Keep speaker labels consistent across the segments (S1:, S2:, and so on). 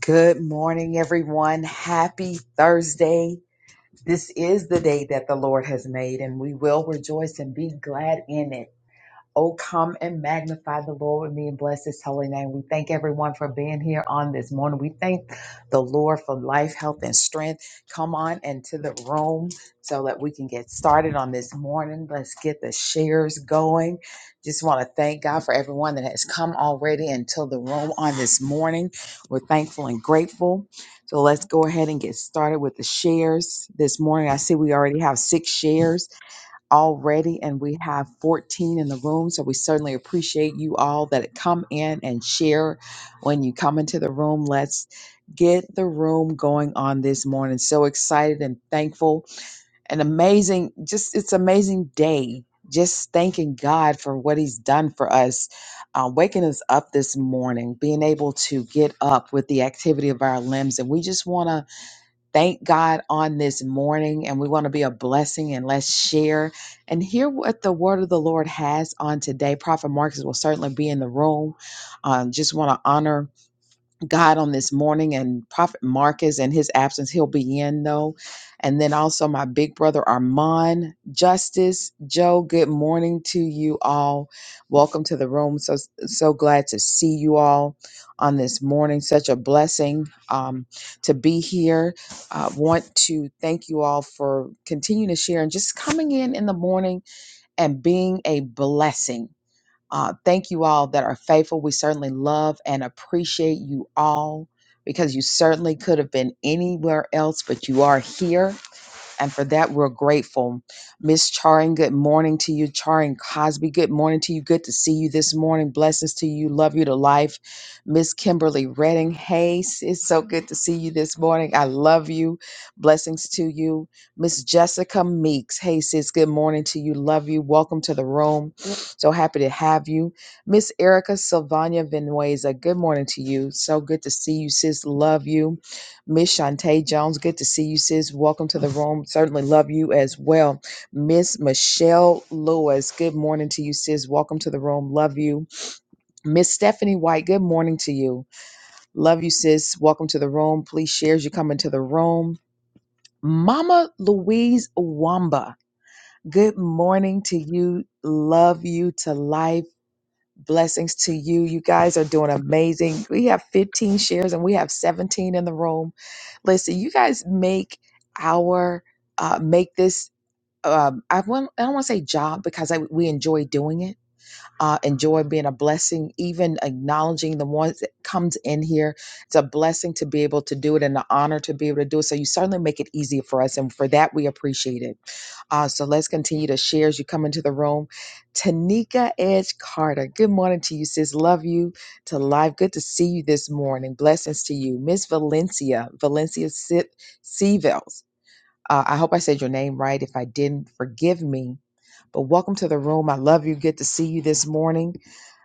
S1: Good morning, everyone. Happy Thursday. This is the day that the Lord has made, and we will rejoice and be glad in it. Oh, come and magnify the Lord with me and bless his holy name. We thank everyone for being here on this morning. We thank the Lord for life, health, and strength. Come on into the room so that we can get started on this morning. Let's get the shares going. Just want to thank God for everyone that has come already into the room on this morning. We're thankful and grateful. So let's go ahead and get started with the shares this morning. I see we already have six shares already and we have 14 in the room so we certainly appreciate you all that come in and share when you come into the room let's get the room going on this morning so excited and thankful and amazing just it's amazing day just thanking god for what he's done for us uh, waking us up this morning being able to get up with the activity of our limbs and we just want to thank God on this morning, and we want to be a blessing and let's share and hear what the word of the Lord has on today. Prophet Marcus will certainly be in the room. Um, just want to honor. God on this morning and Prophet Marcus and his absence. He'll be in though. And then also my big brother Armand Justice Joe. Good morning to you all. Welcome to the room. So so glad to see you all on this morning. Such a blessing um, to be here. Uh, want to thank you all for continuing to share and just coming in in the morning and being a blessing. Uh, thank you all that are faithful. We certainly love and appreciate you all because you certainly could have been anywhere else, but you are here and for that, we're grateful. Miss Charing, good morning to you. Charing Cosby, good morning to you. Good to see you this morning. Blessings to you. Love you to life. Miss Kimberly Redding, hey, it's so good to see you this morning. I love you. Blessings to you. Miss Jessica Meeks, hey, sis, good morning to you. Love you. Welcome to the room. So happy to have you. Miss Erica Sylvania Venueza, good morning to you. So good to see you, sis. Love you. Miss Shantae Jones, good to see you, sis. Welcome to the room. Certainly love you as well. Miss Michelle Lewis, good morning to you, sis. Welcome to the room. Love you. Miss Stephanie White, good morning to you. Love you, sis. Welcome to the room. Please share as you come into the room. Mama Louise Wamba, good morning to you. Love you to life. Blessings to you. You guys are doing amazing. We have 15 shares and we have 17 in the room. Listen, you guys make our uh, make this. Um, I want. I don't want to say job because I, we enjoy doing it. Uh, enjoy being a blessing, even acknowledging the ones that comes in here. It's a blessing to be able to do it and an honor to be able to do it. So you certainly make it easier for us, and for that we appreciate it. Uh, so let's continue to share as you come into the room. Tanika Edge Carter, good morning to you, sis. Love you to life. Good to see you this morning. Blessings to you. Miss Valencia, Valencia Se- Sevels. Uh, I hope I said your name right. If I didn't, forgive me. But welcome to the room. I love you. Good to see you this morning.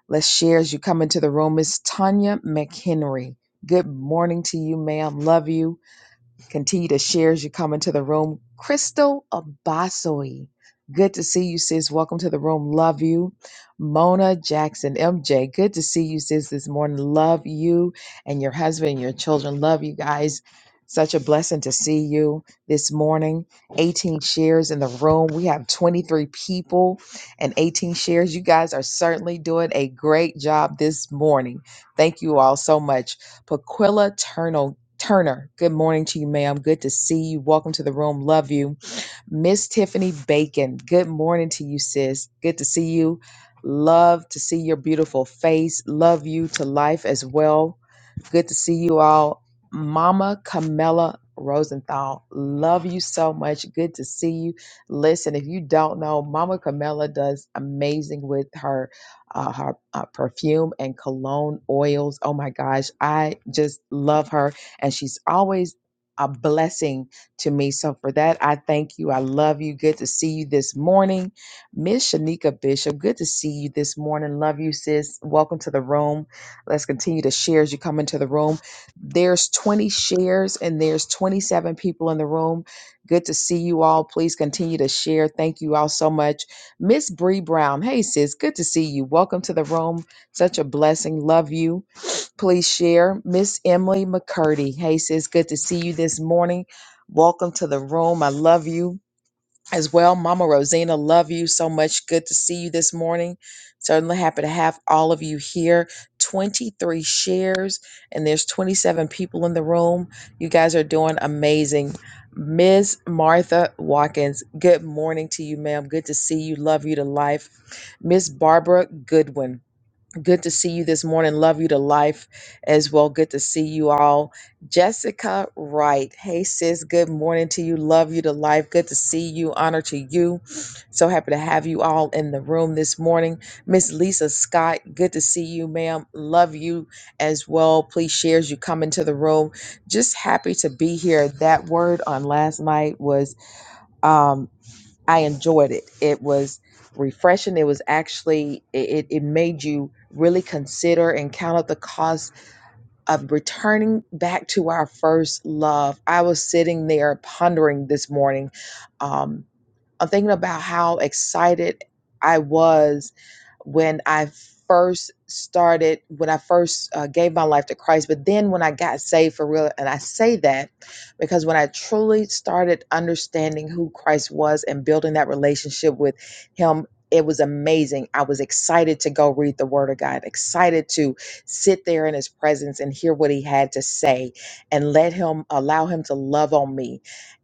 S1: Let's share as you come into the room. Miss Tanya McHenry. Good morning to you, ma'am. Love you. Continue to share as you come into the room. Crystal Abasoi. Good to see you, sis. Welcome to the room. Love you. Mona Jackson, MJ. Good to see you, sis, this morning. Love you and your husband and your children. Love you guys. Such a blessing to see you this morning. 18 shares in the room. We have 23 people and 18 shares. You guys are certainly doing a great job this morning. Thank you all so much. Paquilla Turner, good morning to you, ma'am. Good to see you. Welcome to the room. Love you. Miss Tiffany Bacon, good morning to you, sis. Good to see you. Love to see your beautiful face. Love you to life as well. Good to see you all. Mama Camilla Rosenthal, love you so much. Good to see you. Listen, if you don't know, Mama Camilla does amazing with her uh, her uh, perfume and cologne oils. Oh my gosh, I just love her, and she's always a blessing to me. So for that, I thank you. I love you. Good to see you this morning, Miss Shanika Bishop. Good to see you this morning. Love you, sis. Welcome to the room. Let's continue to share as you come into the room. There's 20 shares and there's 27 people in the room. Good to see you all. Please continue to share. Thank you all so much. Miss Bree Brown. Hey sis, good to see you. Welcome to the room. Such a blessing. Love you. Please share. Miss Emily McCurdy. Hey sis, good to see you this morning. Welcome to the room. I love you as well. Mama Rosina, love you so much. Good to see you this morning. Certainly happy to have all of you here. 23 shares, and there's 27 people in the room. You guys are doing amazing. Miss Martha Watkins, good morning to you, ma'am. Good to see you. Love you to life. Miss Barbara Goodwin, Good to see you this morning. Love you to life as well. Good to see you all. Jessica Wright. Hey, sis. Good morning to you. Love you to life. Good to see you. Honor to you. So happy to have you all in the room this morning. Miss Lisa Scott. Good to see you, ma'am. Love you as well. Please share as you come into the room. Just happy to be here. That word on last night was. um, I enjoyed it. It was refreshing. It was actually it, it it made you really consider and count up the cost of returning back to our first love. I was sitting there pondering this morning. Um, I'm thinking about how excited I was when I first started, when I first uh, gave my life to Christ, but then when I got saved for real. And I say that because when I truly started understanding who Christ was and building that relationship with Him. It was amazing. I was excited to go read the Word of God, excited to sit there in His presence and hear what He had to say and let Him allow Him to love on me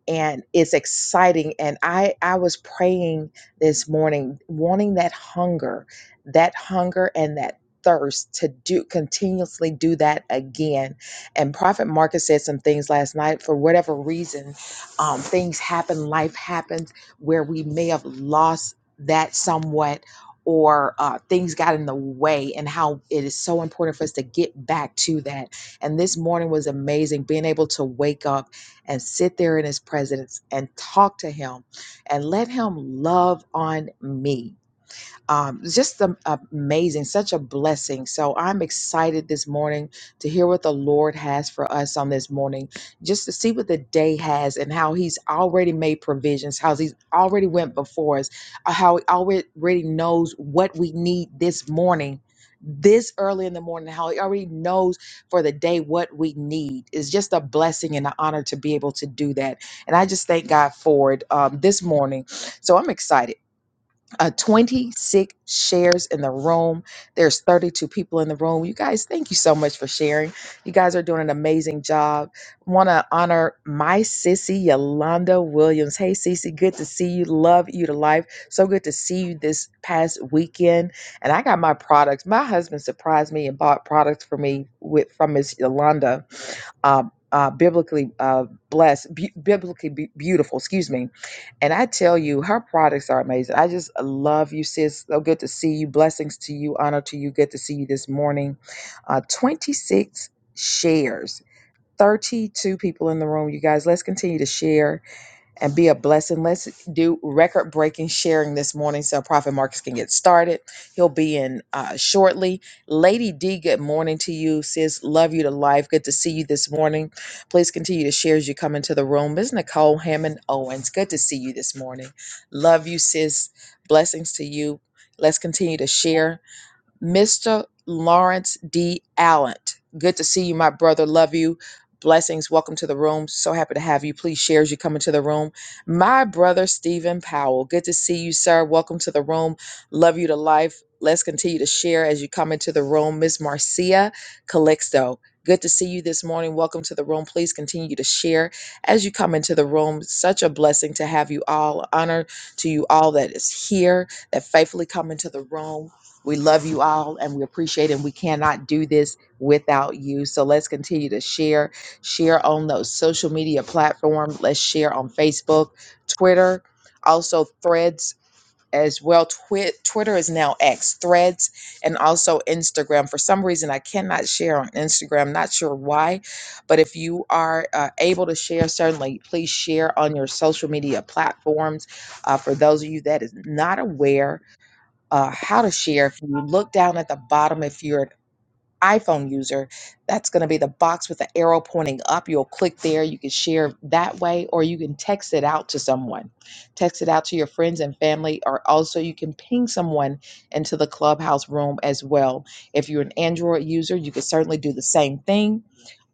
S1: and it's exciting and i i was praying this morning wanting that hunger that hunger and that thirst to do continuously do that again and prophet marcus said some things last night for whatever reason um, things happen life happens where we may have lost that somewhat or uh, things got in the way and how it is so important for us to get back to that and this morning was amazing being able to wake up and sit there in his presence and talk to him and let him love on me um, just am- amazing, such a blessing. So I'm excited this morning to hear what the Lord has for us on this morning, just to see what the day has and how He's already made provisions, how He's already went before us, uh, how He already knows what we need this morning. This early in the morning, how he already knows for the day what we need It's just a blessing and an honor to be able to do that. And I just thank God for it um, this morning. So I'm excited uh, 26 shares in the room. There's 32 people in the room. You guys, thank you so much for sharing. You guys are doing an amazing job. Want to honor my sissy Yolanda Williams. Hey, Sissy, good to see you. Love you to life. So good to see you this past weekend. And I got my products. My husband surprised me and bought products for me with from Miss Yolanda uh, uh, biblically uh, blessed, bu- biblically be- beautiful. Excuse me and I tell you, her products are amazing. I just love you, sis. So good to see you. Blessings to you. Honor to you. Good to see you this morning. Uh, 26 shares, 32 people in the room. You guys, let's continue to share and be a blessing. Let's do record breaking sharing this morning so Prophet Marcus can get started. He'll be in uh, shortly. Lady D, good morning to you. Sis, love you to life. Good to see you this morning. Please continue to share as you come into the room. Ms. Nicole Hammond Owens, good to see you this morning. Love you, sis. Blessings to you. Let's continue to share. Mr. Lawrence D. Allen, Good to see you, my brother. Love you. Blessings. Welcome to the room. So happy to have you. Please share as you come into the room. My brother, Stephen Powell. Good to see you, sir. Welcome to the room. Love you to life. Let's continue to share as you come into the room. Miss Marcia Calixto. Good to see you this morning. Welcome to the room. Please continue to share as you come into the room. Such a blessing to have you all. Honor to you all that is here, that faithfully come into the room. We love you all and we appreciate it. And we cannot do this without you. So let's continue to share. Share on those social media platforms. Let's share on Facebook, Twitter, also threads as well. Twi- Twitter is now X, threads, and also Instagram. For some reason, I cannot share on Instagram. Not sure why, but if you are uh, able to share, certainly please share on your social media platforms. Uh, for those of you that is not aware, uh, how to share. If you look down at the bottom, if you're an iPhone user, that's going to be the box with the arrow pointing up. You'll click there. You can share that way, or you can text it out to someone. Text it out to your friends and family, or also you can ping someone into the Clubhouse room as well. If you're an Android user, you can certainly do the same thing.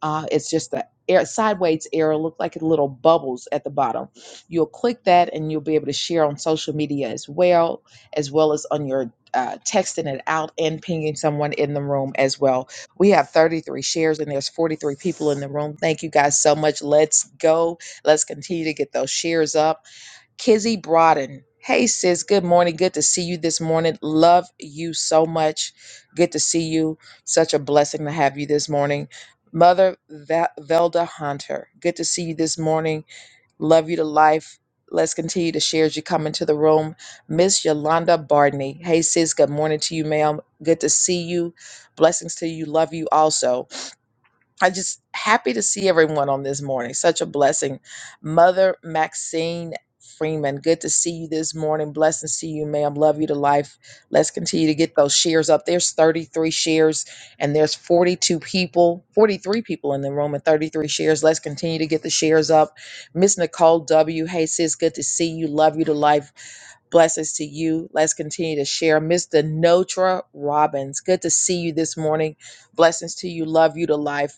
S1: Uh, it's just the air, sideways arrow look like little bubbles at the bottom. You'll click that and you'll be able to share on social media as well as well as on your uh, texting it out and pinging someone in the room as well. We have 33 shares and there's 43 people in the room. Thank you guys so much. Let's go. Let's continue to get those shares up. Kizzy Broaden. Hey, sis. Good morning. Good to see you this morning. Love you so much. Good to see you. Such a blessing to have you this morning. Mother Ve- Velda Hunter. Good to see you this morning. Love you to life. Let's continue to share as you come into the room. Miss Yolanda Bardney. Hey, sis. Good morning to you, ma'am. Good to see you. Blessings to you. Love you also. I'm just happy to see everyone on this morning. Such a blessing. Mother Maxine Freeman, good to see you this morning. Blessed to see you, ma'am. Love you to life. Let's continue to get those shares up. There's 33 shares and there's 42 people, 43 people in the room and 33 shares. Let's continue to get the shares up. Miss Nicole W. Hey, sis, good to see you. Love you to life blessings to you. Let's continue to share. Mr. Notra Robbins, good to see you this morning. Blessings to you. Love you to life.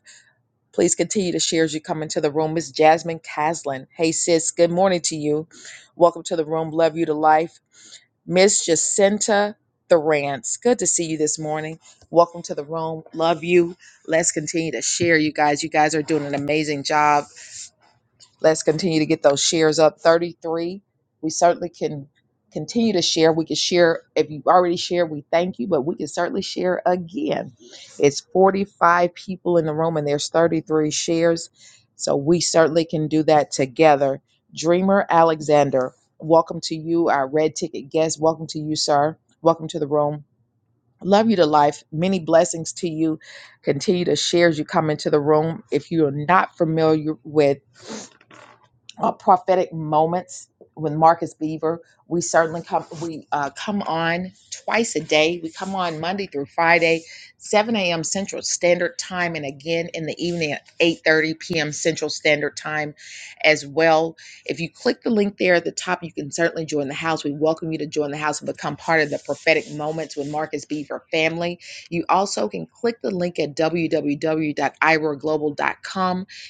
S1: Please continue to share as you come into the room. Miss Jasmine Caslin. Hey, sis. Good morning to you. Welcome to the room. Love you to life. Miss Jacinta Thorance. Good to see you this morning. Welcome to the room. Love you. Let's continue to share, you guys. You guys are doing an amazing job. Let's continue to get those shares up. 33. We certainly can continue to share. We can share. If you already shared, we thank you, but we can certainly share again. It's 45 people in the room and there's 33 shares. So we certainly can do that together. Dreamer Alexander, welcome to you, our red ticket guest. Welcome to you, sir. Welcome to the room. Love you to life. Many blessings to you. Continue to share as you come into the room. If you are not familiar with uh, prophetic moments with Marcus Beaver. We certainly come we uh, come on twice a day. We come on Monday through Friday, 7 a.m. Central Standard Time, and again in the evening at 8:30 p.m. Central Standard Time as well. If you click the link there at the top, you can certainly join the house. We welcome you to join the house and become part of the prophetic moments with Marcus Beaver family. You also can click the link at www.iroglobal.com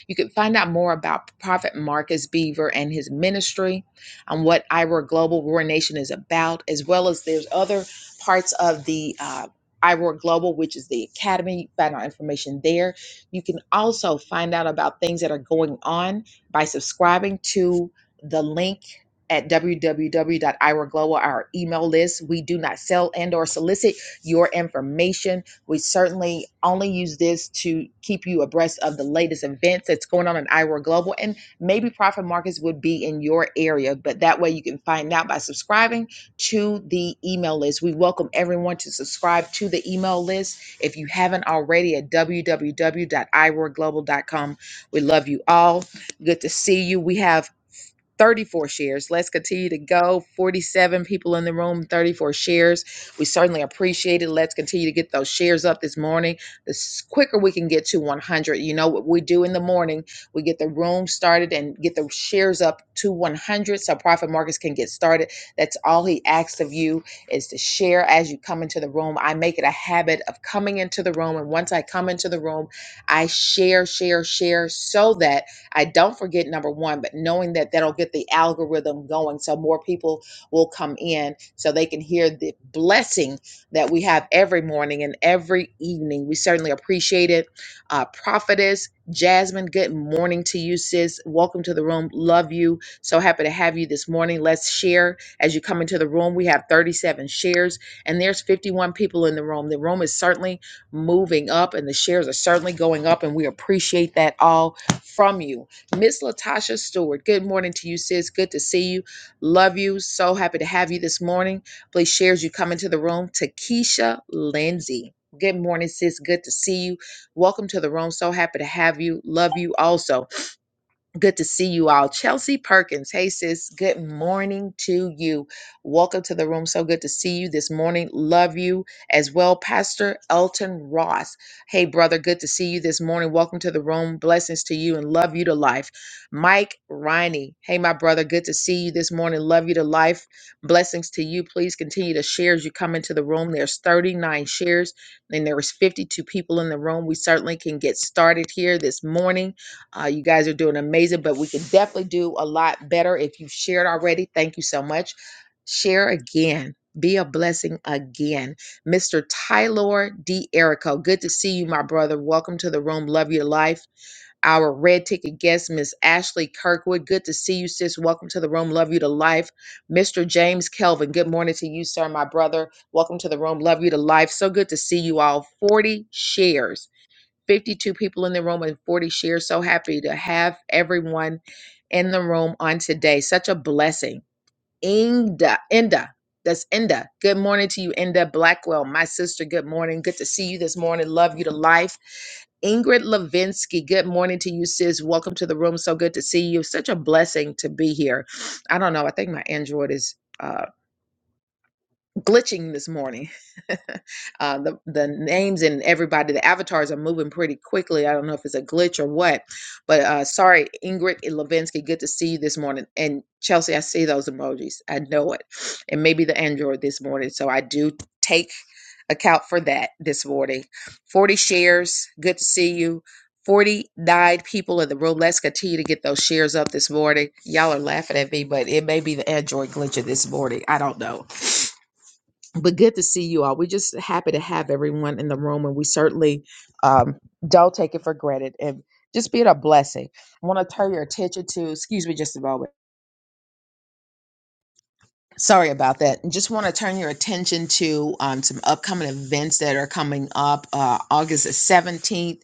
S1: you can find out more about Prophet Marcus Beaver and his ministry and what IROAR Global Roar Nation is about, as well as there's other parts of the uh, IROAR Global, which is the academy. You can Find out information there. You can also find out about things that are going on by subscribing to the link at www.iraglobal, our email list. We do not sell and or solicit your information. We certainly only use this to keep you abreast of the latest events that's going on in Iowa Global and maybe profit markets would be in your area. But that way you can find out by subscribing to the email list. We welcome everyone to subscribe to the email list if you haven't already at www.iroarglobal.com. We love you all. Good to see you. We have 34 shares. Let's continue to go. 47 people in the room, 34 shares. We certainly appreciate it. Let's continue to get those shares up this morning. The s- quicker we can get to 100, you know what we do in the morning, we get the room started and get the shares up to 100 so Profit Markets can get started. That's all he asks of you is to share as you come into the room. I make it a habit of coming into the room. And once I come into the room, I share, share, share so that I don't forget number one, but knowing that that'll get the algorithm going so more people will come in so they can hear the blessing that we have every morning and every evening. We certainly appreciate it. Uh, prophetess Jasmine, good morning to you, sis. Welcome to the room. Love you. So happy to have you this morning. Let's share as you come into the room. We have 37 shares, and there's 51 people in the room. The room is certainly moving up, and the shares are certainly going up, and we appreciate that all from you. Miss Latasha Stewart, good morning to you, sis. Good to see you. Love you. So happy to have you this morning. Please share as you come into the room. Takesha Lindsay. Good morning, sis. Good to see you. Welcome to the room. So happy to have you. Love you also. Good to see you all. Chelsea Perkins. Hey, sis. Good morning to you. Welcome to the room. So good to see you this morning. Love you as well. Pastor Elton Ross. Hey, brother. Good to see you this morning. Welcome to the room. Blessings to you and love you to life. Mike Riney. Hey, my brother. Good to see you this morning. Love you to life. Blessings to you. Please continue to share as you come into the room. There's 39 shares and there is 52 people in the room. We certainly can get started here this morning. Uh, you guys are doing amazing, but we can definitely do a lot better if you've shared already. Thank you so much. Share again. Be a blessing again. Mr. Tyler D. Erico, good to see you, my brother. Welcome to the room. Love your life our red ticket guest, Miss Ashley Kirkwood. Good to see you, sis. Welcome to the room. Love you to life. Mr. James Kelvin, good morning to you, sir, my brother. Welcome to the room. Love you to life. So good to see you all. 40 shares. 52 people in the room and 40 shares. So happy to have everyone in the room on today. Such a blessing. Inda, Inda, that's Inda. Good morning to you, Inda Blackwell, my sister. Good morning. Good to see you this morning. Love you to life. Ingrid Levinsky, good morning to you, sis. Welcome to the room. So good to see you. Such a blessing to be here. I don't know. I think my Android is uh, glitching this morning. uh, the the names and everybody, the avatars are moving pretty quickly. I don't know if it's a glitch or what, but uh, sorry, Ingrid and Levinsky, good to see you this morning. And Chelsea, I see those emojis. I know it, and maybe the Android this morning. So I do take account for that this morning. Forty shares. Good to see you. 49 people in the room. Let's continue to get those shares up this morning. Y'all are laughing at me, but it may be the Android glitching this morning. I don't know but good to see you all. We're just happy to have everyone in the room, and we certainly um, don't take it for granted. And just being a blessing. I want to turn your attention to, excuse me just a moment. Sorry about that. Just want to turn your attention to um, some upcoming events that are coming up uh, August the 17th.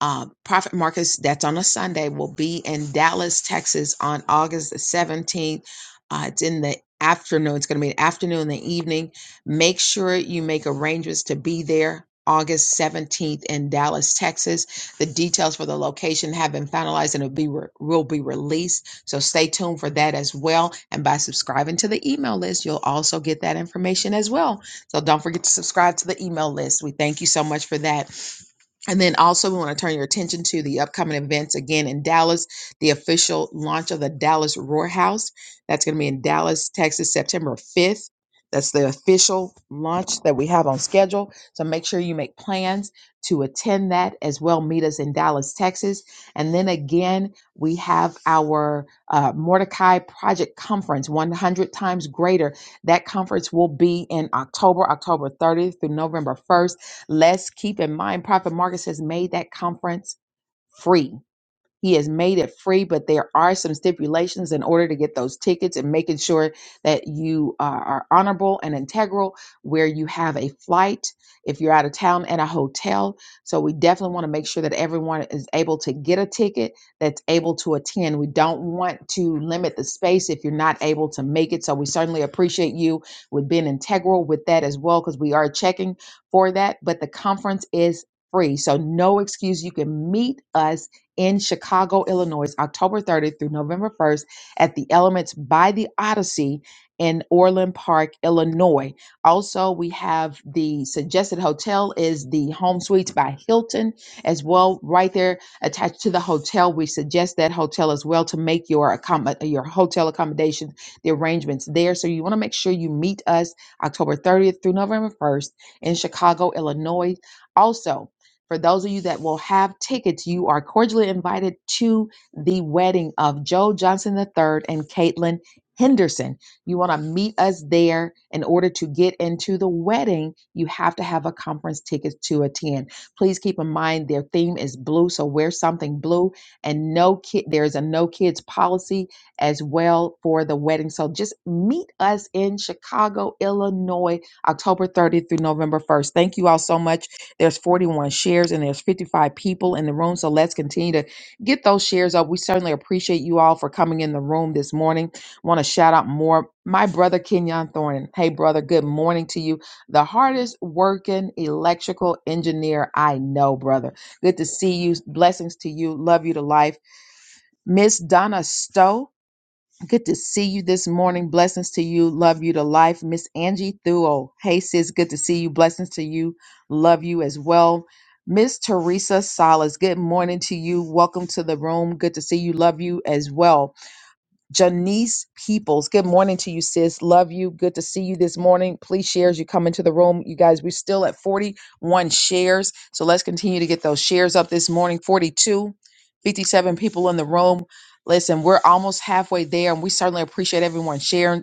S1: Uh, Prophet Marcus, that's on a Sunday, will be in Dallas, Texas on August the 17th. Uh, it's in the afternoon. It's going to be an afternoon and the evening. Make sure you make arrangements to be there August 17th in Dallas, Texas. The details for the location have been finalized and it'll be re- will be released. So stay tuned for that as well. And by subscribing to the email list, you'll also get that information as well. So don't forget to subscribe to the email list. We thank you so much for that. And then also, we want to turn your attention to the upcoming events again in Dallas, the official launch of the Dallas Roar House. That's going to be in Dallas, Texas, September 5th. That's the official launch that we have on schedule. So make sure you make plans to attend that as well. Meet us in Dallas, Texas. And then again, we have our uh, Mordecai Project Conference, 100 times greater. That conference will be in October, October 30th through November 1st. Let's keep in mind, Prophet Marcus has made that conference free. He has made it free, but there are some stipulations in order to get those tickets and making sure that you are, are honorable and integral, where you have a flight if you're out of town and a hotel. So we definitely want to make sure that everyone is able to get a ticket that's able to attend. We don't want to limit the space if you're not able to make it. So we certainly appreciate you with being integral with that as well, because we are checking for that. But the conference is free. So no excuse. You can meet us in Chicago, Illinois, October 30th through November 1st at the Elements by the Odyssey in Orland Park, Illinois. Also, we have the suggested hotel is the Home Suites by Hilton as well, right there attached to the hotel. We suggest that hotel as well to make your accom- your hotel accommodations, the arrangements there. So you want to make sure you meet us October 30th through November 1st in Chicago, Illinois. Also, for those of you that will have tickets, you are cordially invited to the wedding of Joe Johnson III and Caitlin Henderson. You want to meet us there. In order to get into the wedding, you have to have a conference ticket to attend. Please keep in mind their theme is blue, so wear something blue. And no kid, there's a no kids policy as well for the wedding. So just meet us in Chicago, Illinois October 30th through November 1st. Thank you all so much. There's 41 shares and there's 55 people in the room. So let's continue to get those shares up. We certainly appreciate you all for coming in the room this morning. Want to shout out more. My brother Kenyon Thornton. Hey, brother, good morning to you. The hardest working electrical engineer I know, brother. Good to see you. Blessings to you. Love you to life. Miss Donna Stowe. Good to see you this morning. Blessings to you. Love you to life. Miss Angie Thuo. Hey, sis. Good to see you. Blessings to you. Love you as well. Miss Teresa Salas. Good morning to you. Welcome to the room. Good to see you. Love you as well. Janice Peoples. Good morning to you, sis. Love you. Good to see you this morning. Please share as you come into the room. You guys, we're still at 41 shares. So let's continue to get those shares up this morning. 42, 57 people in the room. Listen, we're almost halfway there, and we certainly appreciate everyone sharing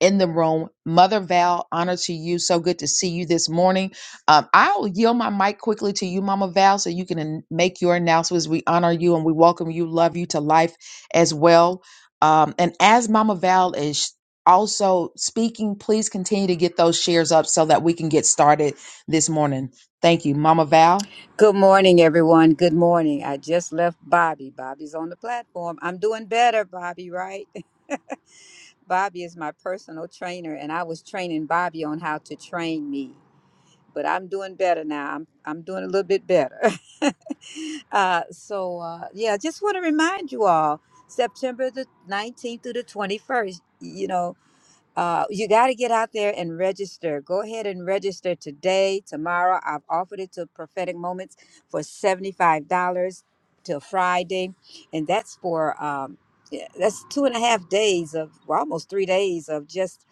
S1: in the room. Mother Val, honor to you. So good to see you this morning. Um, I'll yield my mic quickly to you, Mama Val, so you can an- make your announcements. We honor you and we welcome you, love you to life as well. Um, and as Mama Val is also speaking, please continue to get those shares up so that we can get started this morning. Thank you, Mama Val.
S2: Good morning, everyone. Good morning. I just left Bobby. Bobby's on the platform. I'm doing better, Bobby, right? Bobby is my personal trainer, and I was training Bobby on how to train me. But I'm doing better now. I'm, I'm doing a little bit better. uh, so, uh, yeah, I just want to remind you all September the 19th through the 21st, you know, uh, you got to get out there and register. Go ahead and register today, tomorrow. I've offered it to Prophetic Moments for $75 till Friday. And that's for, um, yeah, that's two and a half days of, well, almost three days of just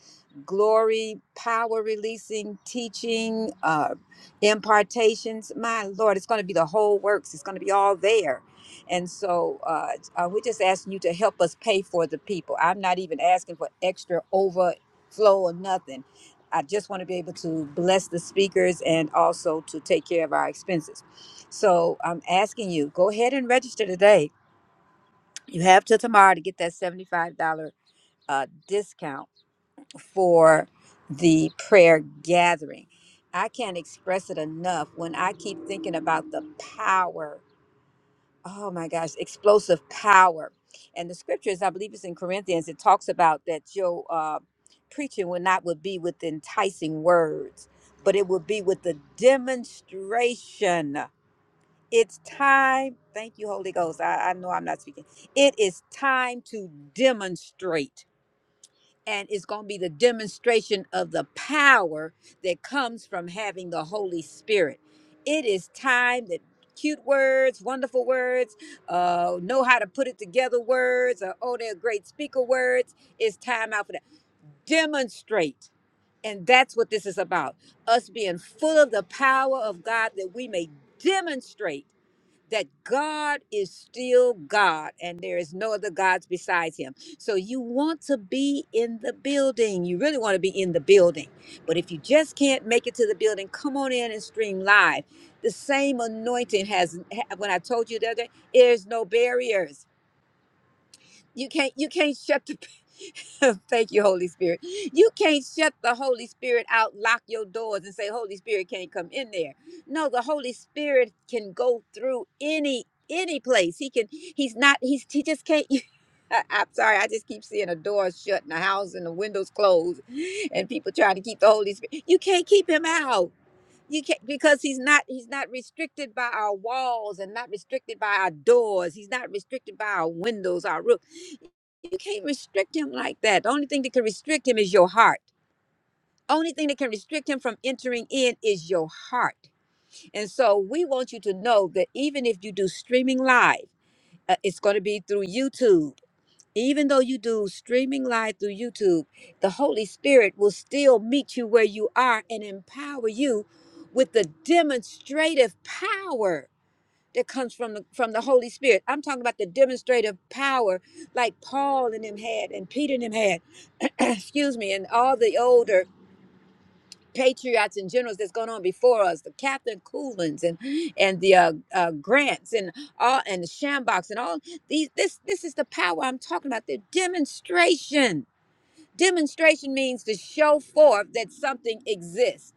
S2: glory, power releasing, teaching, uh, impartations. My Lord, it's going to be the whole works. It's going to be all there. And so uh, uh, we're just asking you to help us pay for the people. I'm not even asking for extra overflow or nothing. I just want to be able to bless the speakers and also to take care of our expenses. So I'm asking you, go ahead and register today. You have till tomorrow to get that $75 uh, discount for the prayer gathering. I can't express it enough when I keep thinking about the power oh my gosh, explosive power. And the scriptures, I believe it's in Corinthians, it talks about that your uh, preaching will not would be with enticing words, but it will be with the demonstration. It's time. Thank you, Holy Ghost. I, I know I'm not speaking. It is time to demonstrate and it's going to be the demonstration of the power that comes from having the Holy Spirit. It is time that cute words, wonderful words, uh, know how to put it together words, or oh, they're great speaker words. It's time out for that. Demonstrate. And that's what this is about us being full of the power of God that we may demonstrate that God is still God and there is no other gods besides him. So you want to be in the building. You really want to be in the building. But if you just can't make it to the building, come on in and stream live. The same anointing has, ha- when I told you the other day, there's no barriers you can't you can't shut the Thank you, Holy Spirit. You can't shut the Holy Spirit out, lock your doors, and say, Holy Spirit can't come in there. No, the Holy Spirit can go through any any place. He can, he's not, he's he just can't. I, am sorry, I just keep seeing a door shut and a house and the windows closed and people trying to keep the Holy Spirit. You can't keep him out. You can't because he's not he's not restricted by our walls and not restricted by our doors. He's not restricted by our windows, our roof. You can't restrict him like that. The only thing that can restrict him is your heart. Only thing that can restrict him from entering in is your heart. And so we want you to know that even if you do streaming live, uh, it's going to be through YouTube. Even though you do streaming live through YouTube, the Holy Spirit will still meet you where you are and empower you with the demonstrative power that comes from the, from the Holy Spirit. I'm talking about the demonstrative power like Paul and them had and Peter and them had, excuse me, and all the older patriots and generals that's gone on before us, the Captain Coolins and and the uh, uh, Grants and all and the Shambox and all these. This this is the power I'm talking about. The demonstration. Demonstration means to show forth that something exists.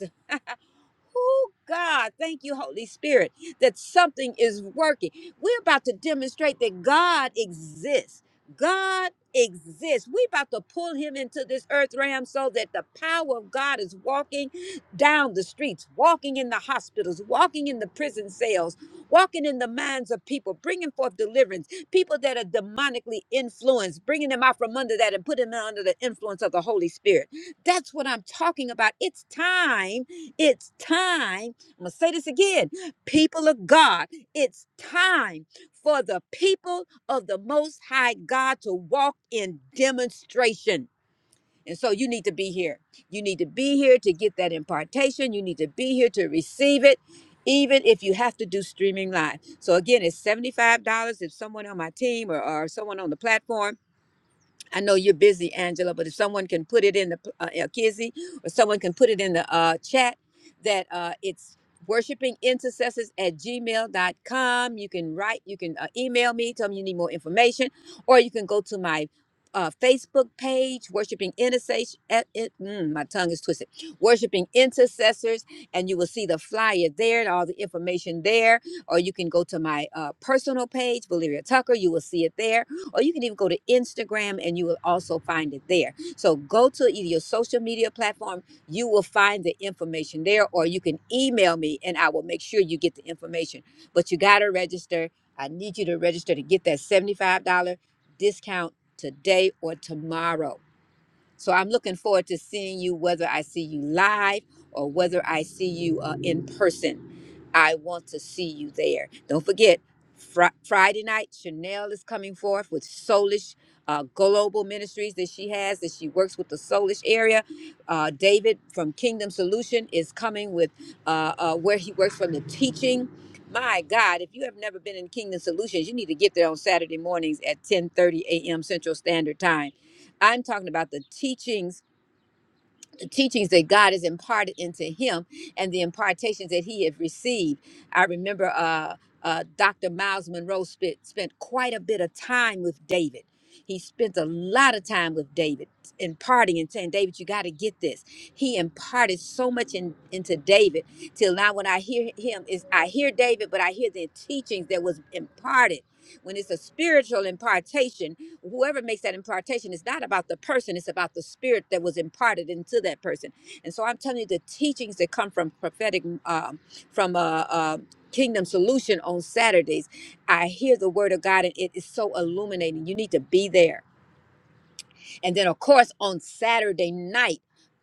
S2: Oh God, thank you, Holy Spirit, that something is working. We're about to demonstrate that God exists. God exists. We're about to pull him into this earth realm so that the power of God is walking down the streets, walking in the hospitals, walking in the prison cells, walking in the minds of people, bringing forth deliverance, people that are demonically influenced, bringing them out from under that and putting them under the influence of the Holy Spirit. That's what I'm talking about. It's time it's time. I'm going to say this again. People of God, it's time for the people of the Most High God to walk in demonstration. And so you need to be here. You need to be here to get that impartation. You need to be here to receive it, even if you have to do streaming live. So again, it's $75 if someone on my team or, or someone on the platform I know you're busy, Angela, but if someone can put it in the uh, uh, Kizzy or someone can put it in the uh, chat that uh, it's worshipingintercessors at gmail.com. You can write, you can uh, email me, tell me you need more information, or you can go to my uh, Facebook page, Worshiping Intercession. mm, my tongue is twisted. Worshiping Intercessors, and you will see the flyer there and all the information there. Or you can go to my uh, personal page, Valeria Tucker. You will see it there or you can even go to Instagram and you will also find it there. So go to either your social media platform, you will find the information there, or you can email me and I will make sure you get the information. But you got to register. I need you to register to get that $75 discount today or tomorrow. So I'm looking forward to seeing you, whether I see you live or whether I see you uh, in person. I want to see you there. Don't forget, Fri Friday night, Chanel is coming forth with Soulish uh, Global Ministries that she has, that she works with the Soulish area. Uh, David from Kingdom Solution is coming with uh, uh, where he works from the teaching. My God, if you have never been in Kingdom Solutions, you need to get there on Saturday mornings at 10:30 a.m. Central Standard Time I'm talking about the teachings, the teachings that God has imparted into him and the impartations that he had received. I remember uh, uh, Dr. Miles Monroe spent, spent quite a bit of time with David. He spent a lot of time with David imparting and saying, David, you got to get this. He imparted so much in, into David till now when I hear him is I hear David, but I hear the teachings that was imparted. When it's a spiritual impartation, whoever makes that impartation it's not about the person it's about the spirit that was imparted into that person and so i'm telling you the teachings that come from prophetic um, from uh, uh, kingdom solution on saturdays i hear the word of god and it is so illuminating you need to be there and then, of course, on Saturday night,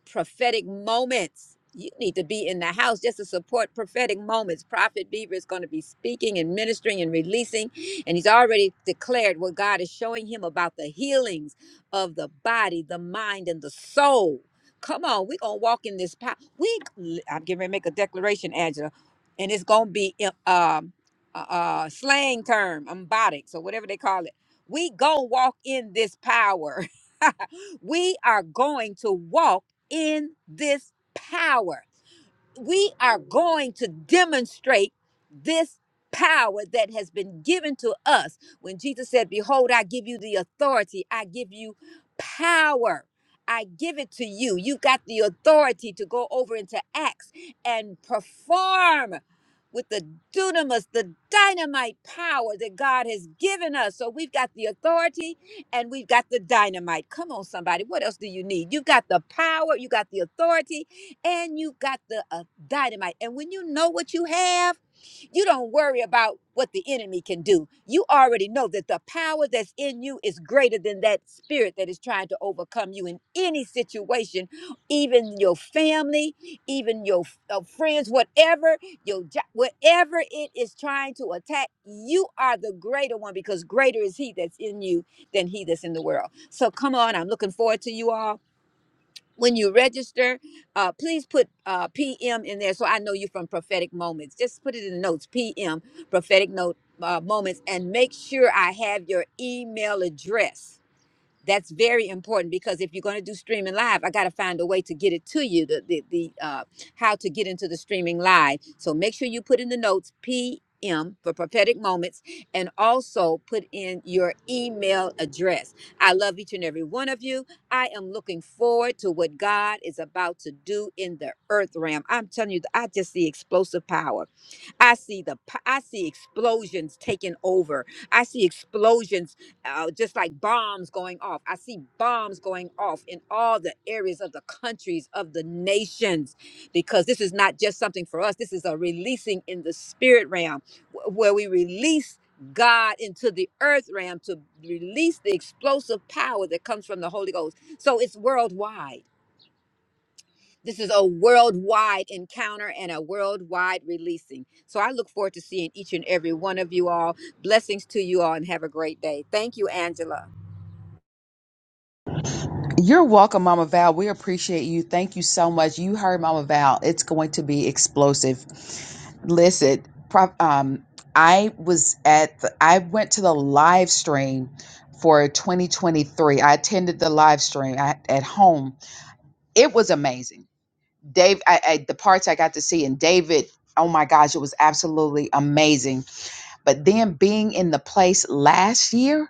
S2: prophetic moments. You need to be in the house just to support prophetic moments. Prophet Beaver is going to be speaking and ministering and releasing, and he's already declared what God is showing him about the healings of the body, the mind, and the soul. Come on, we're going to walk in this power. We, I'm getting ready to make a declaration, Angela, and it's going to be um, a, a slang term, embotic, so whatever they call it. We go walk in this power. we are going to walk in this power we are going to demonstrate this power that has been given to us. When Jesus said, Behold, I give you the authority, I give you power. I give it to you. You got the authority to go over into Acts and perform with the dunamis, the dynamite power that God has given us. So we've got the authority and we've got the dynamite. Come on, somebody. What else do you need? You've got the power, you got the authority, and you got the uh, dynamite. And when you know what you have, you don't worry about what the enemy can do. You already know that the power that's in you is greater than that spirit that is trying to overcome you in any situation, even your family, even your uh, friends, whatever your job, whatever it is trying to attack. You are the greater one because greater is He that's in you than He that's in the world. So come on, I'm looking forward to you all when you register, uh, please put uh, PM in there so I know you're from Prophetic Moments. Just put it in the notes, PM, Prophetic Note uh, Moments, and make sure I have your email address that's very important because if you're going to do streaming live, I got to find a way to get it to you. The the, the uh, how to get into the streaming live. So make sure you put in the notes PM for prophetic moments, and also put in your email address. I love each and every one of you. I am looking forward to what God is about to do in the earth realm. I'm telling you, I just see explosive power. I see the p- I see explosions taking over. I see explosions, uh, just like bombs going off. I see bombs going off in all the areas of the countries of the nations, because this is not just something for us. This is a releasing in the spirit realm, wh- where we release God into the earth realm to release the explosive power that comes from the Holy Ghost. So it's worldwide this is a worldwide encounter and a worldwide releasing. So I look forward to seeing each and every one of you all. Blessings to you all and have a great day. Thank you, Angela.
S1: You're welcome, Mama Val. We appreciate you. Thank you so much. You heard Mama Val. It's going to be explosive. Listen, prop, um, I was at the, I went to the live stream for 2023. I attended the live stream at, at home. It was amazing. Dave, I, I, the parts I got to see, and David, oh my gosh, it was absolutely amazing. But then being in the place last year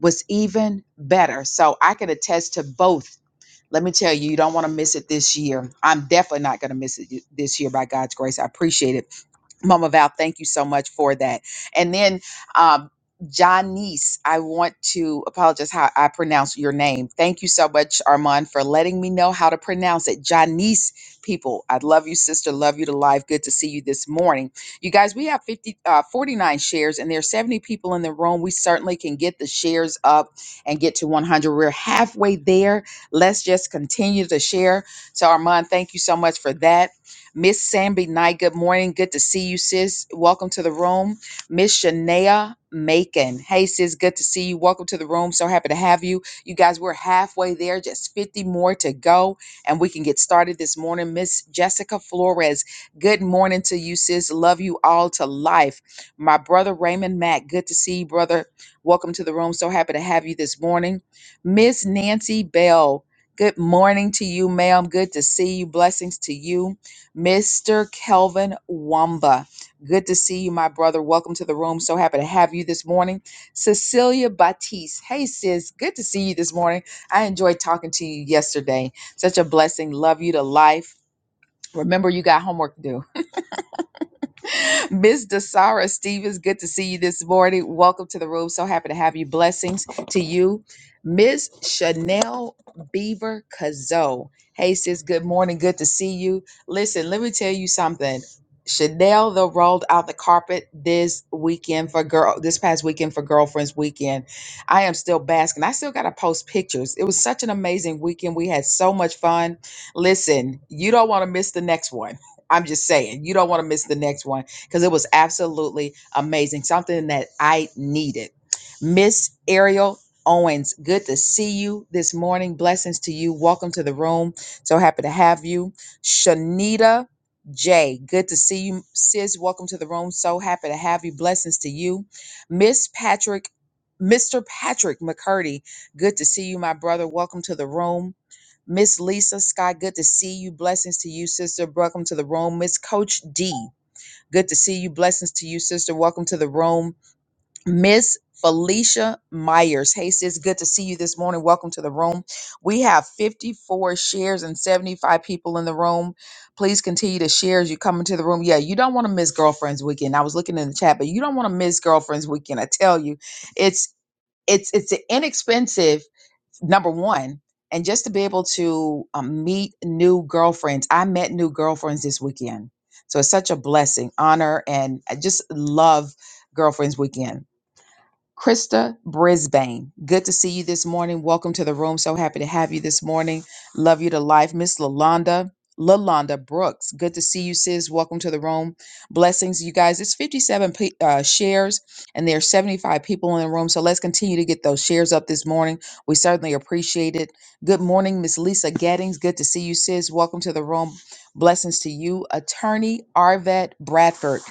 S1: was even better. So I can attest to both. Let me tell you, you don't want to miss it this year. I'm definitely not going to miss it this year by God's grace. I appreciate it Mama Val, thank you so much for that. And then, um, Janice, I want to apologize how I pronounce your name. Thank you so much, Armand, for letting me know how to pronounce it. Janice, people, I love you, sister. Love you to life. Good to see you this morning. You guys, we have 50, uh, 49 shares, and there's 70 people in the room. We certainly can get the shares up and get to 100. We're halfway there. Let's just continue to share. So, Armand, thank you so much for that. Miss Samby Knight, good morning. Good to see you, sis. Welcome to the room. Miss Shania Macon. Hey, sis, good to see you. Welcome to the room. So happy to have you. You guys, we're halfway there, just 50 more to go, and we can get started this morning. Miss Jessica Flores, good morning to you, sis. Love you all to life. My brother Raymond Mack, good to see you, brother. Welcome to the room. So happy to have you this morning. Miss Nancy Bell, good morning to you, ma'am. Good to see you. Blessings to you. Mr. Kelvin Wamba. Good to see you, my brother. Welcome to the room. So happy to have you this morning. Cecilia Batiste. Hey, sis. Good to see you this morning. I enjoyed talking to you yesterday. Such a blessing. Love you to life. Remember, you got homework to do. Miss Dasara Stevens, good to see you this morning. Welcome to the room. So happy to have you. Blessings to you. Miss Chanel Beaver Cazo. Hey, sis, good morning. Good to see you. Listen, let me tell you something. Chanel though rolled out the carpet this weekend for girl this past weekend for girlfriends weekend. I am still basking. I still gotta post pictures. It was such an amazing weekend. We had so much fun. Listen, you don't want to miss the next one. I'm just saying, you don't want to miss the next one because it was absolutely amazing, something that I needed. Miss Ariel Owens, good to see you this morning. Blessings to you. Welcome to the room. So happy to have you. Shanita J, good to see you, sis. Welcome to the room. So happy to have you. Blessings to you. Miss Patrick, Mr. Patrick McCurdy, good to see you, my brother. Welcome to the room. Miss Lisa Scott, good to see you. Blessings to you, sister. Welcome to the room. Miss Coach D. Good to see you. Blessings to you, sister. Welcome to the room. Miss Felicia Myers. Hey, sis. Good to see you this morning. Welcome to the room. We have 54 shares and 75 people in the room. Please continue to share as you come into the room. Yeah, you don't want to miss Girlfriends Weekend. I was looking in the chat, but you don't want to miss Girlfriends Weekend. I tell you, it's it's it's an inexpensive number one and just to be able to um, meet new girlfriends i met new girlfriends this weekend so it's such a blessing honor and i just love girlfriends weekend Krista Brisbane, good to see you this morning. Welcome to the room. So happy to have you this morning. Love you to life. Miss Lalonda, Lalonda Brooks, good to see you, sis. Welcome to the room. Blessings, you guys. It's 57 pe uh, shares, and there are 75 people in the room. So let's continue to get those shares up this morning. We certainly appreciate it. Good morning, Miss Lisa Gettings. Good to see you, sis. Welcome to the room. Blessings to you, Attorney Arvet Bradford.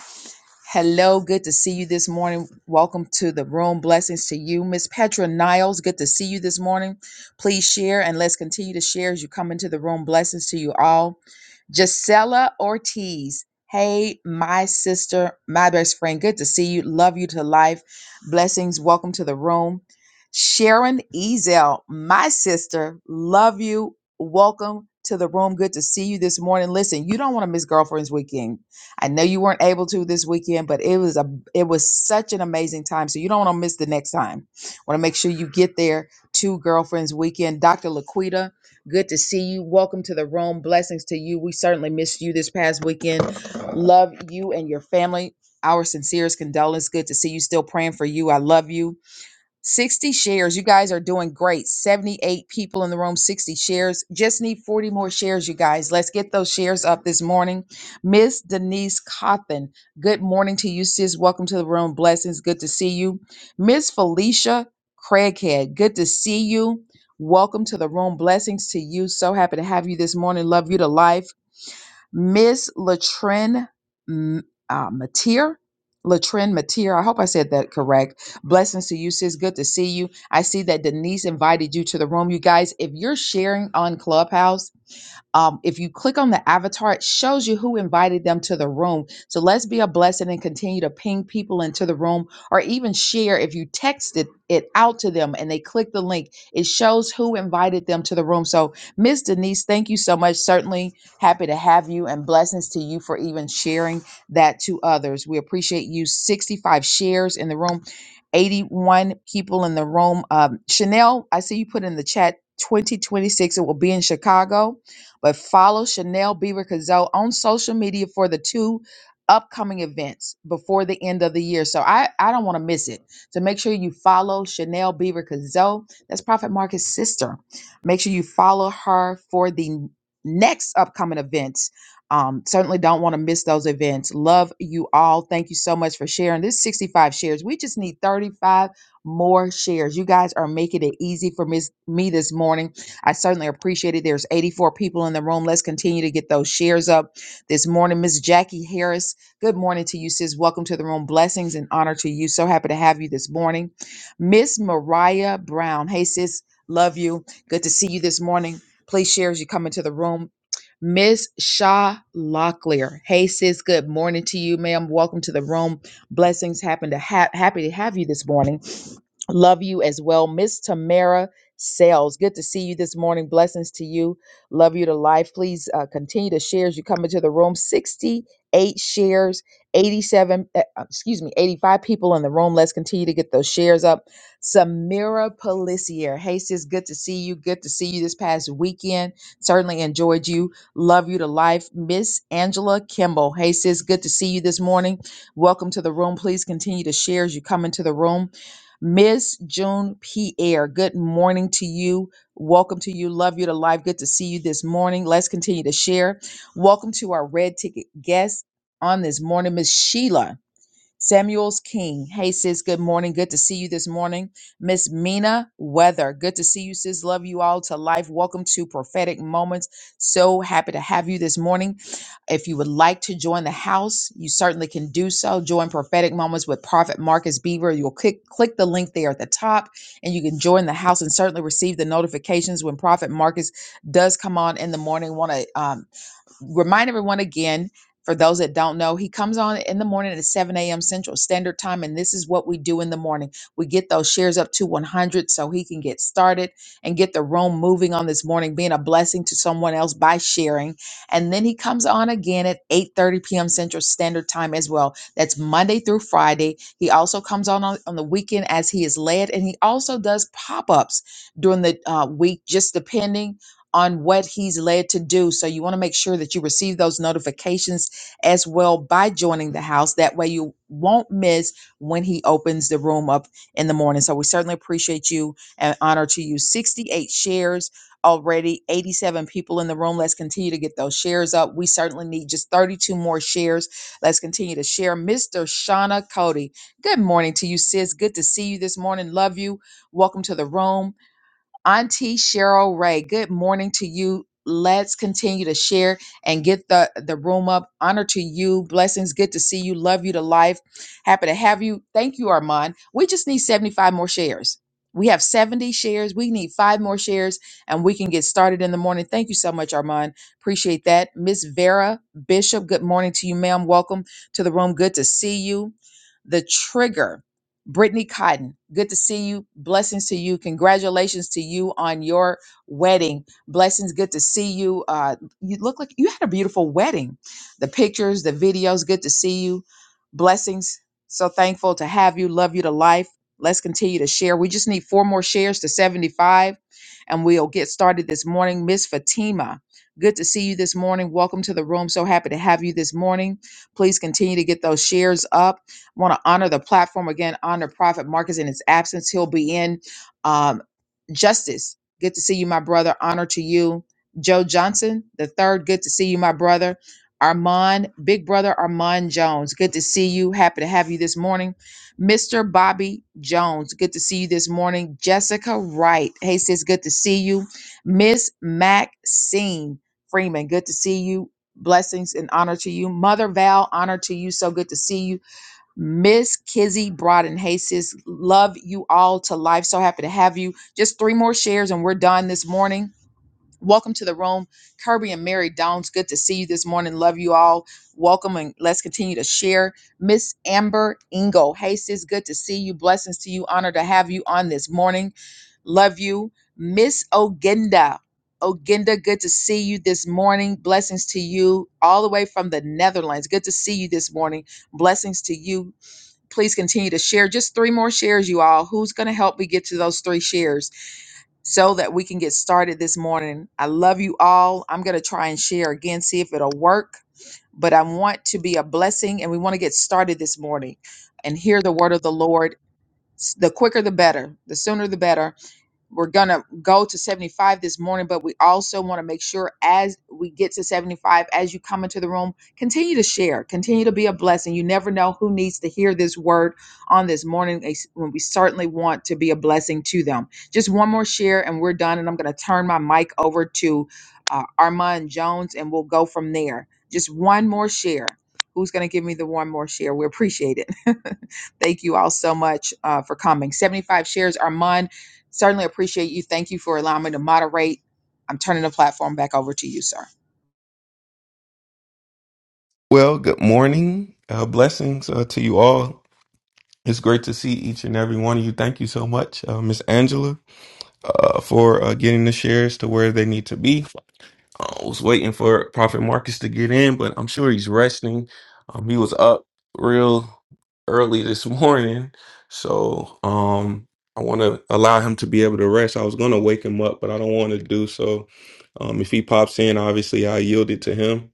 S1: Hello, good to see you this morning. Welcome to the room. Blessings to you, Miss Petra Niles. Good to see you this morning. Please share and let's continue to share as you come into the room. Blessings to you all. Gisela Ortiz. Hey, my sister, my best friend. Good to see you. Love you to life. Blessings. Welcome to the room. Sharon Ezel, my sister. Love you. Welcome to the room. Good to see you this morning. Listen, you don't want to miss Girlfriends Weekend. I know you weren't able to this weekend, but it was a it was such an amazing time. So you don't want to miss the next time. Want to make sure you get there to Girlfriends Weekend. Dr. Laquita, Good to see you. Welcome to the room. Blessings to you. We certainly missed you this past weekend. Love you and your family. Our sincerest condolence. Good to see you. Still praying for you. I love you. 60 shares. You guys are doing great. 78 people in the room, 60 shares. Just need 40 more shares, you guys. Let's get those shares up this morning. Miss Denise Cotton, good morning to you, sis. Welcome to the room. Blessings. Good to see you. Miss Felicia Craighead, good to see you. Welcome to the room. Blessings to you. So happy to have you this morning. Love you to life. Miss Latrin M- uh, Mateer. Latrin Mateer, I hope I said that correct. Blessings to you, sis. Good to see you. I see that Denise invited you to the room. You guys, if you're sharing on Clubhouse, um, if you click on the avatar, it shows you who invited them to the room. So let's be a blessing and continue to ping people into the room or even share if you texted it out to them and they click the link, it shows who invited them to the room. So, Miss Denise, thank you so much. Certainly happy to have you and blessings to you for even sharing that to others. We appreciate you. 65 shares in the room, 81 people in the room. Um, Chanel, I see you put in the chat 2026. It will be in Chicago. But follow Chanel Beaver Cazot on social media for the two upcoming events before the end of the year. So I, I don't want to miss it. So make sure you follow Chanel Beaver Cazot. That's Prophet Marcus' sister. Make sure you follow her for the next upcoming events. Um, certainly don't want to miss those events. Love you all. Thank you so much for sharing. This 65 shares. We just need 35 more shares. You guys are making it easy for mis- me this morning. I certainly appreciate it. There's 84 people in the room. Let's continue to get those shares up this morning. Miss Jackie Harris, good morning to you, sis. Welcome to the room. Blessings and honor to you. So happy to have you this morning. Miss Mariah Brown, hey, sis, love you. Good to see you this morning. Please share as you come into the room. Miss Shaw Locklear. Hey sis, good morning to you, ma'am. Welcome to the room. Blessings happen to ha- happy to have you this morning. Love you as well. Miss Tamara Sales, good to see you this morning. Blessings to you. Love you to life. Please uh, continue to share as you come into the room. 68 shares, 87, uh, uh, excuse me, 85 people in the room. Let's continue to get those shares up. Samira Pelissier. Hey, sis, good to see you. Good to see you this past weekend. Certainly enjoyed you. Love you to life. Miss Angela Kimball. Hey, sis, good to see you this morning. Welcome to the room. Please continue to share as you come into the room. Miss June Pierre, good morning to you. Welcome to you. Love you to life. Good to see you this morning. Let's continue to share. Welcome to our red ticket guest on this morning, Miss Sheila. Samuel's King. Hey, sis, good morning. Good to see you this morning. Miss Mina Weather. Good to see you, sis. Love you all to life. Welcome to Prophetic Moments. So happy to have you this morning. If you would like to join the house, you certainly can do so. Join Prophetic Moments with Prophet Marcus Beaver. You'll click, click the link there at the top and you can join the house and certainly receive the notifications when Prophet Marcus does come on in the morning. Want to remind everyone again for those that don't know, he comes on in the morning at 7 a.m. Central Standard Time, and this is what we do in the morning. We get those shares up to 100 so he can get started and get the room moving on this morning, being a blessing to someone else by sharing. And then he comes on again at 8:30 p.m. Central Standard Time as well. That's Monday through Friday. He also comes on on, on the weekend as he is led, and he also does pop-ups during the uh, week, just depending on what he's led to do. So you want to make sure that you receive those notifications as well by joining the house. That way you won't miss when he opens the room up in the morning. So we certainly appreciate you and honor to you. 68 shares already, 87 people in the room. Let's continue to get those shares up. We certainly need just 32 more shares. Let's continue to share. Mr. Shauna Cody, good morning to you, sis. Good to see you this morning. Love you. Welcome to the room. Auntie Cheryl Ray, good morning to you. Let's continue to share and get the, the room up. Honor to you. Blessings. Good to see you. Love you to life. Happy to have you. Thank you, Armand. We just need 75 more shares. We have 70 shares. We need five more shares and we can get started in the morning. Thank you so much, Armand. Appreciate that. Miss Vera Bishop, good morning to you, ma'am. Welcome to the room. Good to see you. The trigger. Brittany Cotton, good to see you. Blessings to you. Congratulations to you on your wedding. Blessings, good to see you. Uh, you look like you had a beautiful wedding. The pictures, the videos, good to see you. Blessings. So thankful to have you. Love you to life. Let's continue to share. We just need four more shares to 75, and we'll get started this morning. Miss Fatima, good to see you this morning. Welcome to the room. So happy to have you this morning. Please continue to get those shares up want to honor the platform again, honor Prophet Marcus in his absence. He'll be in. Um, Justice, good to see you, my brother. Honor to you. Joe Johnson, the third, good to see you, my brother. Armand, big brother Armand Jones, good to see you. Happy to have you this morning. Mr. Bobby Jones, good to see you this morning. Jessica Wright, hey sis, good to see you. Miss Maxine Freeman, good to see you. Blessings and honor to you. Mother Val, honor to you. So good to see you. Miss Kizzy Broaden. Hey, sis, love you all to life. So happy to have you. Just three more shares and we're done this morning. Welcome to the room, Kirby and Mary Downs. Good to see you this morning. Love you all. Welcome and let's continue to share. Miss Amber Ingo. Hey, sis, good to see you. Blessings to you. Honor to have you on this morning. Love you. Miss Ogenda. Ogenda, good to see you this morning. Blessings to you all the way from the Netherlands. Good to see you this morning. Blessings to you please continue to share just three more shares you all who's going to help me get to those three shares so that we can get started this morning i love you all i'm going to try and share again see if it'll work but i want to be a blessing and we want to get started this morning and hear the word of the lord S- the quicker the better the sooner the better we're gonna go to 75 this morning but we also want to make sure as we get to 75 as you come into the room continue to share continue to be a blessing you never know who needs to hear this word on this morning eh, when we certainly want to be a blessing to them just one more share and we're done and i'm gonna turn my mic over to uh, armand jones and we'll go from there just one more share Who's going to give me the one more share? We appreciate it. Thank you all so much uh, for coming. 75 shares, Armand. Certainly appreciate you. Thank you for allowing me to moderate. I'm turning the platform back over to you, sir.
S3: Well, good morning. Uh, blessings uh, to you all. It's great to see each and every one of you. Thank you so much, uh, Miss Angela, uh, for uh, getting the shares to where they need to be. I was waiting for Prophet Marcus to get in, but I'm sure he's resting. Um, he was up real early this morning, so um, I want to allow him to be able to rest. I was going to wake him up, but I don't want to do so. Um, if he pops in, obviously I yielded to him.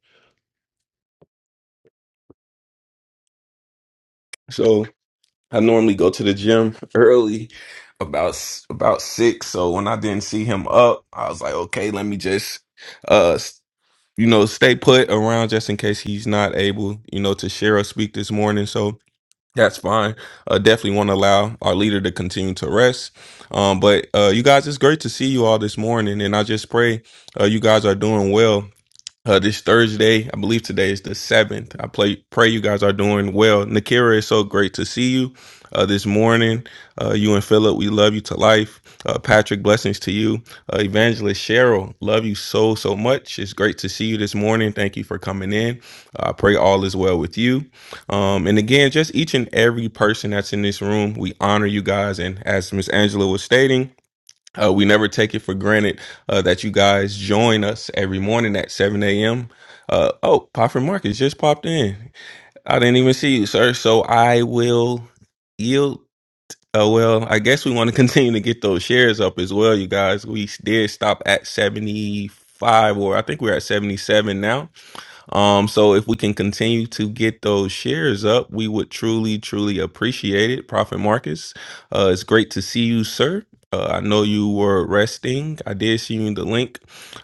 S3: So. I normally go to the gym early, about s- about six. So when I didn't see him up, I was like, okay, let me just, uh, s- you know, stay put around just in case he's not able, you know, to share or speak this morning. So that's fine. Uh, definitely want to allow our leader to continue to rest. Um, but uh, you guys, it's great to see you all this morning, and I just pray uh, you guys are doing well. Uh, this Thursday, I believe today is the seventh. I play, pray you guys are doing well. Nakira, it's so great to see you uh, this morning. Uh, you and Philip, we love you to life. Uh, Patrick, blessings to you. Uh, Evangelist Cheryl, love you so so much. It's great to see you this morning. Thank you for coming in. Uh, I uh, pray all is well with you. Um, and again, just each and every person that's in this room, we honor you guys. And as Miss Angela was stating. Uh, we never take it for granted uh, that you guys join us every morning at 7 a.m. Uh, oh, Prophet Marcus just popped in. I didn't even see you, sir. So I will yield. Uh, well, I guess we want to continue to get those shares up as well, you guys. We did stop at 75, or I think we're at 77 now. Um, so if we can continue to get those shares up, we would truly, truly appreciate it. Prophet Marcus, uh, it's great to see you, sir. Uh, I know you were resting. I did see you in the link.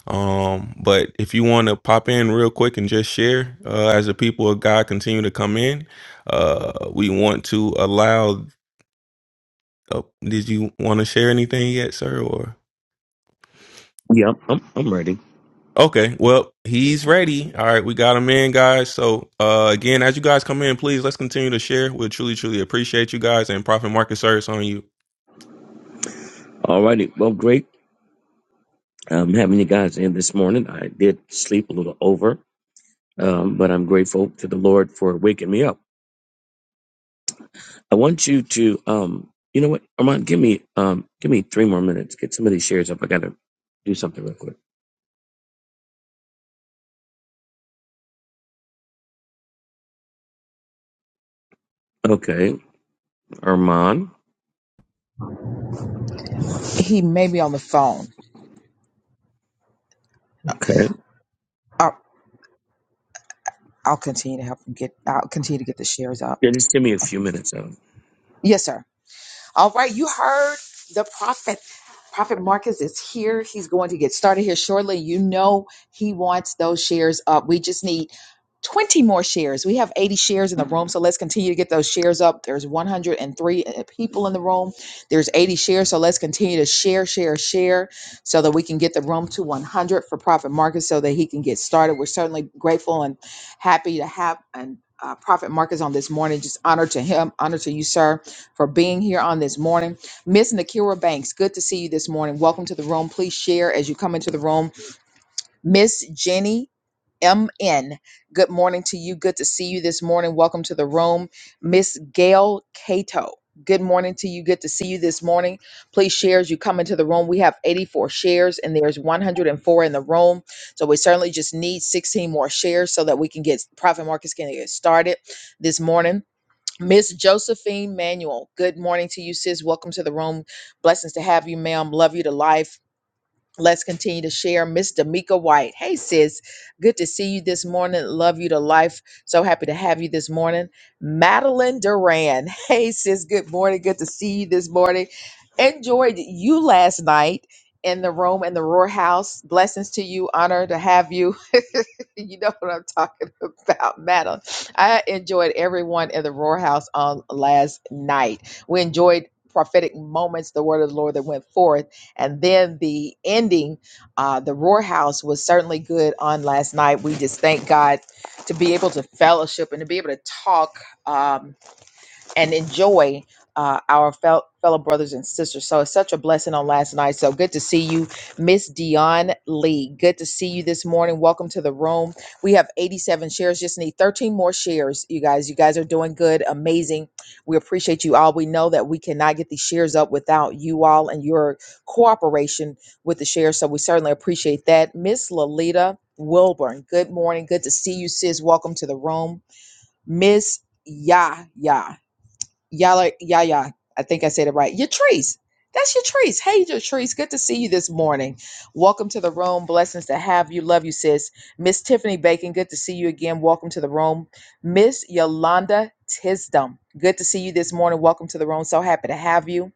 S3: Um, but if you want to pop in real quick and just share, uh, as the people of God continue to come in, uh, we want to allow. Uh, did you want to share anything yet, sir? Or
S4: Yep, I'm, I'm ready.
S3: Okay, well, he's ready. All right, we got him in, guys. So, uh, again, as you guys come in, please let's continue to share. We'll truly, truly appreciate you guys and profit market service on you.
S4: All righty. Well, great um, having you guys in this morning. I did sleep a little over, um, but I'm grateful to the Lord for waking me up. I want you to, um, you know what, Armand, give me um, give me three more minutes. Get some of these shares up. I got to do something real quick. Okay, Armand.
S1: He may be on the phone.
S4: Okay.
S1: I'll, I'll continue to help him get. I'll continue to get the shares up.
S4: Yeah, just give me a few minutes. Um,
S1: Yes, sir. All right. You heard the prophet. Prophet Marcus is here. He's going to get started here shortly. You know he wants those shares up. We just need 20 more shares. We have 80 shares in the room, so let's continue to get those shares up. There's 103 people in the room. There's 80 shares, so let's continue to share, share, share so that we can get the room to 100 for Prophet Marcus so that he can get started. We're certainly grateful and happy to have and uh, Prophet Marcus on this morning. Just honor to him, honor to you, sir, for being here on this morning. Miss Nakira Banks, good to see you this morning. Welcome to the room. Please share as you come into the room. Miss Jenny MN, good morning to you. Good to see you this morning. Welcome to the room. Miss Gail Cato, good morning to you. Good to see you this morning. Please share as you come into the room. We have 84 shares and there's 104 in the room. So we certainly just need 16 more shares so that we can get Profit Markets can get started this morning. Miss Josephine Manuel, good morning to you, sis. Welcome to the room. Blessings to have you, ma'am. Love you to life. Let's continue to share. Miss D'Amica White. Hey, sis. Good to see you this morning. Love you to life. So happy to have you this morning. Madeline Duran. Hey, sis. Good morning. Good to see you this morning. Enjoyed you last night in the room in the Roar House. Blessings to you. Honor to have you. you know what I'm talking about, Madeline. I enjoyed everyone in the Roar House on last night. We enjoyed prophetic moments, the word of the Lord that went forth and then the ending, uh, the Roar House was certainly good on last night. We just thank God to be able to fellowship and to be able to talk. Um, and enjoy uh, our fel- fellow brothers and sisters. So it's such a blessing on last night. So good to see you, Miss Dion Lee. Good to see you this morning. Welcome to the room. We have 87 shares. Just need 13 more shares, you guys. You guys are doing good, amazing. We appreciate you all. We know that we cannot get these shares up without you all and your cooperation with the shares. So we certainly appreciate that, Miss Lolita Wilburn. Good morning. Good to see you, sis. Welcome to the room, Miss. Yah Yah. Y'all are, yeah, yeah. I think I said it right. Yatrice. That's Yatrice. Hey, Yatrice. Good to see you this morning. Welcome to the room. Blessings to have you. Love you, sis. Miss Tiffany Bacon. Good to see you again. Welcome to the room. Miss Yolanda Tisdom. Good to see you this morning. Welcome to the room. So happy to have you.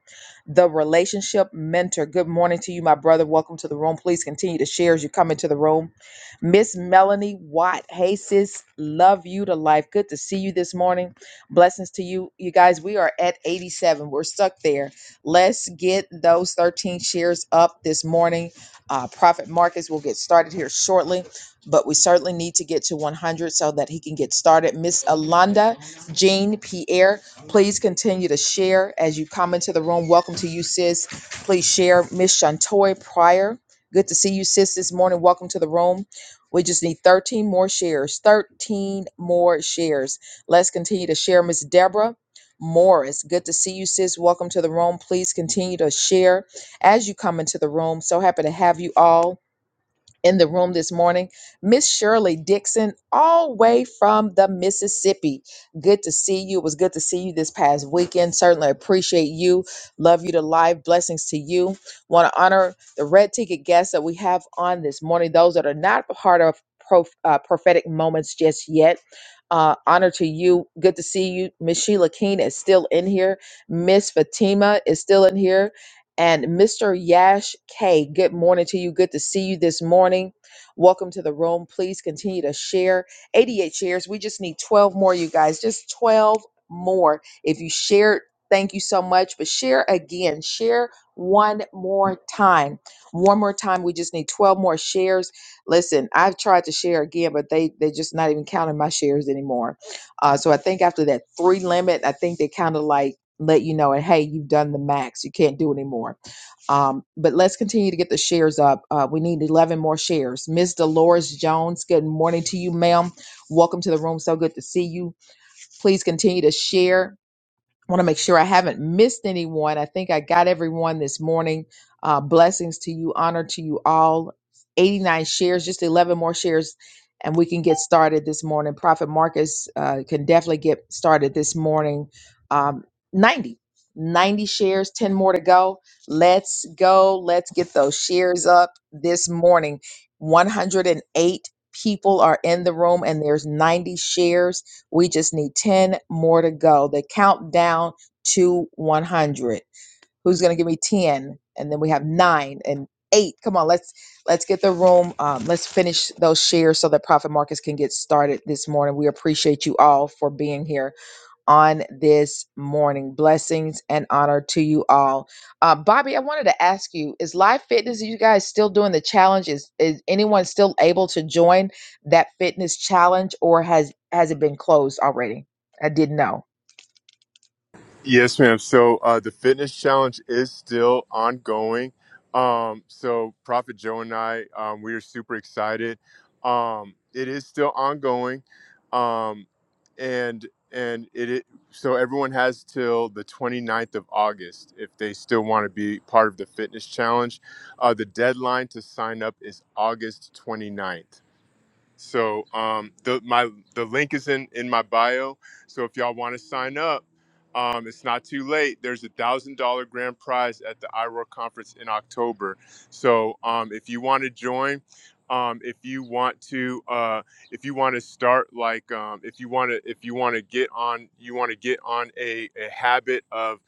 S1: The relationship mentor. Good morning to you, my brother. Welcome to the room. Please continue to share as you come into the room. Miss Melanie Watt. Hey, sis. Love you to life. Good to see you this morning. Blessings to you. You guys, we are at 87. We're stuck there. Let's get those 13 shares up this morning. Uh, Profit Marcus will get started here shortly, but we certainly need to get to 100 so that he can get started. Miss Alonda, Jean, Pierre, please continue to share as you come into the room. Welcome to you, sis. Please share. Miss Shantoy Pryor, good to see you, sis, this morning. Welcome to the room. We just need 13 more shares. 13 more shares. Let's continue to share. Miss Deborah Morris, good to see you, sis. Welcome to the room. Please continue to share as you come into the room. So happy to have you all in the room this morning, Miss Shirley Dixon, all way from the Mississippi. Good to see you. It was good to see you this past weekend. Certainly appreciate you. Love you to life. Blessings to you. Want to honor the red ticket guests that we have on this morning, those that are not a part of prof, uh, prophetic moments just yet. Uh, honor to you. Good to see you. Miss Sheila Keene is still in here. Miss Fatima is still in here and Mr. Yash K. Good morning to you. Good to see you this morning. Welcome to the room. Please continue to share 88 shares. We just need 12 more, you guys. Just 12 more. If you shared, thank you so much. But share again. Share one more time. One more time. We just need 12 more shares. Listen, I've tried to share again, but they they're just not even counting my shares anymore. Uh, so I think after that three limit, I think they counted like let you know, and hey, you've done the max. You can't do anymore. Um, but let's continue to get the shares up. Uh, we need 11 more shares. Miss Dolores Jones, good morning to you, ma'am. Welcome to the room. So good to see you. Please continue to share want to make sure I haven't missed anyone. I think I got everyone this morning. Uh, blessings to you, honor to you all. 89 shares, just 11 more shares, and we can get started this morning. Prophet Marcus uh, can definitely get started this morning. Um, 90, ninety shares, 10 more to go. Let's go. Let's get those shares up this morning. 108 people are in the room, and there's 90 shares. We just need 10 more to go. They count down to 100. Who's going to give me 10? And then we have 9 and 8. Come on, let's let's get the room um, let's finish those shares so that Prophet Marcus can get started this morning. We appreciate you all for being here on this morning. Blessings and honor to you all. Uh, Bobby, I wanted to ask you: Is Live Fitness? Are you guys still doing the challenge? Is is anyone still able to join that fitness challenge, or has has it been closed already? I didn't know.
S5: Yes, ma'am. So uh, the fitness challenge is still ongoing. Um, so Prophet Joe and I, um, we are super excited. Um, it is still ongoing, um, and and it, it so everyone has till the 29th of August if they still want to be part of the fitness challenge. Uh, the deadline to sign up is August 29th. So um, the my the link is in in my bio. So if y'all want to sign up, um, it's not too late. There's a thousand dollar grand prize at the IROAR conference in October. So um, if you want to join. Um, if you want to, uh, if you want to start like, um, if you want to, if you want to get on, you want to get on a, a habit of,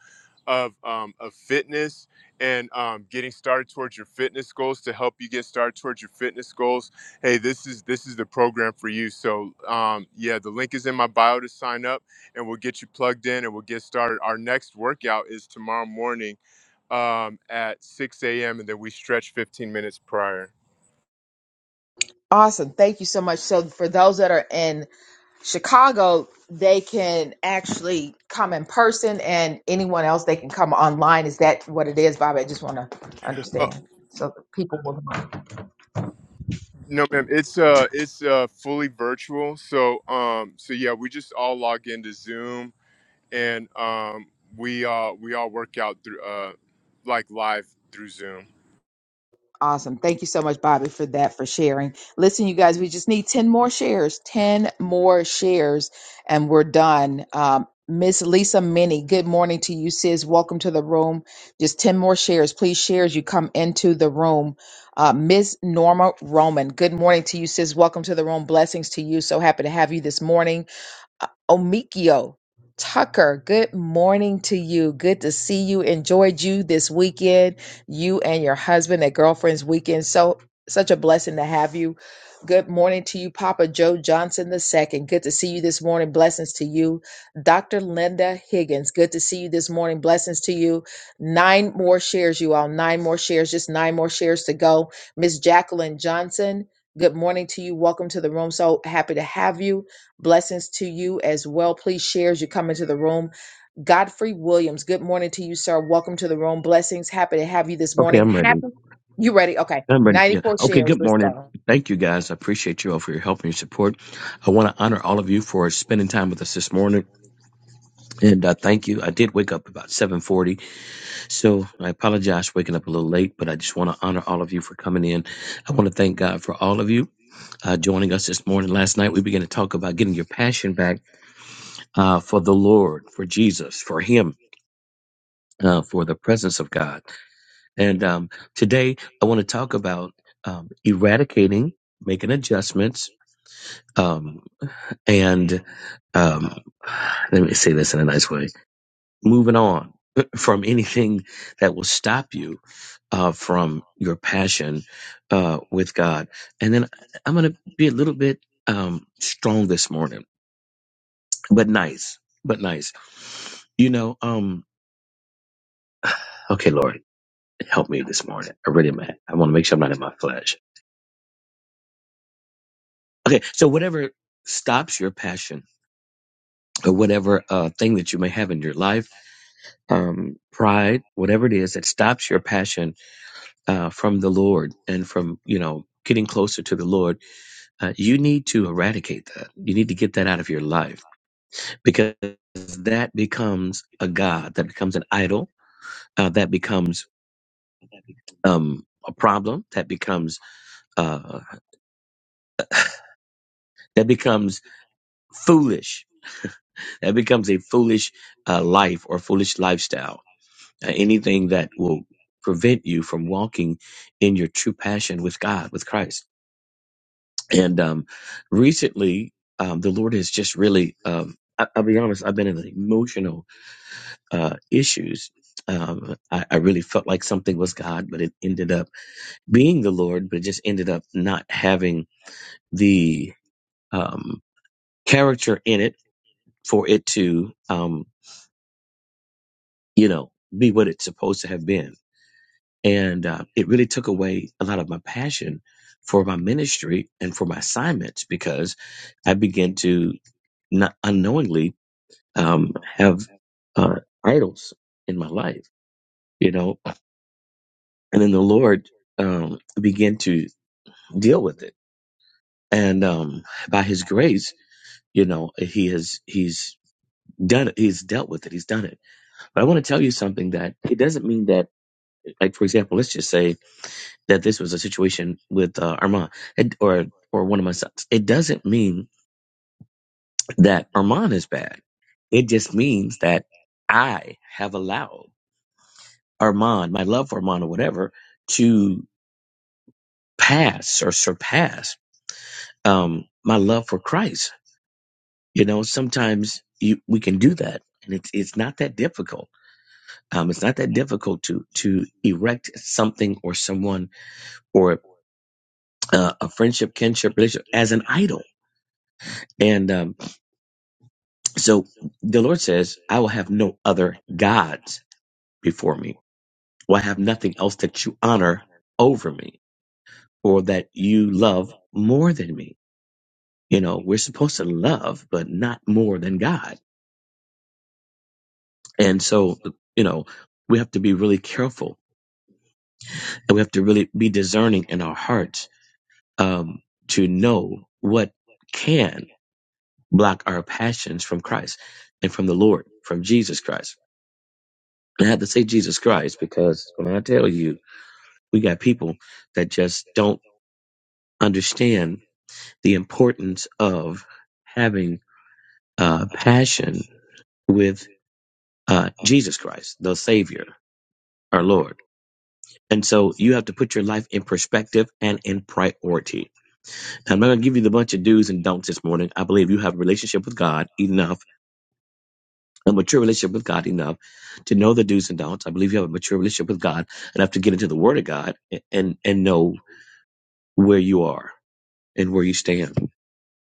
S5: of, um, of fitness and um, getting started towards your fitness goals to help you get started towards your fitness goals hey this is this is the program for you so um, yeah the link is in my bio to sign up and we'll get you plugged in and we'll get started our next workout is tomorrow morning um, at 6 a.m and then we stretch 15 minutes prior
S1: Awesome. Thank you so much. So for those that are in Chicago, they can actually come in person, and anyone else they can come online. Is that what it is, Bobby? I just want to
S5: uh,
S1: understand so people will.
S5: no ma'am
S1: know.
S5: it's uh it's uh fully virtual so um so yeah we just all log into zoom and um we uh we all work out through uh like live through zoom
S1: Awesome. Thank you so much, Bobby, for that, for sharing. Listen, you guys, we just need 10 more shares, 10 more shares, and we're done. Um, Miss Lisa Minnie, good morning to you, sis. Welcome to the room. Just 10 more shares. Please share as you come into the room. Uh, Miss Norma Roman, good morning to you, sis. Welcome to the room. Blessings to you. So happy to have you this morning. Uh, Omikio Tucker, good morning to you. Good to see you. Enjoyed you this weekend, you and your husband at Girlfriends Weekend. So, such a blessing to have you. Good morning to you, Papa Joe Johnson II. Good to see you this morning. Blessings to you. Dr. Linda Higgins, good to see you this morning. Blessings to you. Nine more shares, you all. Nine more shares, just nine more shares to go. Miss Jacqueline Johnson, good morning to you. Welcome to the room. So happy to have you. Blessings to you as well. Please share as you come into the room. Godfrey Williams, good morning to you, sir. Welcome to the room. Blessings. Happy to have you this
S4: okay,
S1: morning.
S4: I'm ready.
S1: Happy. You ready? Okay.
S4: I'm ready. Yeah.
S1: 94
S4: Okay,
S1: shares.
S4: good
S1: Let's
S4: morning.
S1: go.
S4: Thank you guys. I appreciate you all for your help and your support. I want to honor all of you for spending time with us this morning. And uh, thank you. I did wake up about 7:40, so I apologize for waking up a little late, but I just want to honor all of you for coming in. I want to thank God for all of you uh, joining us this morning. Last night we began to talk about getting your passion back uh, for the Lord, for Jesus, for Him, uh, for the presence of God. And um, today I want to talk about um, eradicating, making adjustments, um, and um, let me say this in a nice way moving on from anything that will stop you uh, from your passion uh, with God. And then I'm going to be a little bit um, strong this morning, but nice, but nice. You know, um, okay, Lord, help me this morning. I really am. I want to make sure I'm not in my flesh. Okay, so whatever stops your passion or whatever uh, thing that you may have in your life, um, pride, whatever it is that stops your passion uh, from the Lord and from, you know, getting closer to the Lord, uh, you need to eradicate that. You need to get that out of your life because that becomes a God, that becomes an idol, uh, that becomes um, a problem, that becomes uh, that becomes foolish, that becomes a foolish uh, life or foolish lifestyle. Uh, anything that will prevent you from walking in your true passion with God, with Christ. And um, recently, um, the Lord has just really, um, I, I'll be honest, I've been in emotional uh, issues. Um, I, I really felt like something was God, but it ended up being the Lord, but it just ended up not having the um, character in it for it to, um, you know, be what it's supposed to have been. And uh, it really took away a lot of my passion for my ministry and for my assignments because I began to not unknowingly um, have uh, idols in my life, you know, and then the Lord um, began to deal with it, and um, by His grace, you know, He has He's done it. He's dealt with it. He's done it. But I want to tell you something that it doesn't mean that, like for example, let's just say that this was a situation with uh, Armand and- or or one of my sons. It doesn't mean that Armand is bad. It just means that I have allowed. Armand, my love for Armand or whatever, to pass or surpass um, my love for Christ. You know, sometimes you, we can do that, and it's it's not that difficult. Um, it's not that difficult to to erect something or someone or uh, a friendship, kinship, relationship as an idol. And um, so the Lord says, "I will have no other gods before me. Will I have nothing else that you honor over me, or that you love more than me." You know, we're supposed to love, but not more than God. And so, you know, we have to be really careful and we have to really be discerning in our hearts um, to know what can block our passions from Christ and from the Lord, from Jesus Christ. And I have to say Jesus Christ because when I tell you, we got people that just don't understand the importance of having uh, passion with uh, Jesus Christ, the Savior, our Lord And so you have to put your life in perspective and in priority. Now, I'm not going to give you the bunch of do's and don'ts this morning. I believe you have a relationship with God enough, a mature relationship with God enough to know the do's and don'ts. I believe you have a mature relationship with God enough to get into the Word of God a- and, and know where you are and where you stand.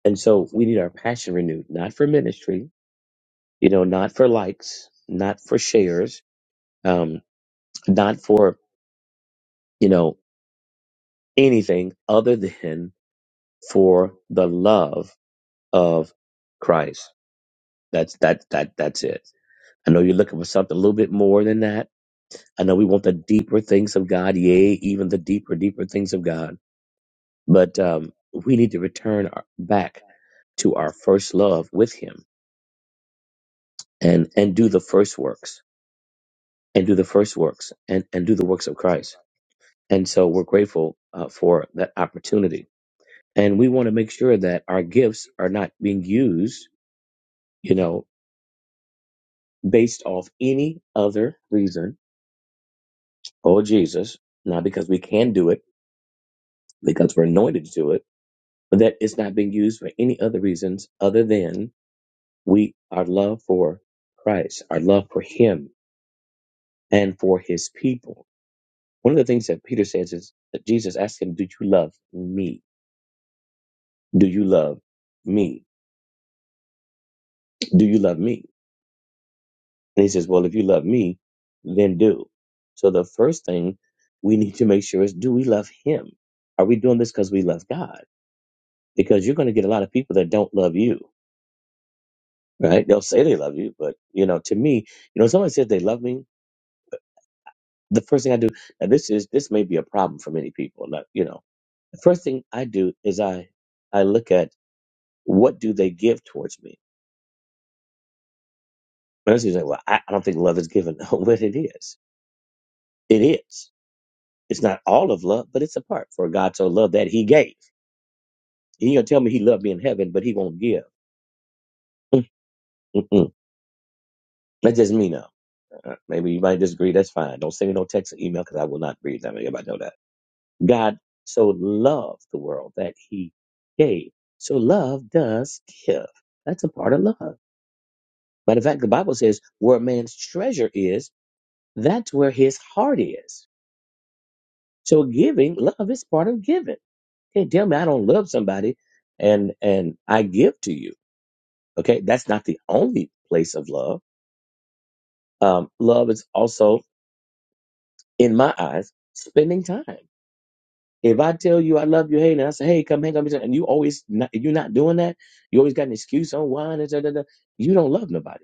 S4: And so we need our passion renewed, not for ministry, you know, not for likes, not for shares, um, not for, you know, anything other than for the love of Christ. That's that that that's it. I know you're looking for something a little bit more than that. I know we want the deeper things of God, yea, even the deeper, deeper things of God. But um, we need to return our, back to our first love with Him and and do the first works and do the first works and and do the works of Christ. And so we're grateful uh, for that opportunity. And we want to make sure that our gifts are not being used, you know, based off any other reason Oh, Jesus, not because we can do it, because we're anointed to do it, but that it's not being used for any other reasons other than we, our love for Christ, our love for Him and for His people. One of the things that Peter says is that Jesus asked him, Do you love me? Do you love me? Do you love me? And he says, Well, if you love me, then do. So the first thing we need to make sure is, Do we love Him? Are we doing this because we love God? Because you're going to get a lot of people that don't love you right? They'll say they love you, but you know, to me, you know, when someone says they love me, the first thing I do, and this is this may be a problem for many people, not you know, the first thing I do is I I look at what do they give towards me. And that's usually well, I, I don't think love is given, No, but it is. It is. It's not all of love, but it's a part. For God so loved that He gave. He gonna tell me He loved me in heaven, but He won't give. Mm-mm. That's just me now. Uh, Maybe you might disagree. That's fine. Don't send me no text or email because I will not read them. Everybody know that. God so loved the world that he gave. So love does give. That's a part of love. But in fact, the Bible says where man's treasure is, that's where his heart is. So giving, love is part of giving. Can't tell me I don't love somebody and and I give to you. Okay, that's not the only place of love. Um, love is also, in my eyes, spending time. If I tell you I love you, hey, and I say, hey, come hang out, with me," and you always not, you're not doing that, you always got an excuse on why, and da, da, da, you don't love nobody.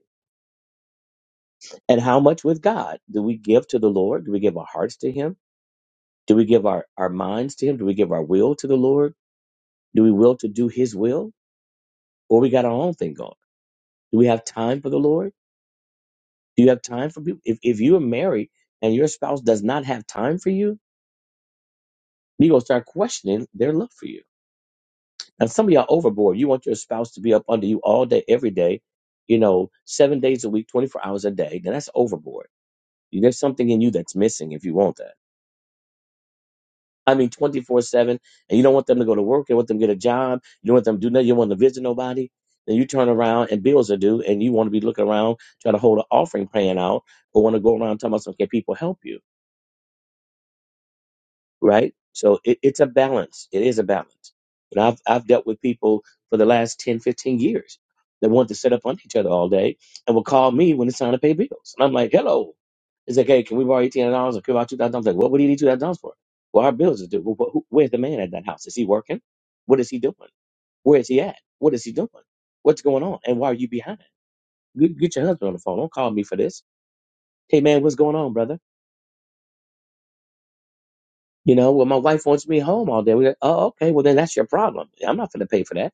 S4: And how much with God do we give to the Lord? Do we give our hearts to Him? Do we give our, our minds to Him? Do we give our will to the Lord? Do we will to do His will? Or we got our own thing going? Do we have time for the Lord? Do you have time for people? If, if you are married and your spouse does not have time for you, you're going to start questioning their love for you And some of y'all overboard. You want your spouse to be up under you all day, every day, you know, seven days a week, 24 hours a day. Now that's overboard. You- There's something in you that's missing if you want that. I mean, 24 7, and you don't want them to go to work. You want them to get a job. You don't want them to do nothing. You don't want them to visit nobody. Then you turn around and bills are due, and you want to be looking around, trying to hold an offering plan out, or want to go around talking about, okay, people help you. right? So it, it's a balance. It is a balance. And I've, I've dealt with people for the last 10, 15 years that want to sit up on each other all day and will call me when it's time to pay bills. And I'm like, hello. It's like, hey, can we borrow $1,800 or can we borrow $2,000? I'm like, what would you need $2,000 for? Well, our bills are due. Well, wh- who, where's the man at that house? Is he working? What is he doing? Where is he at? What is he doing? What's going on? And why are you behind? Get, get your husband on the phone. Don't call me for this. Hey, man, what's going on, brother? You know, well, my wife wants me home all day. We're like, oh, okay. Well, then that's your problem. I'm not going to pay for that.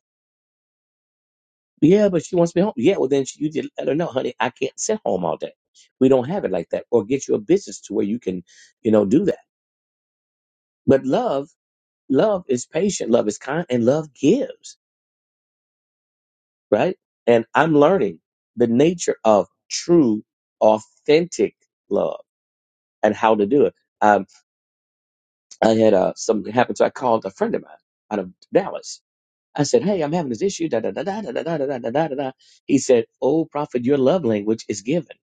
S4: Yeah, but she wants me home. Yeah, well, then she, you just let her know, honey, I can't sit home all day. We don't have it like that. Or get you a business to where you can, you know, do that. But love, love is patient, love is kind, and love gives, right? And I'm learning the nature of true, authentic love and how to do it. Um, I had uh, something happen. So I called a friend of mine out of Dallas I said, Hey, I'm having this issue. Da, da, da, da, da, da, da, da, da, da, da, He said, Oh, prophet, your love language is given.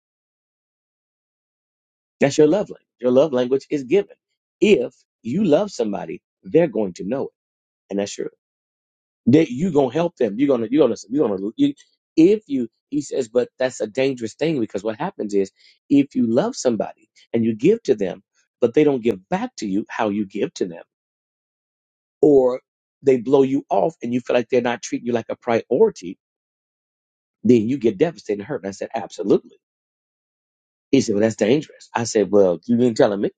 S4: That's your love language. Your love language is given. If you love somebody, they're going to know it. And that's true. That you gonna help them. You're gonna, you're gonna, you're gonna, you, if you, he says, but that's a dangerous thing because what happens is if you love somebody and you give to them, but they don't give back to you how you give to them, or they blow you off and you feel like they're not treating you like a priority, then you get devastated and hurt. And I said, absolutely. He said, well, that's dangerous. I said, well, you didn't tell me.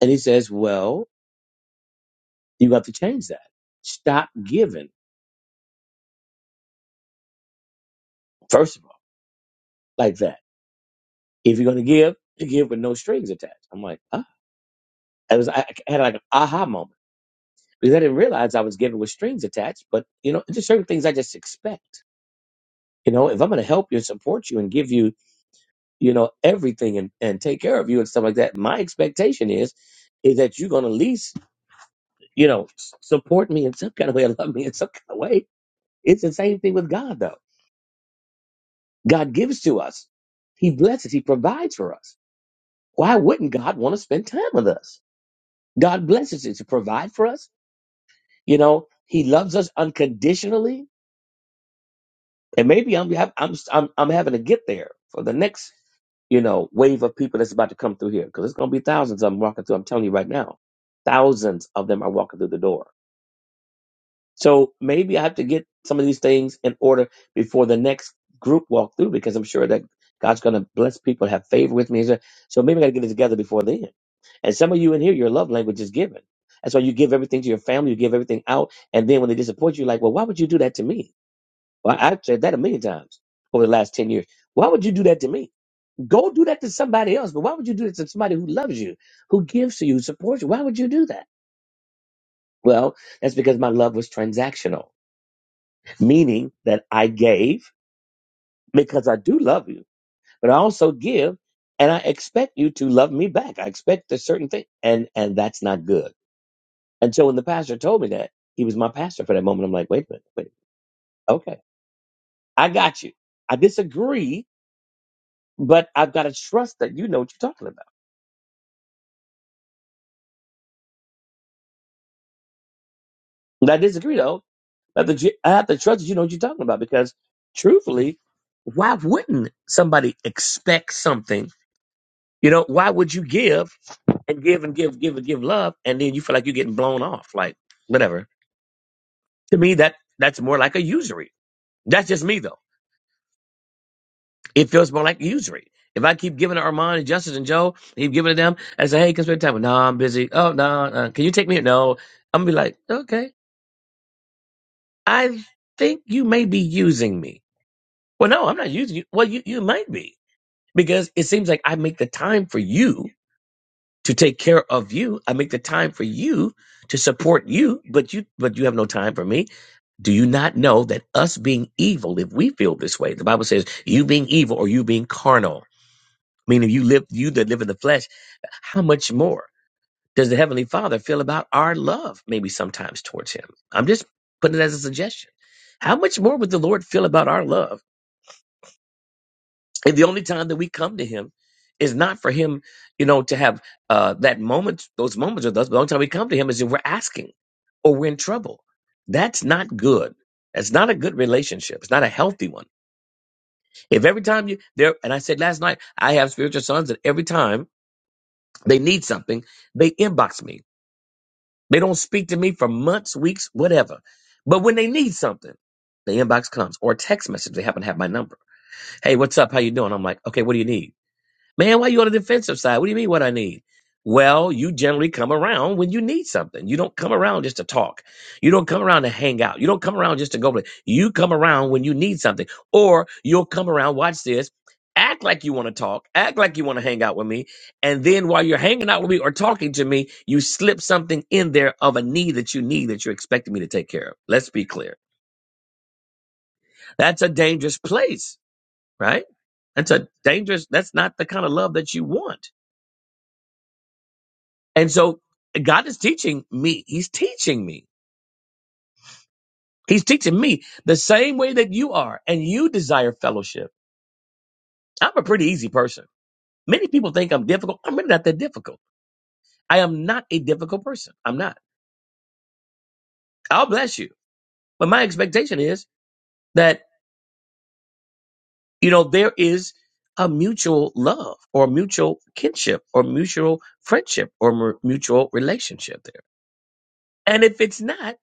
S4: And he says, well, you have to change that. Stop giving, first of all, like that. If you're going to give, you give with no strings attached. I'm like, ah. It was, I had like an aha moment because I didn't realize I was giving with strings attached. But, you know, just certain things I just expect. You know, if I'm going to help you and support you and give you, you know, everything and, and take care of you and stuff like that, my expectation is, is that you're going to at least you know, s- support me in some kind of way, or love me in some kind of way. It's the same thing with God, though. God gives to us, He blesses, He provides for us. Why wouldn't God want to spend time with us? God blesses us to provide for us. You know, He loves us unconditionally. And maybe I'm I'm I'm, I'm having to get there for the next you know wave of people that's about to come through here because it's going to be thousands of them walking through. I'm telling you right now, thousands of them are walking through the door So maybe I have to get some of these things in order before the next group walkthrough because I'm sure that God's going to bless people, have favor with me. So maybe I got to get it together before then. And some of you in here, your love language is giving. That's why you give everything to your family, you give everything out. And then when they disappoint you, you're like, well, why would you do that to me? Well, I've said that a million times over the last 10 years. Why would you do that to me? Go do that to somebody else. But why would you do that to somebody who loves you, who gives to you, supports you? Why would you do that? Well, that's because my love was transactional meaning that I gave because I do love you, but I also give and I expect you to love me back. I expect a certain thing and and that's not good. And so when the pastor told me that, he was my pastor for that moment. I'm like, wait a minute, wait, okay, I got you. I disagree, but I've got to trust that you know what you're talking about. And I disagree though, but the, I have to trust that you know what you're talking about because truthfully, why wouldn't somebody expect something? You know, why would you give? and give and give, give and give love, and then you feel like you're getting blown off, like whatever. To me, that that's more like a usury. That's just me though. It feels more like usury. If I keep giving to Armand and Justice and Joe, keep giving to them, and say, "Hey, can spend time?" No, I'm busy. Oh no, uh, can you take me? No, I'm gonna be like, okay, I think you may be using me. Well, no, I'm not using you. Well, you you might be because it seems like I make the time for you to take care of you. I make the time for you to support you, but you but you have no time for me. Do you not know that us being evil, if we feel this way, the Bible says you being evil or you being carnal, meaning you live you that live in the flesh, how much more does the Heavenly Father feel about our love, maybe sometimes towards him? I'm just putting it as a suggestion. How much more would the Lord feel about our love? And the only time that we come to him is not for him, you know, to have uh, that moment, those moments with us. But the only time we come to him is if we're asking or we're in trouble. That's not good. That's not a good relationship. It's not a healthy one. If every time you there, and I said last night, I have spiritual sons that every time they need something, they inbox me. They don't speak to me for months, weeks, whatever. But when they need something, the inbox comes or a text message. They happen to have my number. Hey, what's up? How you doing? I'm like, okay, what do you need? Man, why you on the defensive side? What do you mean what I need? Well, you generally come around when you need something. You don't come around just to talk. You don't come around to hang out. You don't come around just to go play. You come around when you need something. Or you'll come around, watch this, act like you want to talk, act like you want to hang out with me. And then while you're hanging out with me or talking to me, you slip something in there of a need that you need that you're expecting me to take care of. Let's be clear. That's a dangerous place, right? That's a dangerous, that's not the kind of love that you want And so God is teaching me. He's teaching me. He's teaching me the same way that you are and you desire fellowship. I'm a pretty easy person. Many people think I'm difficult. I'm really not that difficult. I am not a difficult person. I'm not. I'll bless you. But my expectation is that, you know, there is a mutual love or mutual kinship or mutual friendship or mu- mutual relationship there. And if it's not,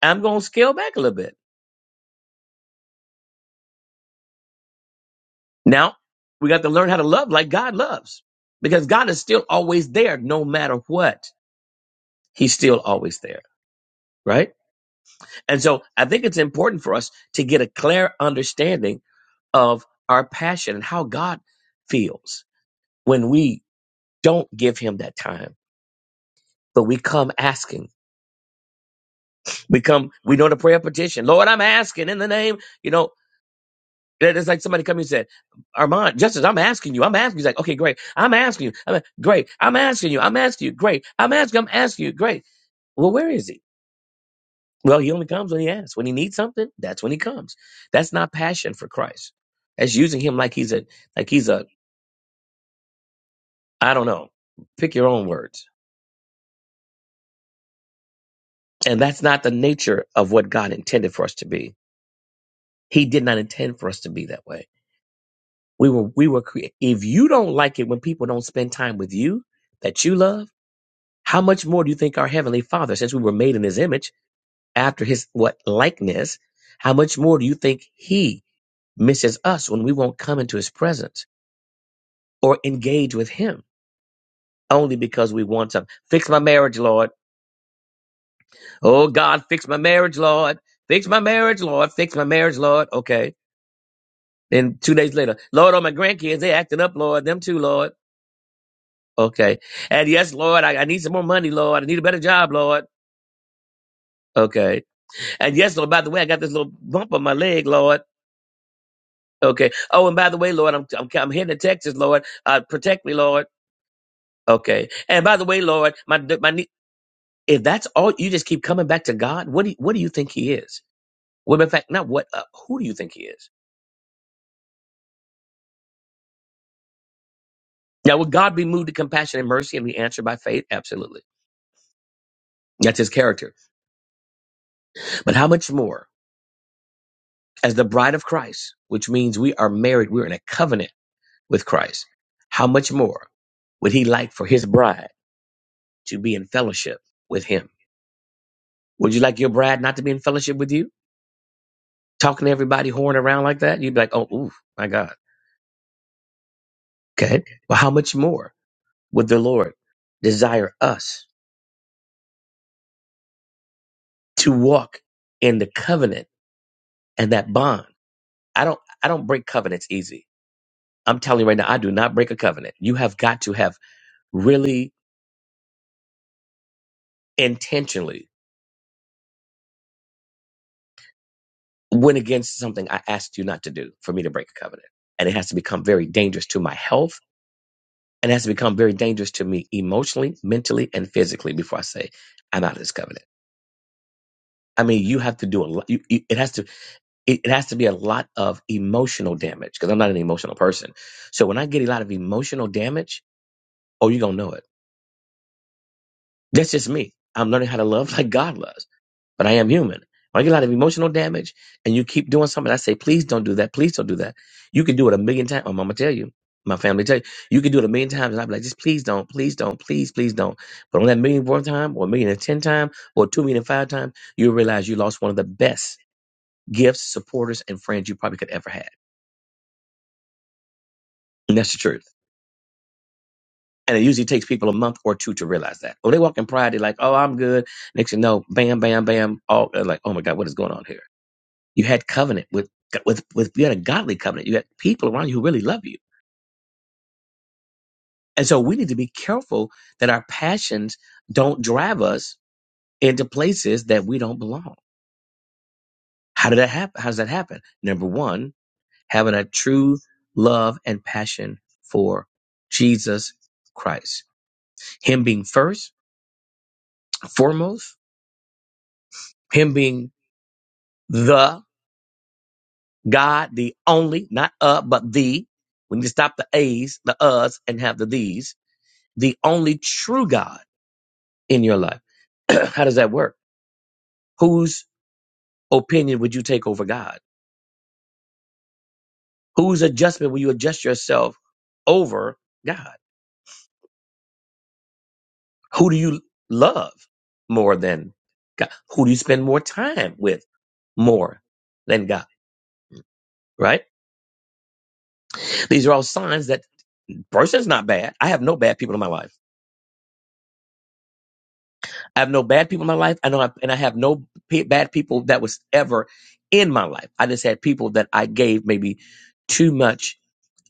S4: I'm going to scale back a little bit. Now we got to learn how to love like God loves because God is still always there no matter what. He's still always there, right? And so I think it's important for us to get a clear understanding of our passion and how God feels when we don't give him that time, but we come asking. We come, we know to pray a petition. Lord, I'm asking in the name, you know. That It's like somebody come and said, Armand, Justice, I'm asking you. I'm asking you. He's like, okay, great. I'm asking you. I'm great. I'm asking you. I'm asking you. Great. I'm asking. I'm asking you. Great. Well, where is he? Well, he only comes when he asks. When he needs something, that's when he comes. That's not passion for Christ. That's using him like he's a like he's a I don't know. Pick your own words. And that's not the nature of what God intended for us to be. He did not intend for us to be that way. We were we were cre- if you don't like it when people don't spend time with you that you love How much more do you think our Heavenly Father, since we were made in His image, after His what likeness, how much more do you think He misses us when we won't come into His presence or engage with Him only because we want something? Fix my marriage, Lord. Oh God, fix my marriage, Lord. Fix my marriage, Lord. Fix my marriage, Lord. Okay. Then two days later, Lord, all my grandkids, they acting up, Lord. Them too, Lord. Okay. And yes, Lord, I, I need some more money, Lord. I need a better job, Lord. Okay. And yes, Lord, by the way, I got this little bump on my leg, Lord. Okay. Oh, and by the way, Lord, I'm I'm, I'm heading to Texas, Lord. Uh, protect me, Lord. Okay. And by the way, Lord, my my ne- if that's all you just keep coming back to God, what do you, what do you think He is? Well, in fact, not what. Uh, who do you think He is? Now, would God be moved to compassion and mercy and be answered by faith? Absolutely. That's His character. But how much more as the bride of Christ, which means we are married, we're in a covenant with Christ. How much more would He like for His bride to be in fellowship with Him? Would you like your bride not to be in fellowship with you? talking to everybody whoring around like that, you'd be like, oh, ooh, my God. Okay. Well, how much more would the Lord desire us to walk in the covenant and that bond? I don't, I don't break covenants easy. I'm telling you right now, I do not break a covenant. You have got to have really intentionally went against something I asked you not to do for me to break a covenant. And it has to become very dangerous to my health and it has to become very dangerous to me emotionally, mentally, and physically before I say I'm out of this covenant. I mean, you have to do a lot. You, you, it has to it, it has to be a lot of emotional damage because I'm not an emotional person. So when I get a lot of emotional damage, oh, you're gonna know it. That's just me. I'm learning how to love like God loves, but I am human. When I get a lot of emotional damage, and you keep doing something, I say, please don't do that. Please don't do that. You can do it a million times. My mama tell you, my family tell you, you can do it a million times, and I'd be like, just please don't, please don't, please, please don't. But on that million fourth time, or a million and ten time, or two million and five time, you'll realize you lost one of the best gifts, supporters, and friends you probably could ever had. And that's the truth. And it usually takes people a month or two to realize that. When they walk in pride, they're like, oh, I'm good. Next thing you know, bam, bam, bam. All they're like, oh my God, what is going on here? You had covenant with, with, with, you had a godly covenant. You had people around you who really love you. And so we need to be careful that our passions don't drive us into places that we don't belong. How did that happen? How does that happen? Number one, having a true love and passion for Jesus Christ Him being first, foremost, Him being the God, the only, not uh, but the. We need to stop the A's, the uhs, and have the these. The only true God in your life. How does that work? Whose opinion would you take over God? Whose adjustment will you adjust yourself over God? Who do you love more than God? Who do you spend more time with more than God? Right? These are all signs that Person's not bad. I have no bad people in my life. I have no bad people in my life. I know, I, and I have no p- bad people that was ever in my life. I just had people that I gave maybe too much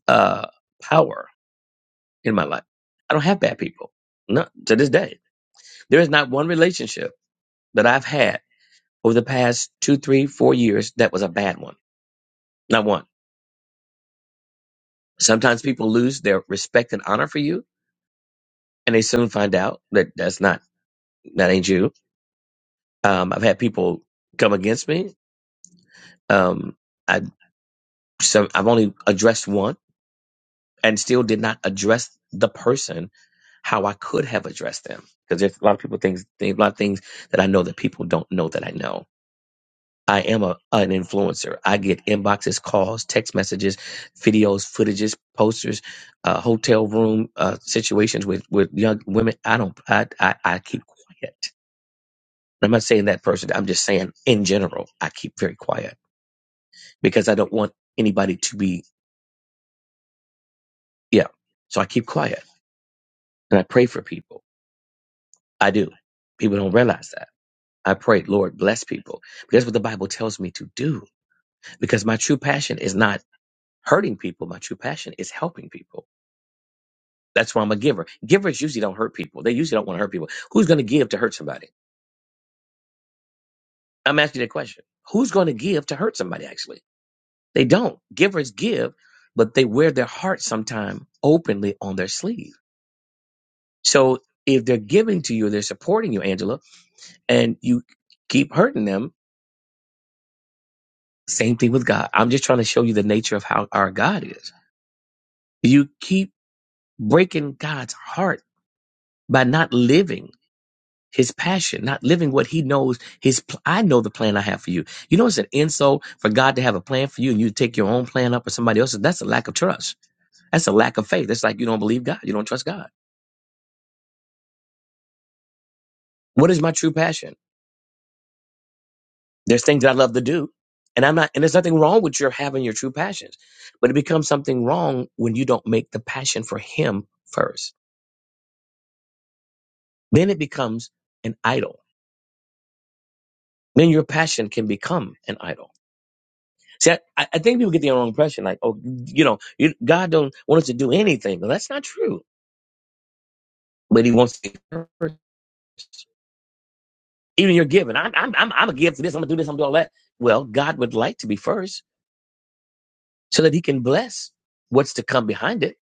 S4: uh, power in my life. I don't have bad people. Not to this day. There is not one relationship that I've had over the past two, three, four years that was a bad one. Not one. Sometimes people lose their respect and honor for you, and they soon find out that that's not that ain't you. Um, I've had people come against me Um, I so I've only addressed one, and still did not address the person how I could have addressed them because there's a lot of people things, there's a lot of things that I know that people don't know that I know. I am a an influencer. I get inboxes, calls, text messages, videos, footages, posters, uh, hotel room uh, situations with with young women. I don't. I I, I keep quiet. And I'm not saying that person. I'm just saying in general, I keep very quiet because I don't want anybody to be Yeah. So I keep quiet and I pray for people. I do. People don't realize that. I pray, Lord, bless people. But That's what the Bible tells me to do because my true passion is not hurting people. My true passion is helping people. That's why I'm a giver. Givers usually don't hurt people. They usually don't want to hurt people. Who's going to give to hurt somebody? I'm asking you that question. Who's going to give to hurt somebody, actually? They don't. Givers give, but they wear their heart sometime openly on their sleeve. So if they're giving to you, they're supporting you, Angela and you keep hurting them. Same thing with God. I'm just trying to show you the nature of how our God is. You keep breaking God's heart by not living his passion, not living what he knows his, pl- I know the plan I have for you. You know, it's an insult for God to have a plan for you and you take your own plan up or somebody else's. That's a lack of trust. That's a lack of faith. That's like you don't believe God. You don't trust God. What is my true passion? There's things that I love to do. And I'm not, and there's nothing wrong with your having your true passions, but it becomes something wrong when you don't make the passion for him first. Then it becomes an idol. Then your passion can become an idol. See, I, I think people get the wrong impression, like, oh, you know, you, God don't want us to do anything. Well, that's not true. But He wants to be first. Even your giving, I'm, I'm, I'm, I'm a give to this. I'm gonna do this. I'm gonna do all that. Well, God would like to be first, so that He can bless what's to come behind it.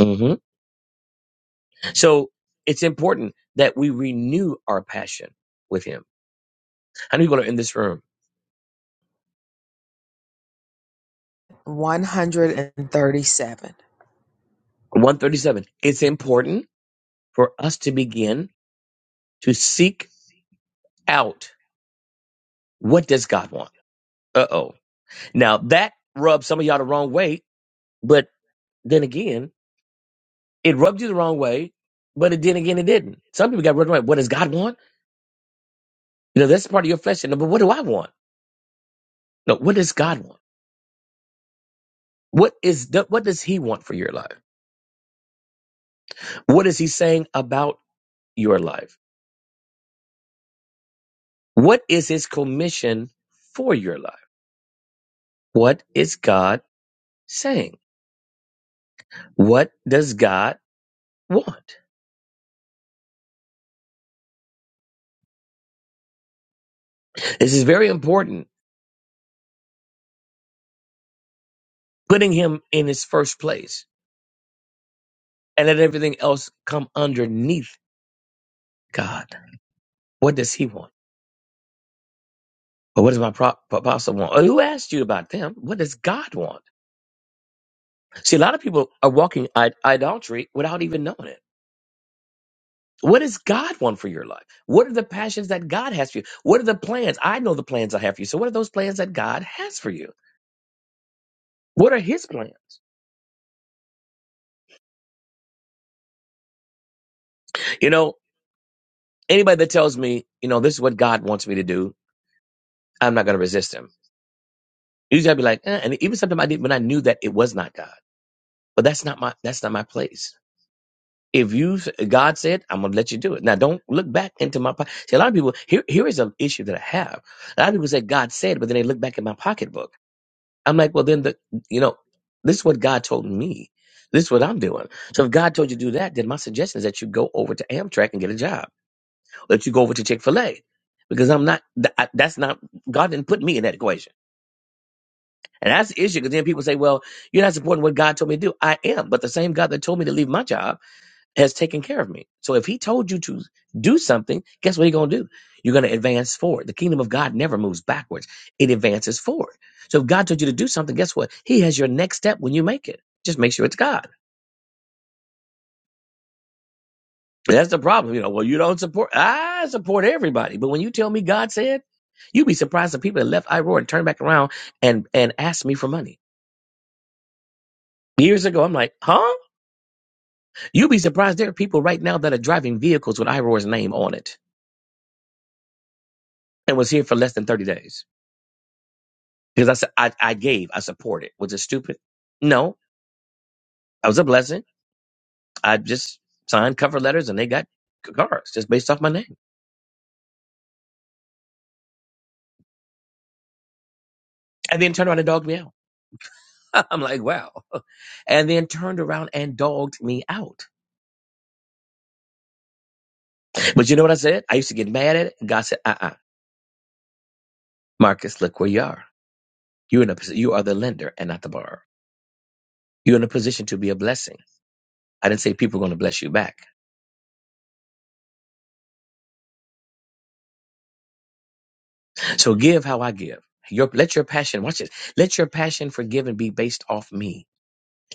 S4: Mhm. So it's important that we renew our passion with Him. How many people are in this room?
S1: 137.
S4: 137. It's important for us to begin to seek out what does God want? Uh oh. Now that rubs some of y'all the wrong way, but then again, it rubbed you the wrong way, but it then again it didn't. Some people got rubbed right. What does God want? You know, that's part of your flesh. No, but what do I want? No, what does God want? What is the, what does He want for your life? What is He saying about your life? What is his commission for your life? What is God saying? What does God want? This is very important. Putting him in his first place and let everything else come underneath God. What does he want? Or what does my pro- apostle want? Or who asked you about them? What does God want? See, a lot of people are walking I- idolatry without even knowing it. What does God want for your life? What are the passions that God has for you? What are the plans? I know the plans I have for you. So, what are those plans that God has for you? What are his plans? You know, anybody that tells me, you know, this is what God wants me to do, I'm not going to resist him. Usually I'd be like, eh, and even sometimes I did when I knew that it was not God. But that's not my that's not my place. If you God said, I'm going to let you do it. Now don't look back into my pocket. See, a lot of people here here is an issue that I have. A lot of people say God said, but then they look back at my pocketbook. I'm like, well, then the you know, this is what God told me. This is what I'm doing. So if God told you to do that, then my suggestion is that you go over to Amtrak and get a job that you go over to Chick Fil A because I'm not. th- I- That's not God didn't put me in that equation, and that's the issue. Because then people say, "Well, you're not supporting what God told me to do." I am, but the same God that told me to leave my job has taken care of me. So if He told you to do something, guess what you're going to do? You're going to advance forward. The kingdom of God never moves backwards; it advances forward. So if God told you to do something, guess what? He has your next step when you make it. Just make sure it's God. That's the problem. You know, well, you don't support. I support everybody. But when you tell me God said, you'd be surprised the people that left Iroar and turned back around and, and asked me for money. Years ago, I'm like, huh? You'd be surprised there are people right now that are driving vehicles with Iroar's name on it and was here for less than 30 days. Because I said, I, I gave, I supported. Was it stupid? No, I was a blessing. I just signed cover letters and they got cars just based off my name. And then turned around and dogged me out. I'm like, wow. And then turned around and dogged me out. But you know what I said? I used to get mad at it. God said, uh uh Marcus, look where you are. You're in a, posi- you are the lender and not the borrower. You're in a position to be a blessing. I didn't say people are going to bless you back. So give how I give. Your, let your passion, watch it. Let your passion for giving be based off me.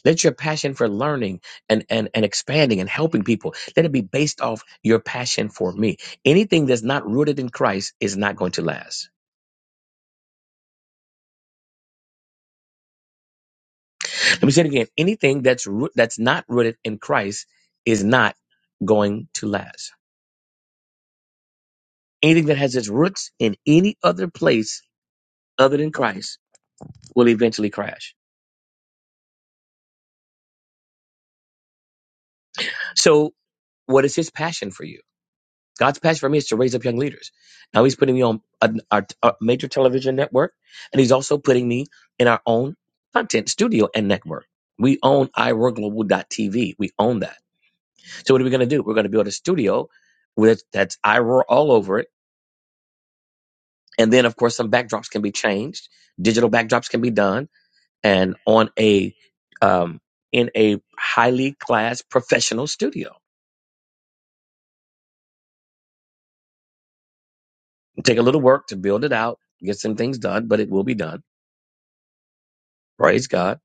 S4: Let your passion for learning and, and, and expanding and helping people, let it be based off your passion for me. Anything that's not rooted in Christ is not going to last. Let me say it again. Anything that's, root, that's not rooted in Christ is not going to last. Anything that has its roots in any other place other than Christ will eventually crash. So, what is his passion for you? God's passion for me is to raise up young leaders. Now, he's putting me on a, our, our major television network, and he's also putting me in our own content studio and network. We own TV. We own that. So, what are we going to do? We're going to build a studio with that's iRoar all over it. And then, of course, some backdrops can be changed. Digital backdrops can be done and on a um, in a highly class professional studio. It'll take a little work to build it out, get some things done, but it will be done. Praise God.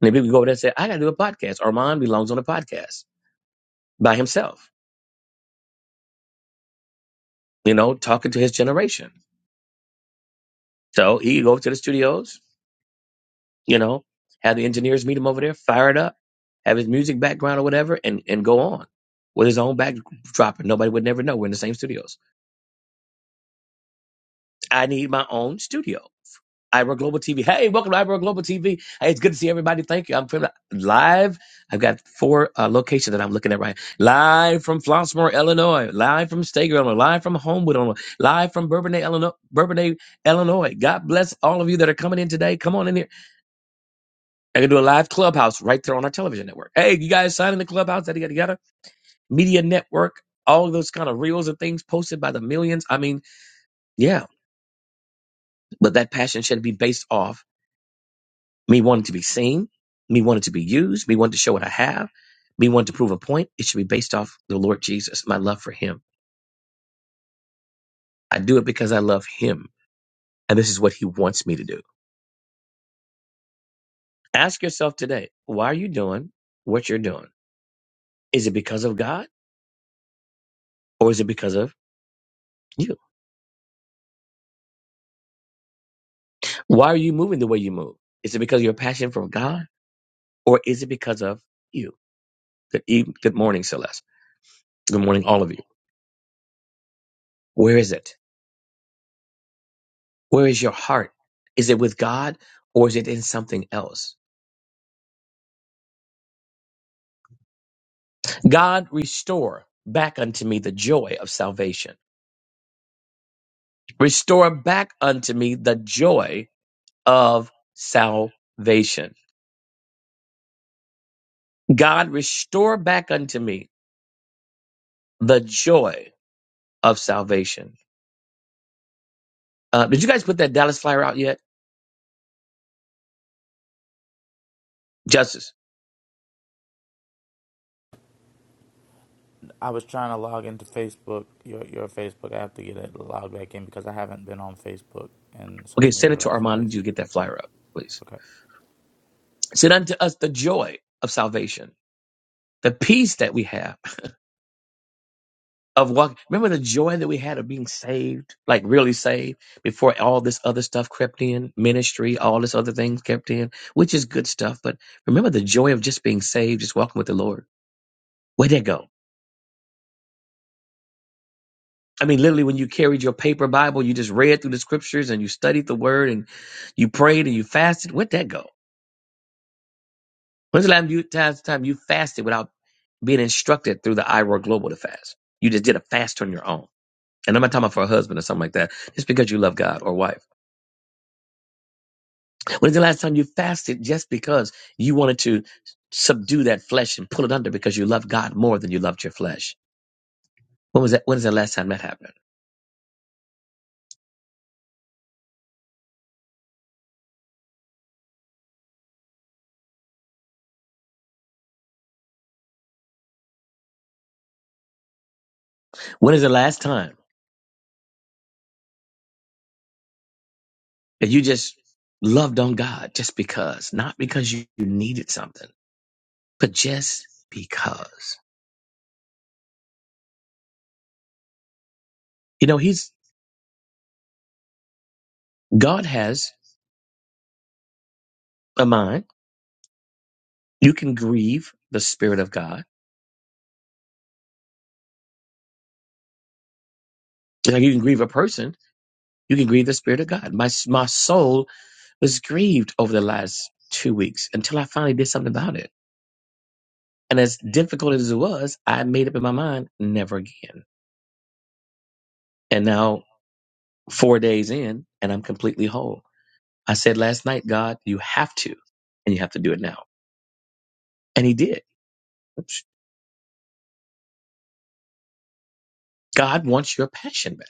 S4: And then people go over there and say, I gotta do a podcast. Armand belongs on a podcast by himself, you know, talking to his generation. So he can go to the studios, you know, have the engineers meet him over there, fire it up, have his music background or whatever, and and go on with his own backdrop, and nobody would never know we're in the same studios. I need my own studio. Ira Global TV. Hey, welcome to Ira Global TV. Hey, it's good to see everybody. Thank you. I'm from live. I've got four uh, locations that I'm looking at right. Live from Flossmoor, Illinois. Live from Stager, Illinois. Live from Homewood, Illinois. Live from Bourbonnais, Illinois. Bourbonnais, Illinois. God bless all of you that are coming in today. Come on in here. I can do a live clubhouse right there on our television network. Hey, you guys sign in the clubhouse. Yada yada yada. Media network. All of those kind of reels and things posted by the millions. I mean, yeah, but that passion should be based off. Me wanting to be seen, me wanting to be used, me wanting to show what I have, me wanting to prove a point, it should be based off the Lord Jesus, my love for him. I do it because I love him, and this is what he wants me to do. Ask yourself today, why are you doing what you're doing? Is it because of God or is it because of you? Why are you moving the way you move? Is it because of your passion for God or is it because of you? Good, eve- good morning, Celeste. Good morning, all of you. Where is it? Where is your heart? Is it with God or is it in something else? God, restore back unto me the joy of salvation. Restore back unto me the joy of salvation. God, restore back unto me the joy of salvation. Uh, did you guys put that Dallas flyer out yet? Justice.
S6: I was trying to log into Facebook, your your Facebook. I have to get it logged back in because I haven't been on Facebook and
S4: Okay,
S6: social media
S4: send
S6: the
S4: it to
S6: last few
S4: Armand. Did
S6: days.
S4: you get that flyer up, please?
S6: Okay.
S4: Send unto us the joy of salvation, the peace that we have. of walking. Remember the joy that we had of being saved, like really saved, before all this other stuff crept in, ministry, all this other things crept in, which is good stuff. But remember the joy of just being saved, just walking with the Lord. Where'd that go? I mean, literally, when you carried your paper Bible, you just read through the scriptures and you studied the word and you prayed and you fasted. Where'd that go? When's the last time you- time time you fasted without being instructed through the IROR Global to fast? You just did a fast on your own. And I'm not talking about for a husband or something like that. Just because you love God or wife. When's the last time you fasted just because you wanted to subdue that flesh and pull it under because you love God more than you loved your flesh? When was that? When is the last time that happened? When is the last time that you just loved on God just because, not because you you needed something, but just because? You know, He's God has a mind. You can grieve the Spirit of God. Now, you can grieve a person, You can grieve the Spirit of God. My, my soul was grieved over the last two weeks until I finally did something about it. And as difficult as it was, I made up in my mind, never again. And now, four days in, and I'm completely whole. I said last night, God, you have to, and you have to do it now. And He did. God wants your passion back,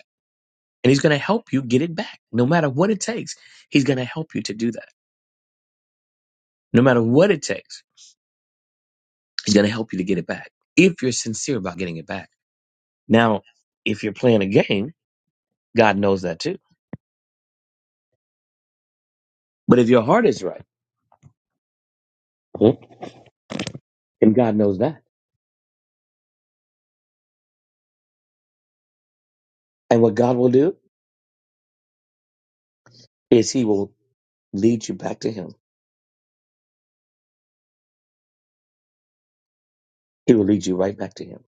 S4: and He's going to help you get it back. No matter what it takes, He's going to help you to do that. No matter what it takes, He's going to help you to get it back if you're sincere about getting it back. Now, if you're playing a game, God knows that too. But if your heart is right, hmm, and God knows that, and what God will do is He will lead you back to Him. He will lead you right back to Him.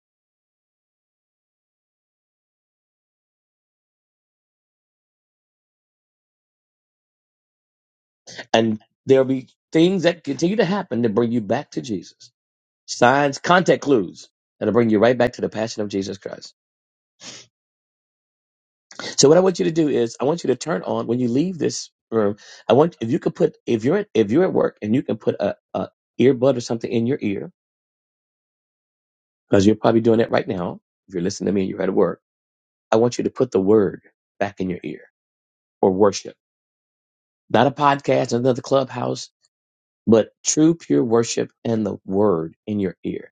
S4: And there'll be things that continue to happen to bring you back to Jesus. Signs, contact clues that'll bring you right back to the passion of Jesus Christ. So what I want you to do is I want you to turn on when you leave this room. I want if you could put if you're at, if you're at work and you can put a, a earbud or something in your ear because you're probably doing it right now. If you're listening to me and you're at work, I want you to put the word back in your ear or worship, not a podcast, another clubhouse, but true, pure worship and the word in your ear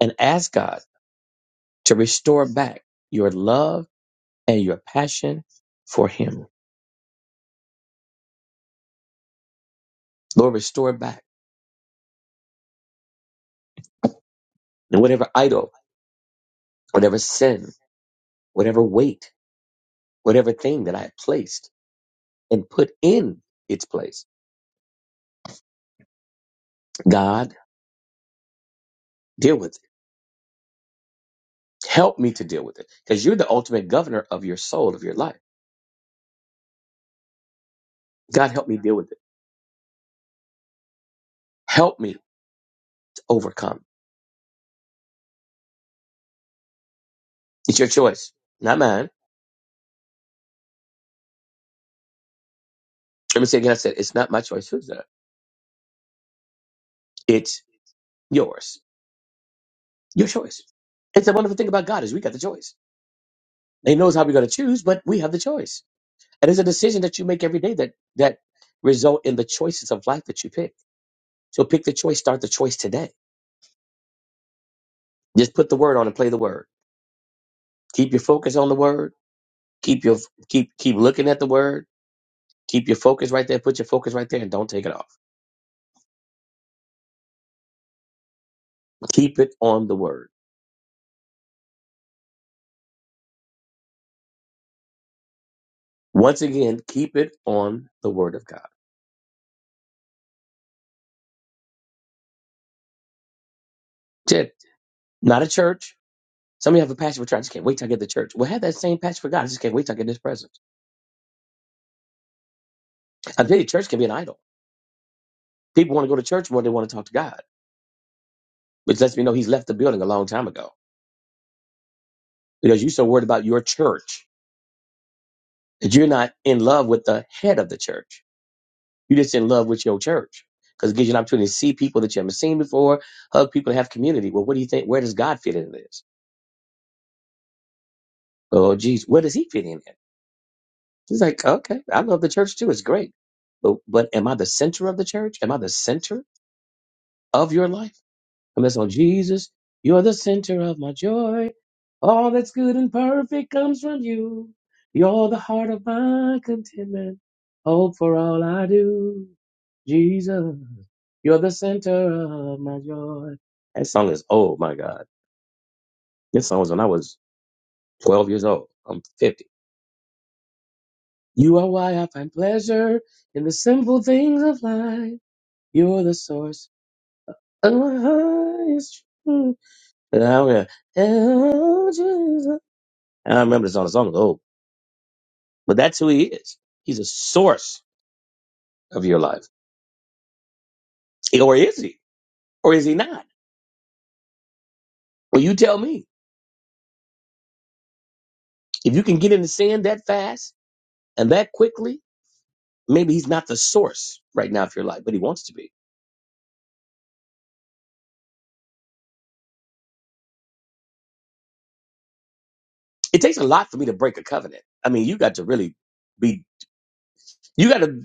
S4: and ask God to restore back your love and your passion for him. Lord, restore back and whatever idol, whatever sin, whatever weight, whatever thing that I have placed and put in its place. God, deal with it Help me to deal with it because you're the ultimate governor of your soul, of your life. God, help me deal with it. Help me to overcome. It's your choice, not mine. Let me say again, I said, it's not my choice. Who's that? It's yours. Your choice. It's the wonderful thing about God is we got the choice. He knows how we're going to choose, but we have the choice. And it's a decision that you make every day that, that result in the choices of life that you pick. So pick the choice, start the choice today. Just put the word on and play the word. Keep your focus on the word. Keep your, keep, keep looking at the word Keep your focus right there. Put your focus right there and don't take it off. Keep it on the word. Once again, keep it on the word of God. Ted, not a church. Some of you have a passion for church. I just can't wait till I get to church. Well, have that same passion for God. I just can't wait till I get in His presence. I tell you, church can be an idol. People want to go to church more than they want to talk to God, which lets me know He's left the building a long time ago because you're so worried about your church that you're not in love with the head of the church. You're just in love with your church because it gives you an opportunity to see people that you haven't seen before, hug people, and have community. Well, what do you think? Where does God fit into this? Oh, geez, where does he fit in at? He's like, okay, I love the church too. It's great. But, but am I the center of the church? Am I the center of your life? I'm just on Jesus, you're the center of my joy. All that's good and perfect comes from you. You're the heart of my contentment. Hope for all I do. Jesus, you're the center of my joy. That song is, oh my God. This song was when I was 12 years old. I'm 50. You are why I find pleasure in the simple things of life. You're the source of my highest truth. And I will- Oh, Jesus. I don't remember this song. The song is old, but that's who he is. He's a source of your life. Or is he? Or is he not? Well, you tell me. If you can get in the sand that fast and that quickly, maybe he's not the source right now of your life, but he wants to be. It takes a lot for me to break a covenant. I mean, you got to really be You got to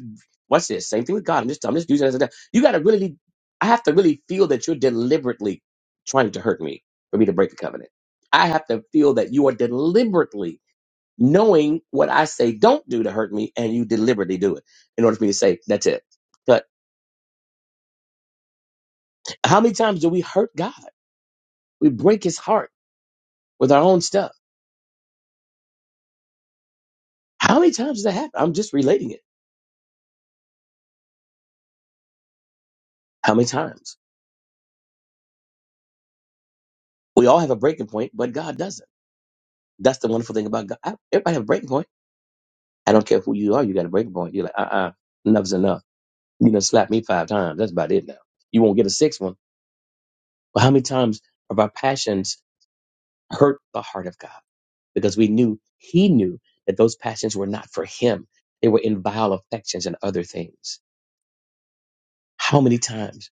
S4: watch this. Same thing with God. I'm just I'm just using it as an example. You got to really. I have to really feel that you're deliberately trying to hurt me for me to break the covenant. I have to feel that you are deliberately knowing what I say don't do to hurt me, and you deliberately do it in order for me to say that's it. But how many times do we hurt God? We break His heart with our own stuff. How many times does that happen? I'm just relating it. How many times? We all have a breaking point, but God doesn't. That's the wonderful thing about God. I- Everybody have a breaking point I don't care who you are. You got a breaking point. You're like, uh-uh, enough's enough. You done slapped me five times. That's about it now. You won't get a sixth one. But how many times have our passions hurt the heart of God? Because we knew, he knew that those passions were not for him. They were in vile affections and other things. How many times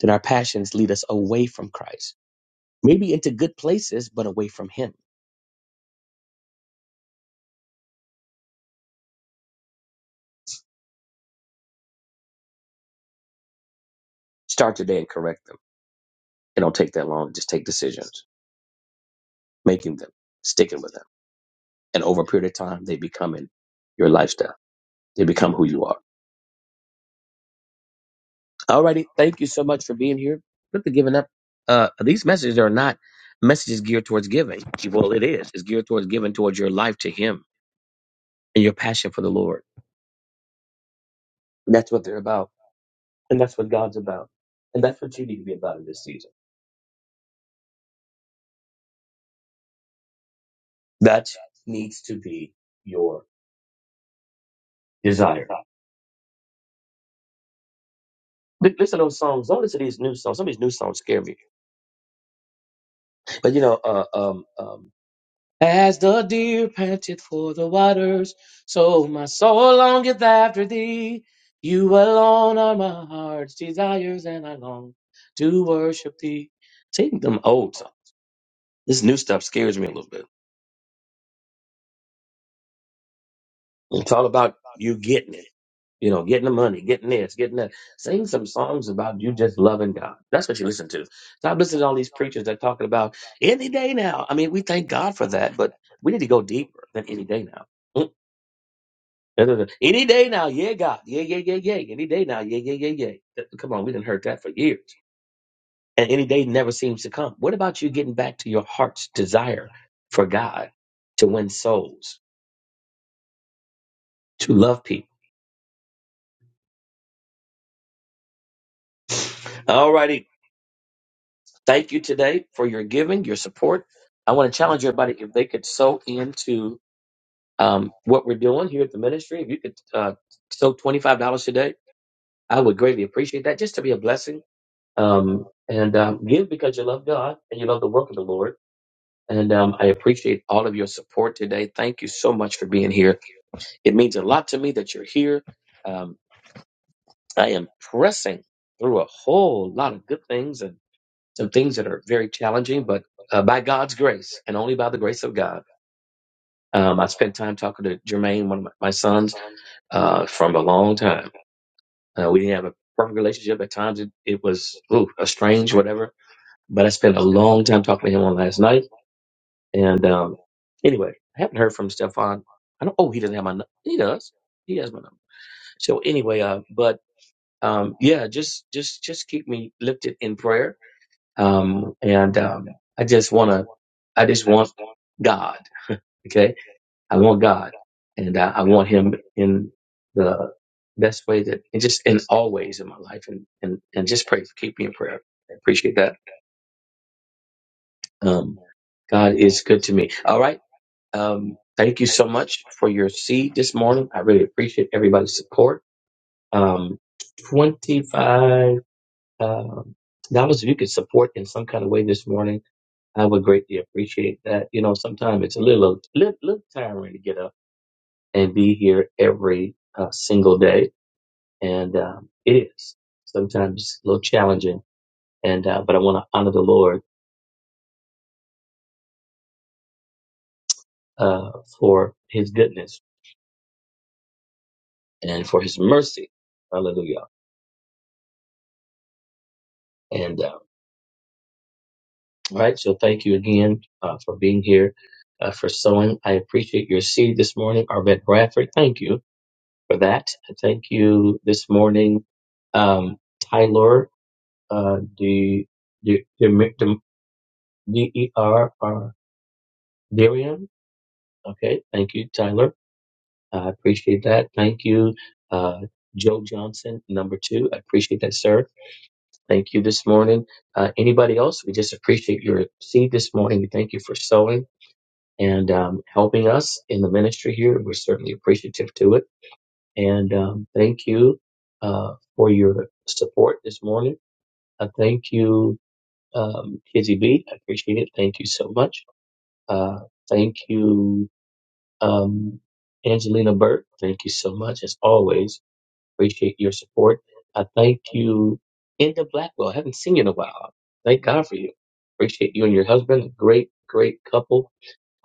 S4: did our passions lead us away from Christ? Maybe into good places, but away from him. Start today and correct them. It don't take that long. Just take decisions, making them, sticking with them. And over a period of time, they become in your lifestyle. to become who you are. Alrighty, thank you so much for being here. Look at giving up. Uh, these messages are not messages geared towards giving. Well, it is. It's geared towards giving towards your life to Him and your passion for the Lord. That's what they're about, and that's what God's about, and that's what you need to be about in this season. That needs to be your desire. Li- Listen to those songs. Don't listen to these new songs. Some of these new songs scare me. But you know, uh, um, um, As the deer panted for the waters, so my soul longeth after thee. You alone are my heart's desires, and I long to worship thee. Taking them old, songs. this new stuff scares me a little bit. It's all about you getting it, you know, getting the money, getting this, getting that. Sing some songs about you just loving God. That's what you listen to. Stop listening to all these preachers that talking about any day now. I mean, we thank God for that, but we need to go deeper than any day now. Da, da, da. Any day now, yeah, God, yeah, yeah, yeah, yeah. Any day now, yeah, yeah, yeah, yeah. Th- Come on, we didn't heard that for years, and any day never seems to come. What about you getting back to your heart's desire for God to win souls, to love people? All righty, thank you today for your giving, your support. I want to challenge everybody if they could sow into um, what we're doing here at the ministry. If you could uh, sow twenty five dollars today, I would greatly appreciate that, just to be a blessing Um, and um, give because you love God and you love the work of the Lord. And um, I appreciate all of your support today. Thank you so much for being here. It means a lot to me that you're here. Um, I am pressing through a whole lot of good things and some things that are very challenging, but uh, by God's grace and only by the grace of God. Um, I spent time talking to Jermaine, one of my, my sons, uh, from a long time. Uh, we didn't have a perfect relationship. At times it, it was ooh, a strange, whatever. But I spent a long time talking to him on last night And um, anyway, I haven't heard from Stefan. I don't. Oh, he doesn't have my. nu- He does. He has my number. So anyway, uh, but um, yeah, just just just keep me lifted in prayer. Um, and um, I just wanna. I just want God. Okay, I want God, and I, I want Him in the best way that, and just in all ways in my life, and and and just pray. Keep me in prayer. I appreciate that. Um, God is good to me. All right. Um, thank you so much for your seed this morning. I really appreciate everybody's support. Um, 25 um dollars if you could support in some kind of way this morning, I would greatly appreciate that. You know, sometimes it's a little, little, little tiring to get up and be here every uh, single day. And um, it is sometimes a little challenging. And uh, but I want to honor the Lord uh, for His goodness and for His mercy. Hallelujah. and uh, All right. So thank you again uh, for being here, uh, for sowing. I appreciate your seed this morning, Arvette Bradford. Thank you for that. Thank you this morning, um, Tyler, uh, the, the, the, D-E-R-R, Darian. Okay. Thank you, Tyler. I appreciate that. Thank you, uh, Joe Johnson, number two. I appreciate that, sir. Thank you this morning. Uh, anybody else? We just appreciate your seed this morning. We thank you for sowing. and um, helping us in the ministry here. We're certainly appreciative to it. And um, thank you uh, for your support this morning. I thank you, um, Kizzy B. I appreciate it. Thank you so much. Uh, thank you, um, Angelina Burt. Thank you so much, as always. Appreciate your support. I thank you, Enda Blackwell. I haven't seen you in a while. Thank God for you. Appreciate you and your husband. Great, great couple.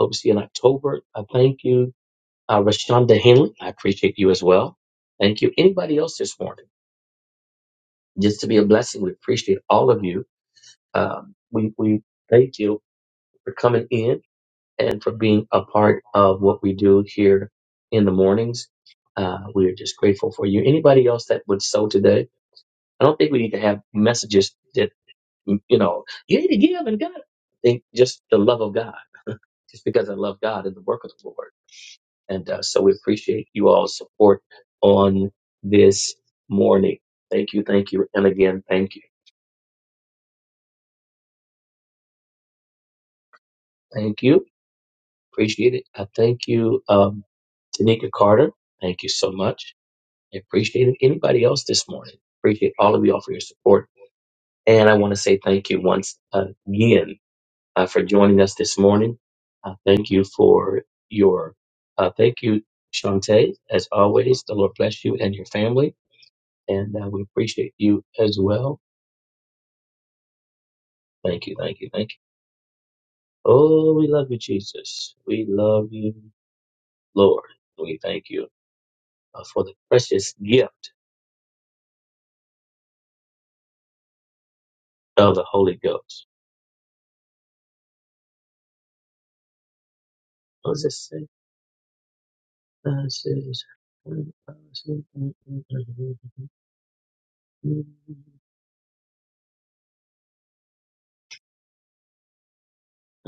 S4: Hope to see you in October. I thank you uh, Rashonda Henley, I appreciate you as well. Thank you. Anybody else this morning? Just to be a blessing, we appreciate all of you. Um, we, we thank you for coming in and for being a part of what we do here in the mornings. Uh, we are just grateful for you. Anybody else that would sow today? I don't think we need to have messages that, you know, you need to give and God. I think just the love of God, just because I love God and the work of the Lord. And uh, so we appreciate you all's support on this morning. Thank you, thank you, and again, thank you, thank you. Appreciate it. I thank you, um, Tanika Carter. Thank you so much. I appreciate it. Anybody else this morning? Appreciate all of y'all for your support. And I want to say thank you once again uh, for joining us this morning. Uh, thank you for your, uh, thank you, Shantae. As always, the Lord bless you and your family. And uh, we appreciate you as well Thank you, thank you, thank you. Oh, we love you, Jesus. We love you, Lord. We thank you uh, for the precious gift of the Holy Ghost. What does it say? Uh, it says, mm, uh, it says, mm, mm, mm, mm, mm,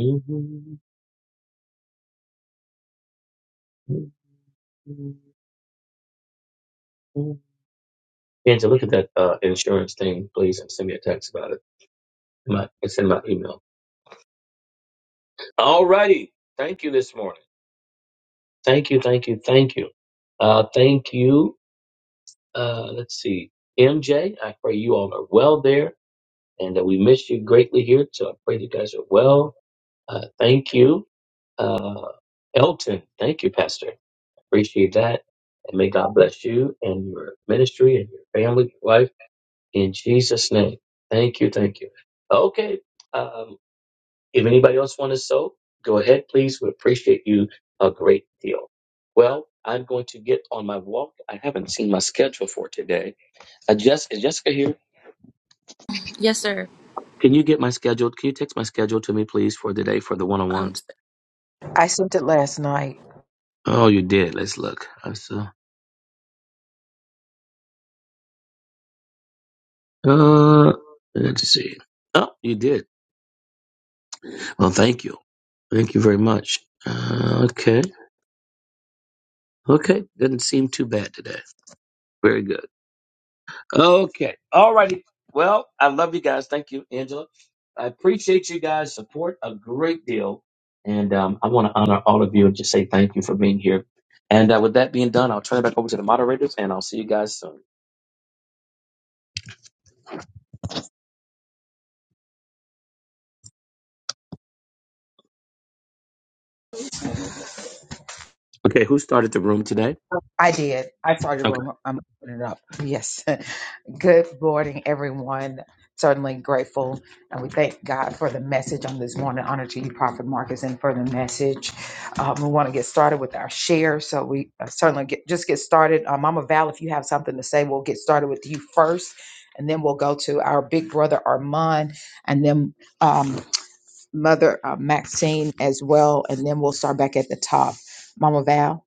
S4: mm, mm, mm, mm. Angela, look at that uh, insurance thing, please, and send me a text about it. My, it's in my email. All righty. Thank you this morning. Thank you, thank you, thank you. Uh, thank you uh, let's see, MJ. I pray you all are well there and that we miss you greatly here. So I pray you guys are well. Uh, thank you. Uh, Elton, thank you, Pastor. Appreciate that. And may God bless you and your ministry and your family, your wife, in Jesus' name. Thank you. Thank you. Okay. Um, if anybody else want to sow, go ahead, please. We appreciate you a great deal. Well, I'm going to get on my walk. I haven't seen my schedule for today. Uh, Jessica, is Jessica here?
S7: Yes, sir.
S4: Can you get my schedule? Can you text my schedule to me, please, for the day for the one on
S7: Um,
S4: ones?
S1: I sent it last night.
S4: Oh, you did. Let's look. I saw. Uh, let's see. Oh, you did. Well, thank you. Thank you very much. Uh, okay. Okay. Doesn't seem too bad today. Very good. Okay. All righty. Well, I love you guys. Thank you, Angela. I appreciate you guys' support a great deal. And um, I want to honor all of you and just say thank you for being here. And uh, with that being done, I'll turn it back over to the moderators and I'll see you guys soon. Okay. Who started the room today?
S1: I did. I saw your
S4: Okay.
S1: room. I'm opening it up. Yes. Good morning, everyone. Certainly grateful. And we thank God for the message on this morning. Honor to you, Prophet Marcus, and for the message. Um, we want to get started with our share. So we uh, certainly get, just get started. Uh, Mama Val, if you have something to say, we'll get started with you first. And then we'll go to our big brother, Armand, and then um, Mother uh, Maxine as well. And then we'll start back at the top. Mama Val.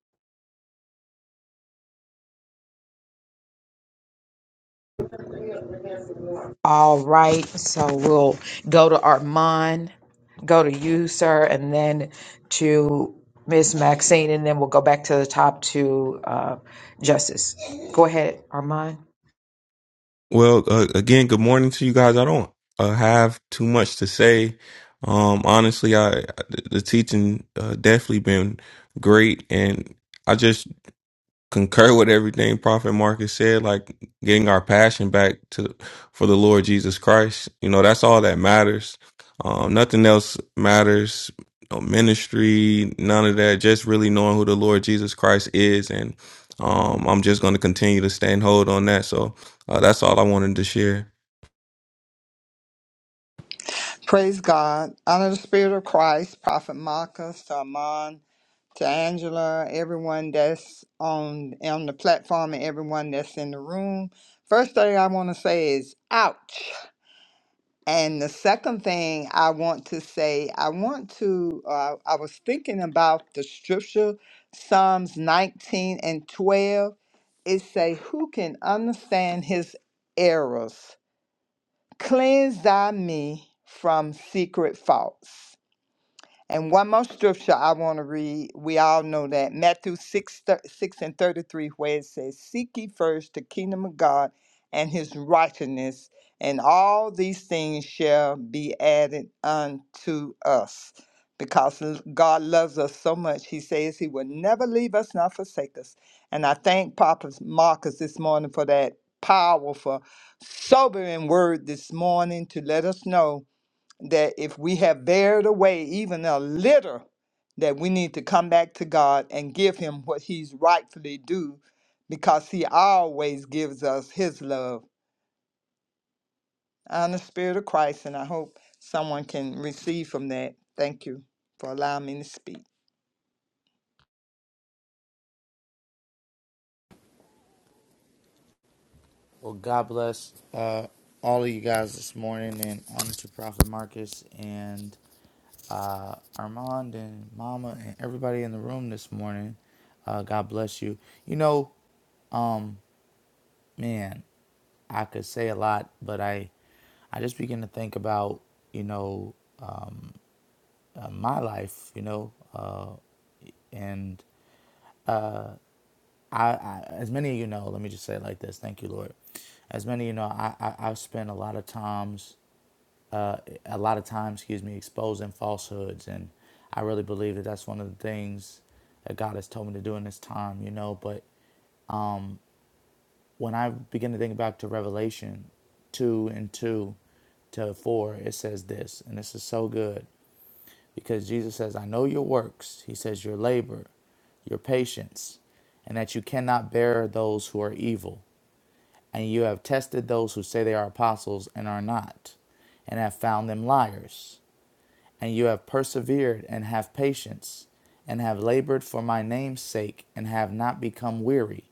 S1: All right, so we'll go to Armand, go to you, sir, and then to Miss Maxine, and then we'll go back to the top to uh, Justice. Go ahead, Armand.
S3: Well, uh, again, good morning to you guys. I don't uh, have too much to say. Um, honestly, I the the teaching uh, definitely been great, and I just concur with everything Prophet Marcus said, like getting our passion back to for the Lord Jesus Christ. You know, that's all that matters. Um, nothing else matters. No ministry, none of that. Just really knowing who the Lord Jesus Christ is, and um, I'm just going to continue to stand hold on that. So uh, that's all I wanted to share.
S8: Praise God. Honor the Spirit of Christ, Prophet Marcus, to Amon, to Angela, everyone that's on on the platform and everyone that's in the room. First thing I want to say is ouch. And the second thing I want to say, I want to uh, I was thinking about the scripture, Psalms 19 and 12. It say, Who can understand his errors? Cleanse thy me from secret faults. And one more scripture I want to read. We all know that Matthew 6, thir- 6 and 33, where it says, Seek ye first the kingdom of God and his righteousness, and all these things shall be added unto us. Because l- God loves us so much, He says He will never leave us nor forsake us. And I thank Papa Marcus this morning for that powerful, sobering word this morning to let us know that if we have bared away even a little, that we need to come back to God and give Him what He's rightfully due, because He always gives us His love and the Spirit of Christ. And I hope someone can receive from that. Thank you for allowing me to speak.
S6: Well, God bless uh, all of you guys this morning, and honor to Prophet Marcus and uh, Armand and Mama and everybody in the room this morning. Uh, God bless you. You know, um, man, I could say a lot, but I I just begin to think about you know um, uh, my life, you know. Uh, and I, I, as many of you know, let me just say it like this: Thank you, Lord. As many of you know, I, I I've spent a lot of times, uh, a lot of time, excuse me, exposing falsehoods, and I really believe that that's one of the things that God has told me to do in this time, you know. But when I begin to think back to Revelation two and two to four, it says this, and this is so good. Because Jesus says, I know your works. He says, your labor, your patience, and that you cannot bear those who are evil. And you have tested those who say they are apostles and are not, and have found them liars. And you have persevered and have patience, and have labored for my name's sake, and have not become weary.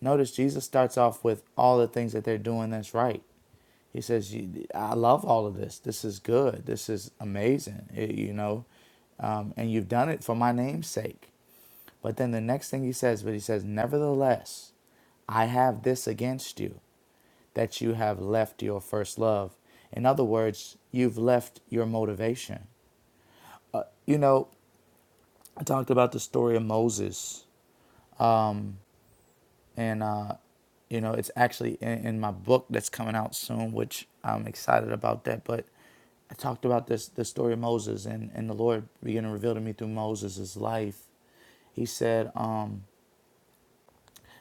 S6: Notice Jesus starts off with all the things that they're doing that's right. He says, I love all of this. This is good. This is amazing, It- you know, um, and you've done it for my name's sake. But then the next thing he says, but he says, Nevertheless, I have this against you, that you have left your first love. In other words, you've left your motivation. You know, I talked about the story of Moses and uh, you know it's actually in, in my book that's coming out soon, which I'm excited about that. But I talked about this the story of Moses, and and the Lord began to reveal to me through Moses' his life. He said, um,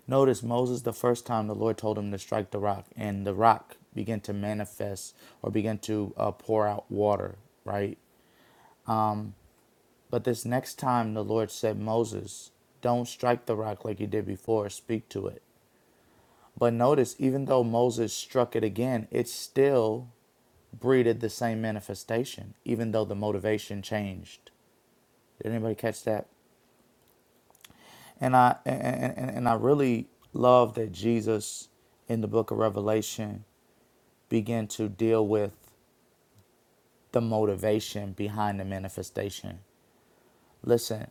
S6: "Notice Moses. The first time the Lord told him to strike the rock, and the rock began to manifest or began to uh, pour out water, right? But this next time, the Lord said, Moses, don't strike the rock like you did before. Speak to it." But notice, even though Moses struck it again, it still breeded the same manifestation, even though the motivation changed. Did anybody catch that? And I and, and, and I really love that Jesus in the book of Revelation began to deal with the motivation behind the manifestation. Listen,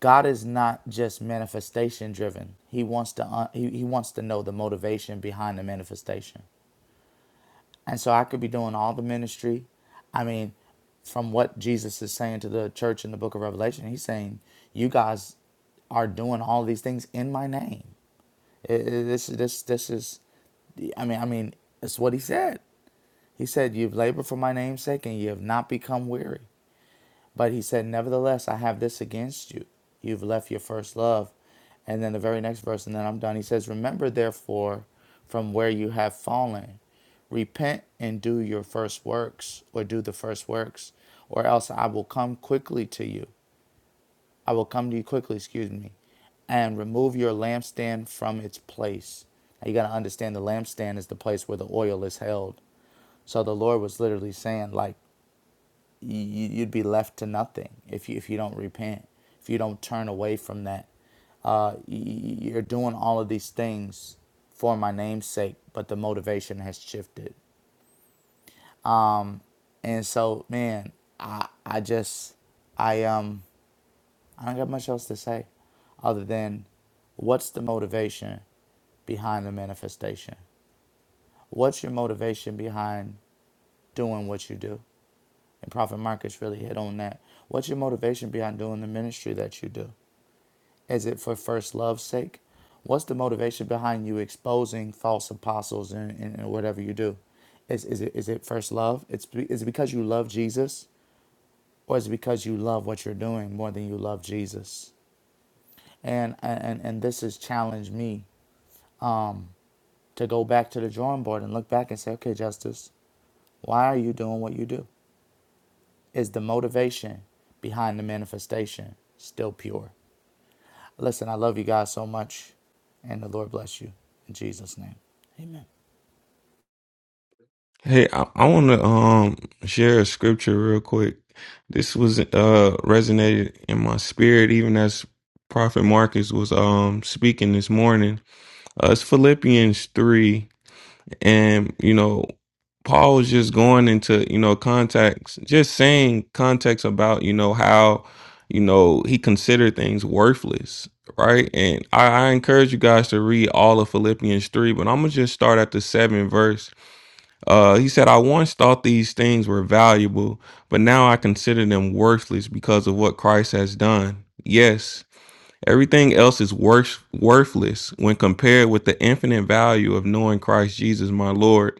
S6: God is not just manifestation driven. He wants to uh, he, he wants to know the motivation behind the manifestation. And so I could be doing all the ministry. I mean, from what Jesus is saying to the church in the book of Revelation, he's saying, You guys are doing all these things in my name. It- it- this, this, this is, I mean, I mean, it's what he said. He said, You've labored for my name's sake and you have not become weary. But he said, Nevertheless, I have this against you. You've left your first love. And then the very next verse, and then I'm done. He says, Remember therefore from where you have fallen, repent and do your first works, or do the first works, or else I will come quickly to you. I will come to you quickly, excuse me, and remove your lampstand from its place. Now you got to understand the lampstand is the place where the oil is held. So the Lord was literally saying, like, you, would be left to nothing if you, if you don't repent, if you don't turn away from that. Uh, you're doing all of these things for my name's sake, but the motivation has shifted. And so, man, I I just I um I don't got much else to say other than what's the motivation behind the manifestation? What's your motivation behind doing what you do? And Prophet Marcus really hit on that. What's your motivation behind doing the ministry that you do? Is it for first love's sake? What's the motivation behind you exposing false apostles and, and, and whatever you do? Is, is, it, is it first love? It's, be- is it because you love Jesus? Or is it because you love what you're doing more than you love Jesus? And, and, and this has challenged me to go back to the drawing board and look back and say, okay, Justice, why are you doing what you do? Is the motivation behind the manifestation still pure? Listen, I love you guys so much, and the Lord bless you. In Jesus' name, amen.
S3: Hey, I, I want to um share a scripture real quick. This was uh resonated in my spirit even as Prophet Marcus was um speaking this morning. Uh, it's Philippians 3 and you know Paul was just going into, you know, context, just saying context about, you know, how, you know, he considered things worthless, right? And I, I encourage you guys to read all of Philippians 3, but I'm going to just start at the seventh verse uh, he said, I once thought these things were valuable, but now I consider them worthless because of what Christ has done. Yes, everything else is worth, worthless when compared with the infinite value of knowing Christ Jesus, my Lord.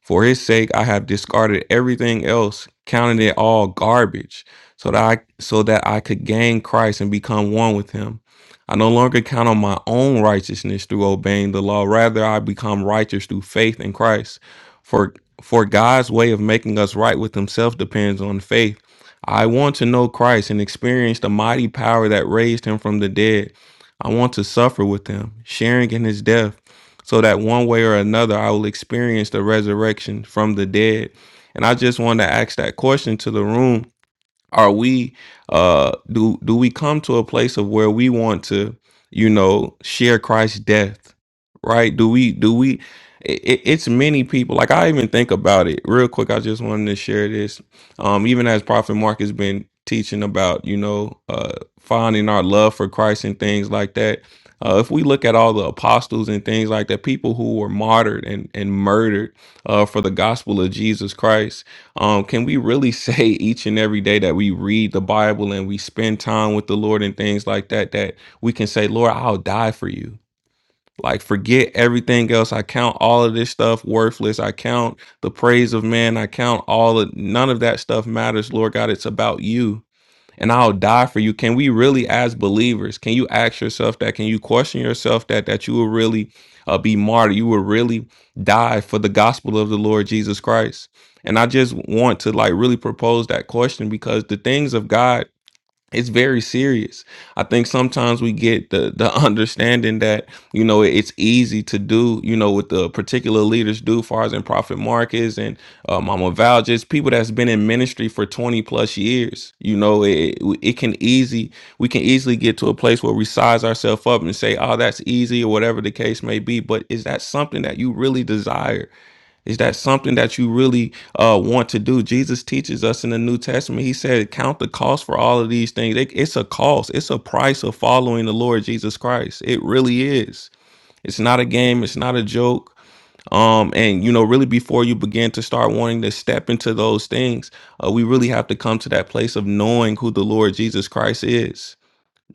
S3: For his sake I have discarded everything else, counting it all garbage, so that I so that I could gain Christ and become one with him. I no longer count on my own righteousness through obeying the law, rather I become righteous through faith in Christ. For for God's way of making us right with himself depends on faith. I want to know Christ and experience the mighty power that raised him from the dead. I want to suffer with him, sharing in his death so that one way or another I will experience the resurrection from the dead. And I just want to ask that question to the room are we uh do do we come to a place of where we want to, you know, share Christ's death? Right? Do we do we it, it's many people. Like I even think about it real quick. I just wanted to share this. Um, even as Prophet Mark has been teaching about, you know, uh, finding our love for Christ and things like that. Uh, if we look at all the apostles and things like that, people who were martyred and and murdered uh, for the gospel of Jesus Christ, um, can we really say each and every day that we read the Bible and we spend time with the Lord and things like that, that we can say, Lord, I'll die for you? Like, forget everything else. I count all of this stuff worthless. I count the praise of man. I count all of none of that stuff matters, Lord God. It's about you and I'll die for you. Can we really, as believers, can you ask yourself that? Can you question yourself that that you will really uh, be martyred? You will really die for the gospel of the Lord Jesus Christ. And I just want to like really propose that question because the things of God it's very serious. I think sometimes we get the the understanding that you know it's easy to do. You know what the particular leaders do, far as in Prophet Marcus and uh, Mama Val, just people that's been in ministry for twenty plus years. You know, it it can easy we can easily get to a place where we size ourselves up and say, "Oh, that's easy," or whatever the case may be. But is that something that you really desire? Is that something that you really uh, want to do? Jesus teaches us in the New Testament. He said, "Count the cost for all of these things. It- it's a cost. It's a price of following the Lord Jesus Christ. It really is. It's not a game. It's not a joke. Um, and you know, really, before you begin to start wanting to step into those things, uh, we really have to come to that place of knowing who the Lord Jesus Christ is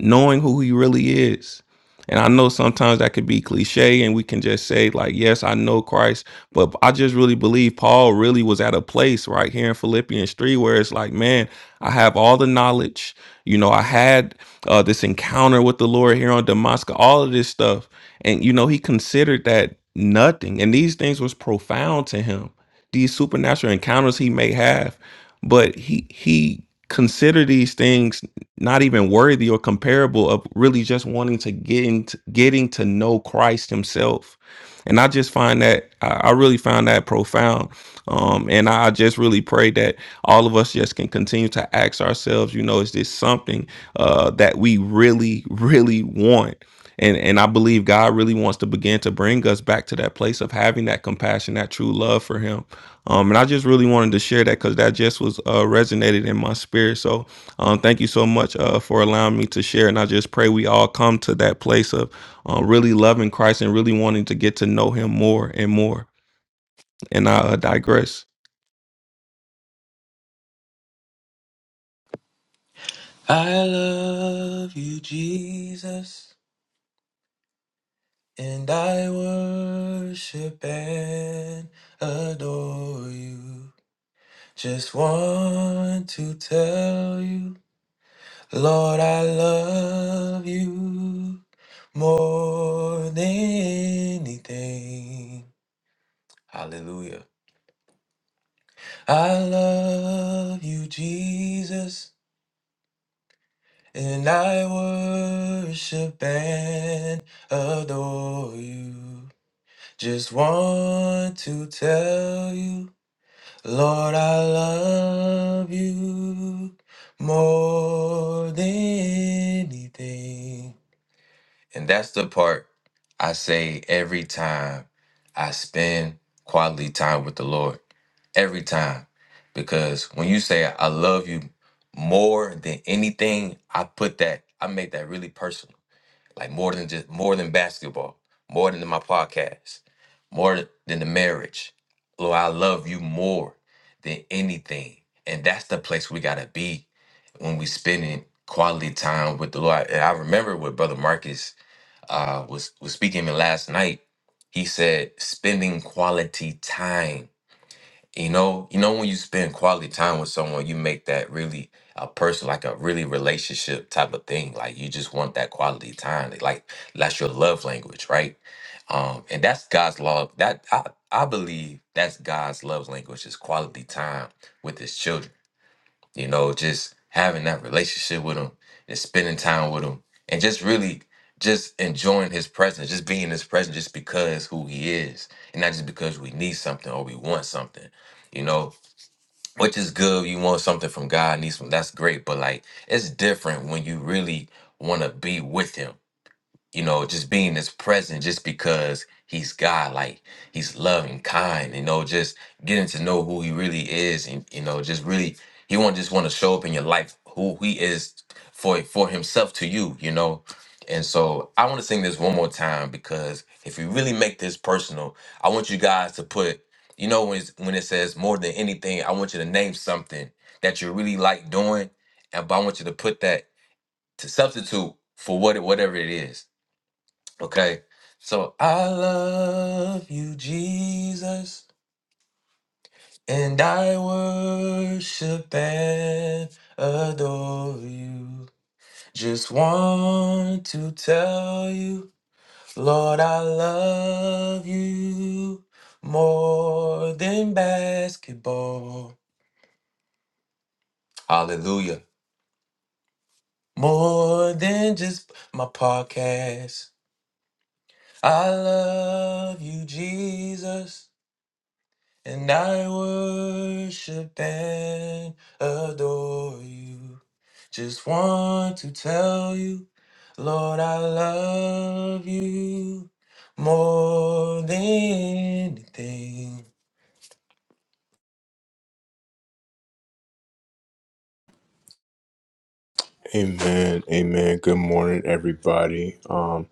S3: knowing who he really is. And I know sometimes that could be cliche and we can just say, like, yes, I know Christ. But I just really believe Paul really was at a place right here in Philippians 3 where it's like, man, I have all the knowledge. You know, I had uh, this encounter with the Lord here on Damascus, all of this stuff. And, you know, he considered that nothing. And these things was profound to him, these supernatural encounters he may have. But he, he, considered these things not even worthy or comparable of really just wanting to get into getting to know Christ Himself. And I just find that I I really find that profound. Um, and I just really pray that all of us just can continue to ask ourselves, you know, is this something uh, that we really, really want? And and I believe God really wants to begin to bring us back to that place of having that compassion, that true love for Him. Um, and I just really wanted to share that because that just was uh, resonated in my spirit. So um, thank you so much uh, for allowing me to share. And I just pray we all come to that place of uh, really loving Christ and really wanting to get to know him more and more. And I uh, digress.
S9: I love you, Jesus, and I worship and adore you. Just want to tell you, Lord, I love you more than anything. Hallelujah. I love you, Jesus, and I worship and adore you. Just want to tell you, Lord, I love you more than anything. And that's the part I say every time I spend quality time with the Lord. Every time. Because when you say, I love you more than anything, I put that, I make that really personal like more than just more than basketball, more than my podcast, more than the marriage. Lord, I love you more than anything. And that's the place we gotta be when we spending quality time with the Lord. And I remember what Brother Marcus uh was was speaking to me last night. He said, spending quality time. You know, you know when you spend quality time with someone, you make that really a person like a really relationship type of thing. Like you just want that quality time. Like like, that's your love language, right? Um, and that's God's love. That I I believe that's God's love language is quality time with His children you know, just having that relationship with him and spending time with him and just really just enjoying his presence, just being his presence just because who he is and not just because we need something or we want something, you know, which is good. You want something from God, need some, that's great. But like, it's different when you really want to be with him you know, just being this present just because he's God, like he's loving, kind, you know, just getting to know who he really is and you know, just really he won't just want to show up in your life who he is for for himself to you, you know. And so I want to sing this one more time because if we really make this personal, I want you guys to put, you know, when it's, when it says more than anything, I want you to name something that you really like doing, and but I want you to put that to substitute for what it- whatever it is Okay. So I love you, Jesus, and I worship and adore you. Just want to tell you, Lord, I love you more than basketball. Hallelujah. More than just my podcast. I love you, Jesus. and I worship and adore you. Just want to tell you, Lord, I love you more than anything.
S5: Amen. Amen. Good morning, everybody. Um,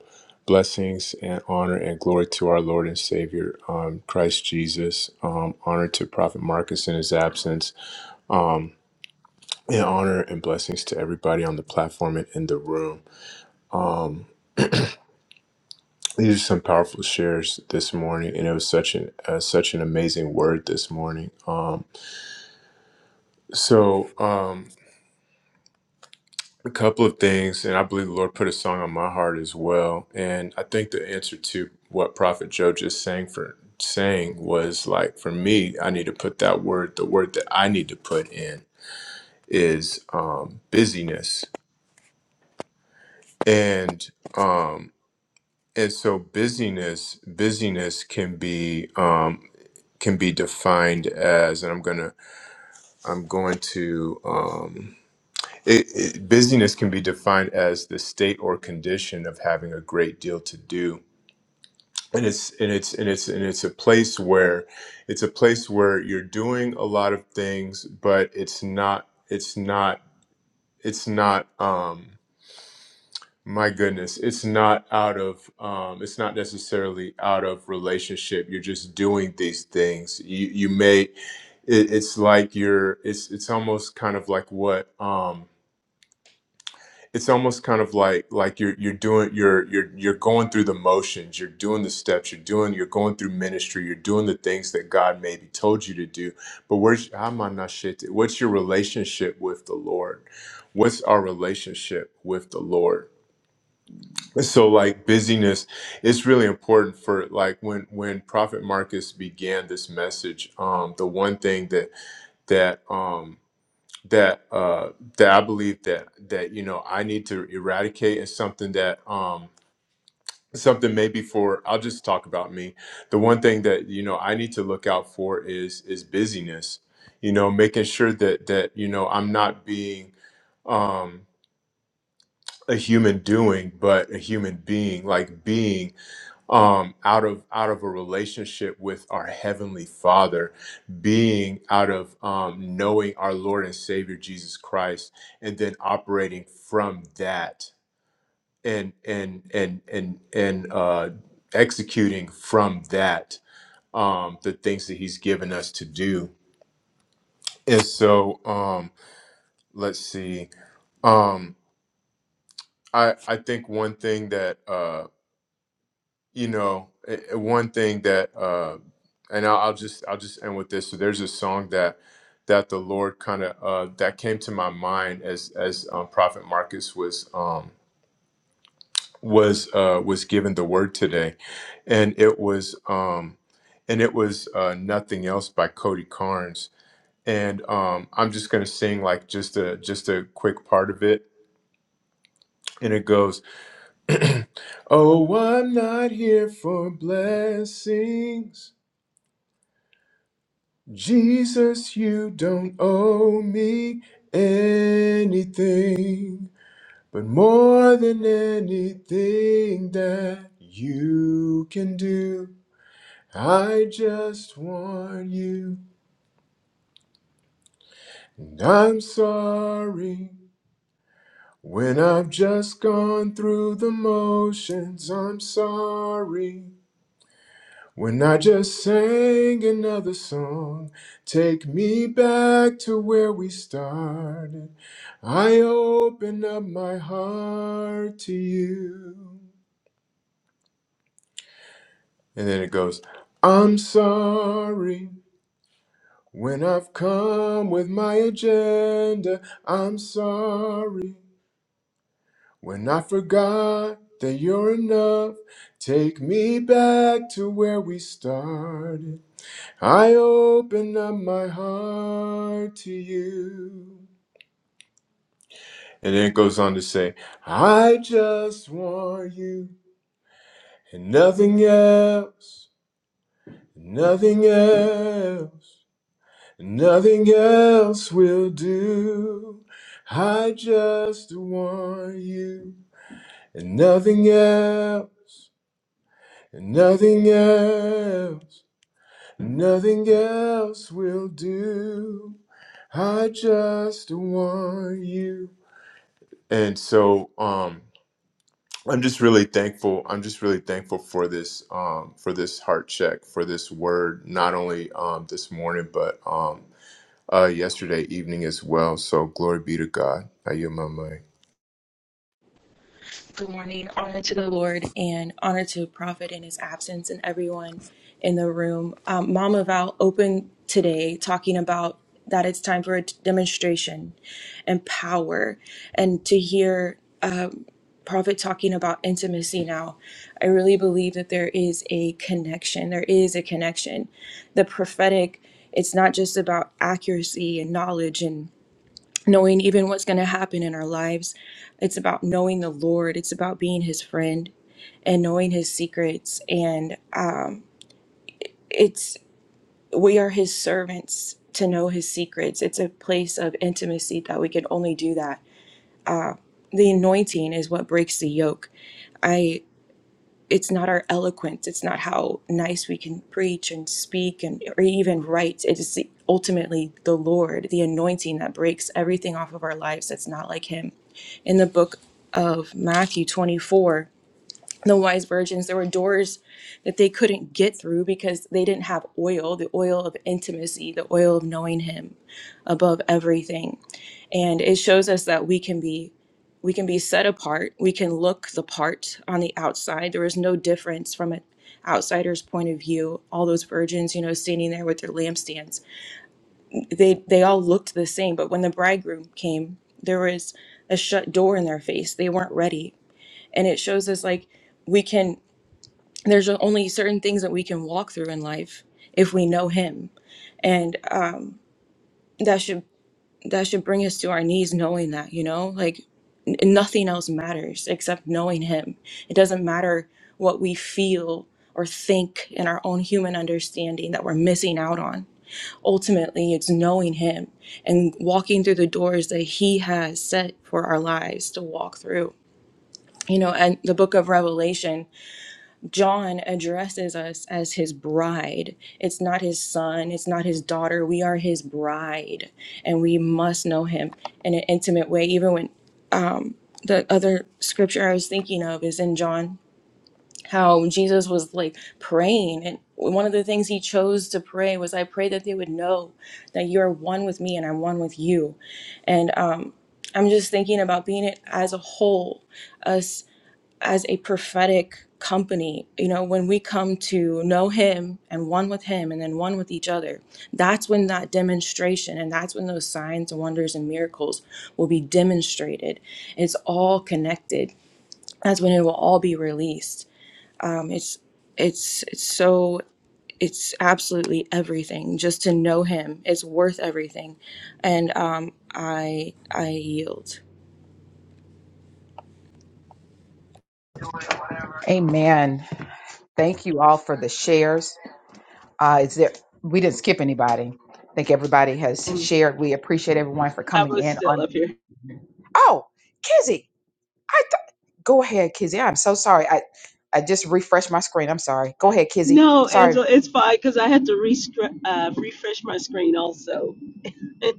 S5: blessings and honor and glory to our Lord and Savior, um, Christ Jesus. Um, honor to Prophet Marcus in his absence. Um, and honor and blessings to everybody on the platform and in the room. Um, these are some powerful shares this morning, and it was such an uh, such an amazing word this morning. Um, so. Um, a couple of things, and I believe the Lord put a song on my heart as well. And I think the answer to what Prophet Joe just sang for saying was like for me, I need to put that word. The word that I need to put in is um, busyness, and um, and so busyness, busyness can be um, can be defined as, and I'm gonna, I'm going to. Um, It, it, busyness can be defined as the state or condition of having a great deal to do. And it's and it's and it's and it's a place where it's a place where you're doing a lot of things, but it's not it's not it's not um my goodness, it's not out of um it's not necessarily out of relationship. You're just doing these things. You you may it, it's like you're it's it's almost kind of like what um it's almost kind of like like you're you're doing you're you're you're going through the motions you're doing the steps you're doing you're going through ministry you're doing the things that god maybe told you to do but where's i'm on that shit what's your relationship with the lord what's our relationship with the lord so like busyness it's really important for like when when prophet marcus began this message um the one thing that that um that uh that I believe that that you know I need to eradicate is something that um something maybe for I'll just talk about me. The one thing that you know I need to look out for is is busyness. You know, making sure that that you know I'm not being um a human doing but a human being like being um, out of out of a relationship with our heavenly Father, being out of um, knowing our Lord and Savior Jesus Christ, and then operating from that and and and and and uh, executing from that um, the things that He's given us to do. And so, um, let's see. Um, I I think one thing that. uh, you know eh, eh, one thing that uh and I'll, I'll just i'll just end with this so there's a song that that the lord kind of uh that came to my mind as as um, prophet marcus was um was uh was given the word today and it was um and it was uh nothing else by cody carnes and um i'm just gonna sing like just a just a quick part of it and it goes oh i'm not here for blessings Jesus, you don't owe me anything, but more than anything that you can do, I just want you. And I'm sorry when I've just gone through the motions. I'm sorry When I just sang another song, take me back to where we started. I open up my heart to you. And then it goes, I'm sorry when I've come with my agenda. I'm sorry when I forgot that you're enough. Take me back to where we started. I open up my heart to you. And then it goes on to say, I just want you and nothing else, nothing else, nothing else will do. I just want you and nothing else, and nothing else. Nothing else will do. I just want you. And so um I'm just really thankful. I'm just really thankful for this um for this heart check, for this word, not only um this morning, but um uh yesterday evening as well. So glory be to God. I yield my mic.
S7: good morning. Honor to the Lord and honor to Prophet in his absence and everyone in the room. Um, Mama Val opened today talking about that it's time for a demonstration and power. And to hear uh, Prophet talking about intimacy now, I really believe that there is a connection. There is a connection. The prophetic, it's not just about accuracy and knowledge knowing even what's going to happen in our lives. It's about knowing the Lord, it's about being his friend and knowing his secrets. And uh, it's we are his servants to know his secrets. It's a place of intimacy that we can only do that. The anointing is what breaks the yoke. it's not our eloquence it's not how nice we can preach and speak and or even write it is ultimately the lord the anointing that breaks everything off of our lives that's not like him in the book of matthew 24 the wise virgins there were doors that they couldn't get through because they didn't have oil the oil of intimacy the oil of knowing him above everything and it shows us that we can be we can be set apart we can look the part on the outside there was no difference from an outsider's point of view all those virgins you know standing there with their lampstands they they all looked the same but when the bridegroom came there was a shut door in their face they weren't ready and it shows us like we can there's only certain things that we can walk through in life if we know him and um, that should that should bring us to our knees knowing that you know like n- nothing else matters except knowing him it doesn't matter what we feel or think in our own human understanding that we're missing out on ultimately it's knowing him and walking through the doors that he has set for our lives to walk through you know and the book of revelation John addresses us as his bride. It's not his son, it's not his daughter. We are his bride, and we must know him in an intimate way. Even when the other scripture I was thinking of is in John, how Jesus was like praying, and one of the things he chose to pray was, I pray that they would know that you're one with me and I'm one with you. And um, I'm just thinking about being it as a whole, us as a prophetic company you know when we come to know him and one with him and then one with each other that's when that demonstration and that's when those signs and wonders and miracles will be demonstrated it's all connected that's when it will all be released um, it's it's it's so it's absolutely everything just to know him it's worth everything and um, i i yield
S1: Amen. Thank you all for the shares. Uh, is there? We didn't skip anybody. I think everybody has
S10: Amen.
S1: shared. We appreciate everyone for
S10: I
S1: coming
S10: was
S1: in
S10: still
S1: on.
S10: up here.
S1: Oh, Kizzy, I th- go ahead, Kizzy. I'm so sorry. I I just refreshed my screen. I'm sorry. Go ahead, Kizzy.
S10: No,
S1: Sorry
S10: Angela, it's fine because I had to re- uh, refresh my screen also.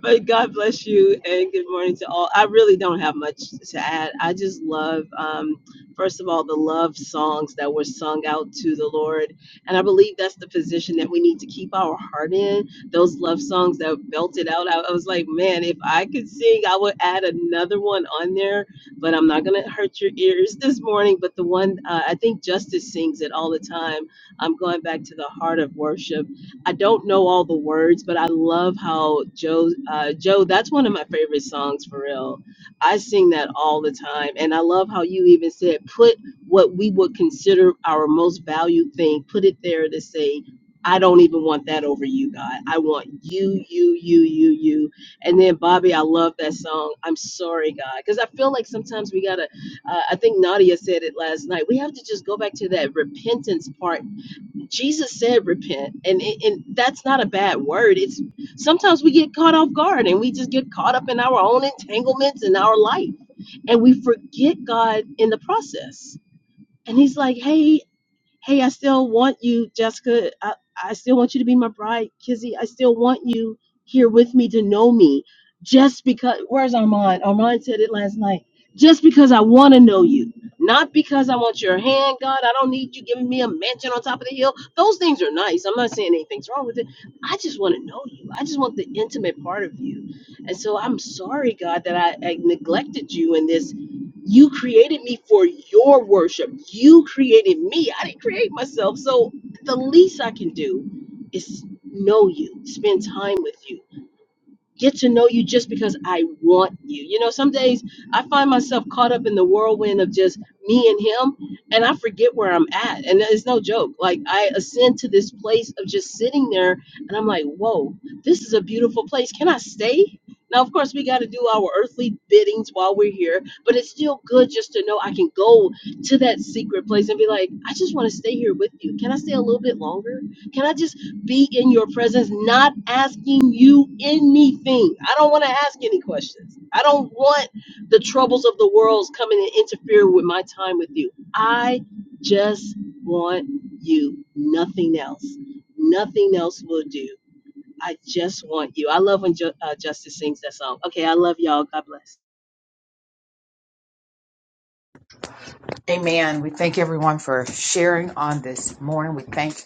S10: but God bless you and good morning to all. I really don't have much to add. I just love, um, first of all, the love songs that were sung out to the Lord. And I believe that's the position that we need to keep our heart in. Those love songs that belted out. I, I was like, man, if I could sing, I would add another one on there, but I'm not going to hurt your ears this morning. But the one, uh, I think Justice sings it all the time. I'm going back to the heart of worship I don't know all the words, but I love how Joe, uh, Joe, that's one of my favorite songs for real. I sing that all the time. And I love how you even said, put what we would consider our most valued thing, put it there to say, I don't even want that over you, God. I want you, you, you, you, you. And then, Bobby, I love that song. I'm sorry, God. Because I feel like sometimes we got to, uh, I think Nadia said it last night, we have to just go back to that repentance part Jesus said repent, and it, and that's not a bad word. It's sometimes we get caught off guard and we just get caught up in our own entanglements in our life, and we forget God in the process. And He's like, "Hey, Hey, I still want you, Jessica. I, I still want you to be my bride, Kizzy. I still want you here with me to know me. Just because, where's Armand? Armand said it last night. Just because I want to know you, not because I want your hand, God. I don't need you giving me a mansion on top of the hill. Those things are nice. I'm not saying anything's wrong with it. I just want to know you. I just want the intimate part of you. And so I'm sorry, God, that I, I neglected you in this you created me for your worship. You created me. I didn't create myself. So the least I can do is know you, spend time with you get to know you just because I want you. You know, some days I find myself caught up in the whirlwind of just me and him, and I forget where I'm at. And it's no joke. Like, I ascend to this place of just sitting there, and I'm like, whoa, this is a beautiful place. Can I stay? Now, of course, we got to do our earthly biddings while we're here, but it's still good just to know I can go to that secret place and be like, I just want to stay here with you. Can I stay a little bit longer? Can I just be in your presence, not asking you anything. I don't want to ask any questions. I don't want the troubles of the world coming and interfere with my time with you. I just want you. Nothing else. Nothing else will do. I just want you. I love when Ju- uh, Justice sings that song. Okay, I love y'all. God bless.
S1: Amen. We thank everyone for sharing on this morning. We thank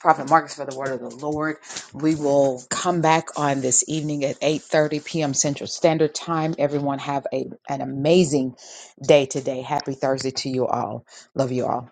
S1: Prophet Marcus for the word of the Lord. We will come back on this evening at 8:30 p.m. Central Standard Time. Everyone have a, an amazing day today. Happy Thursday to you all. Love you all.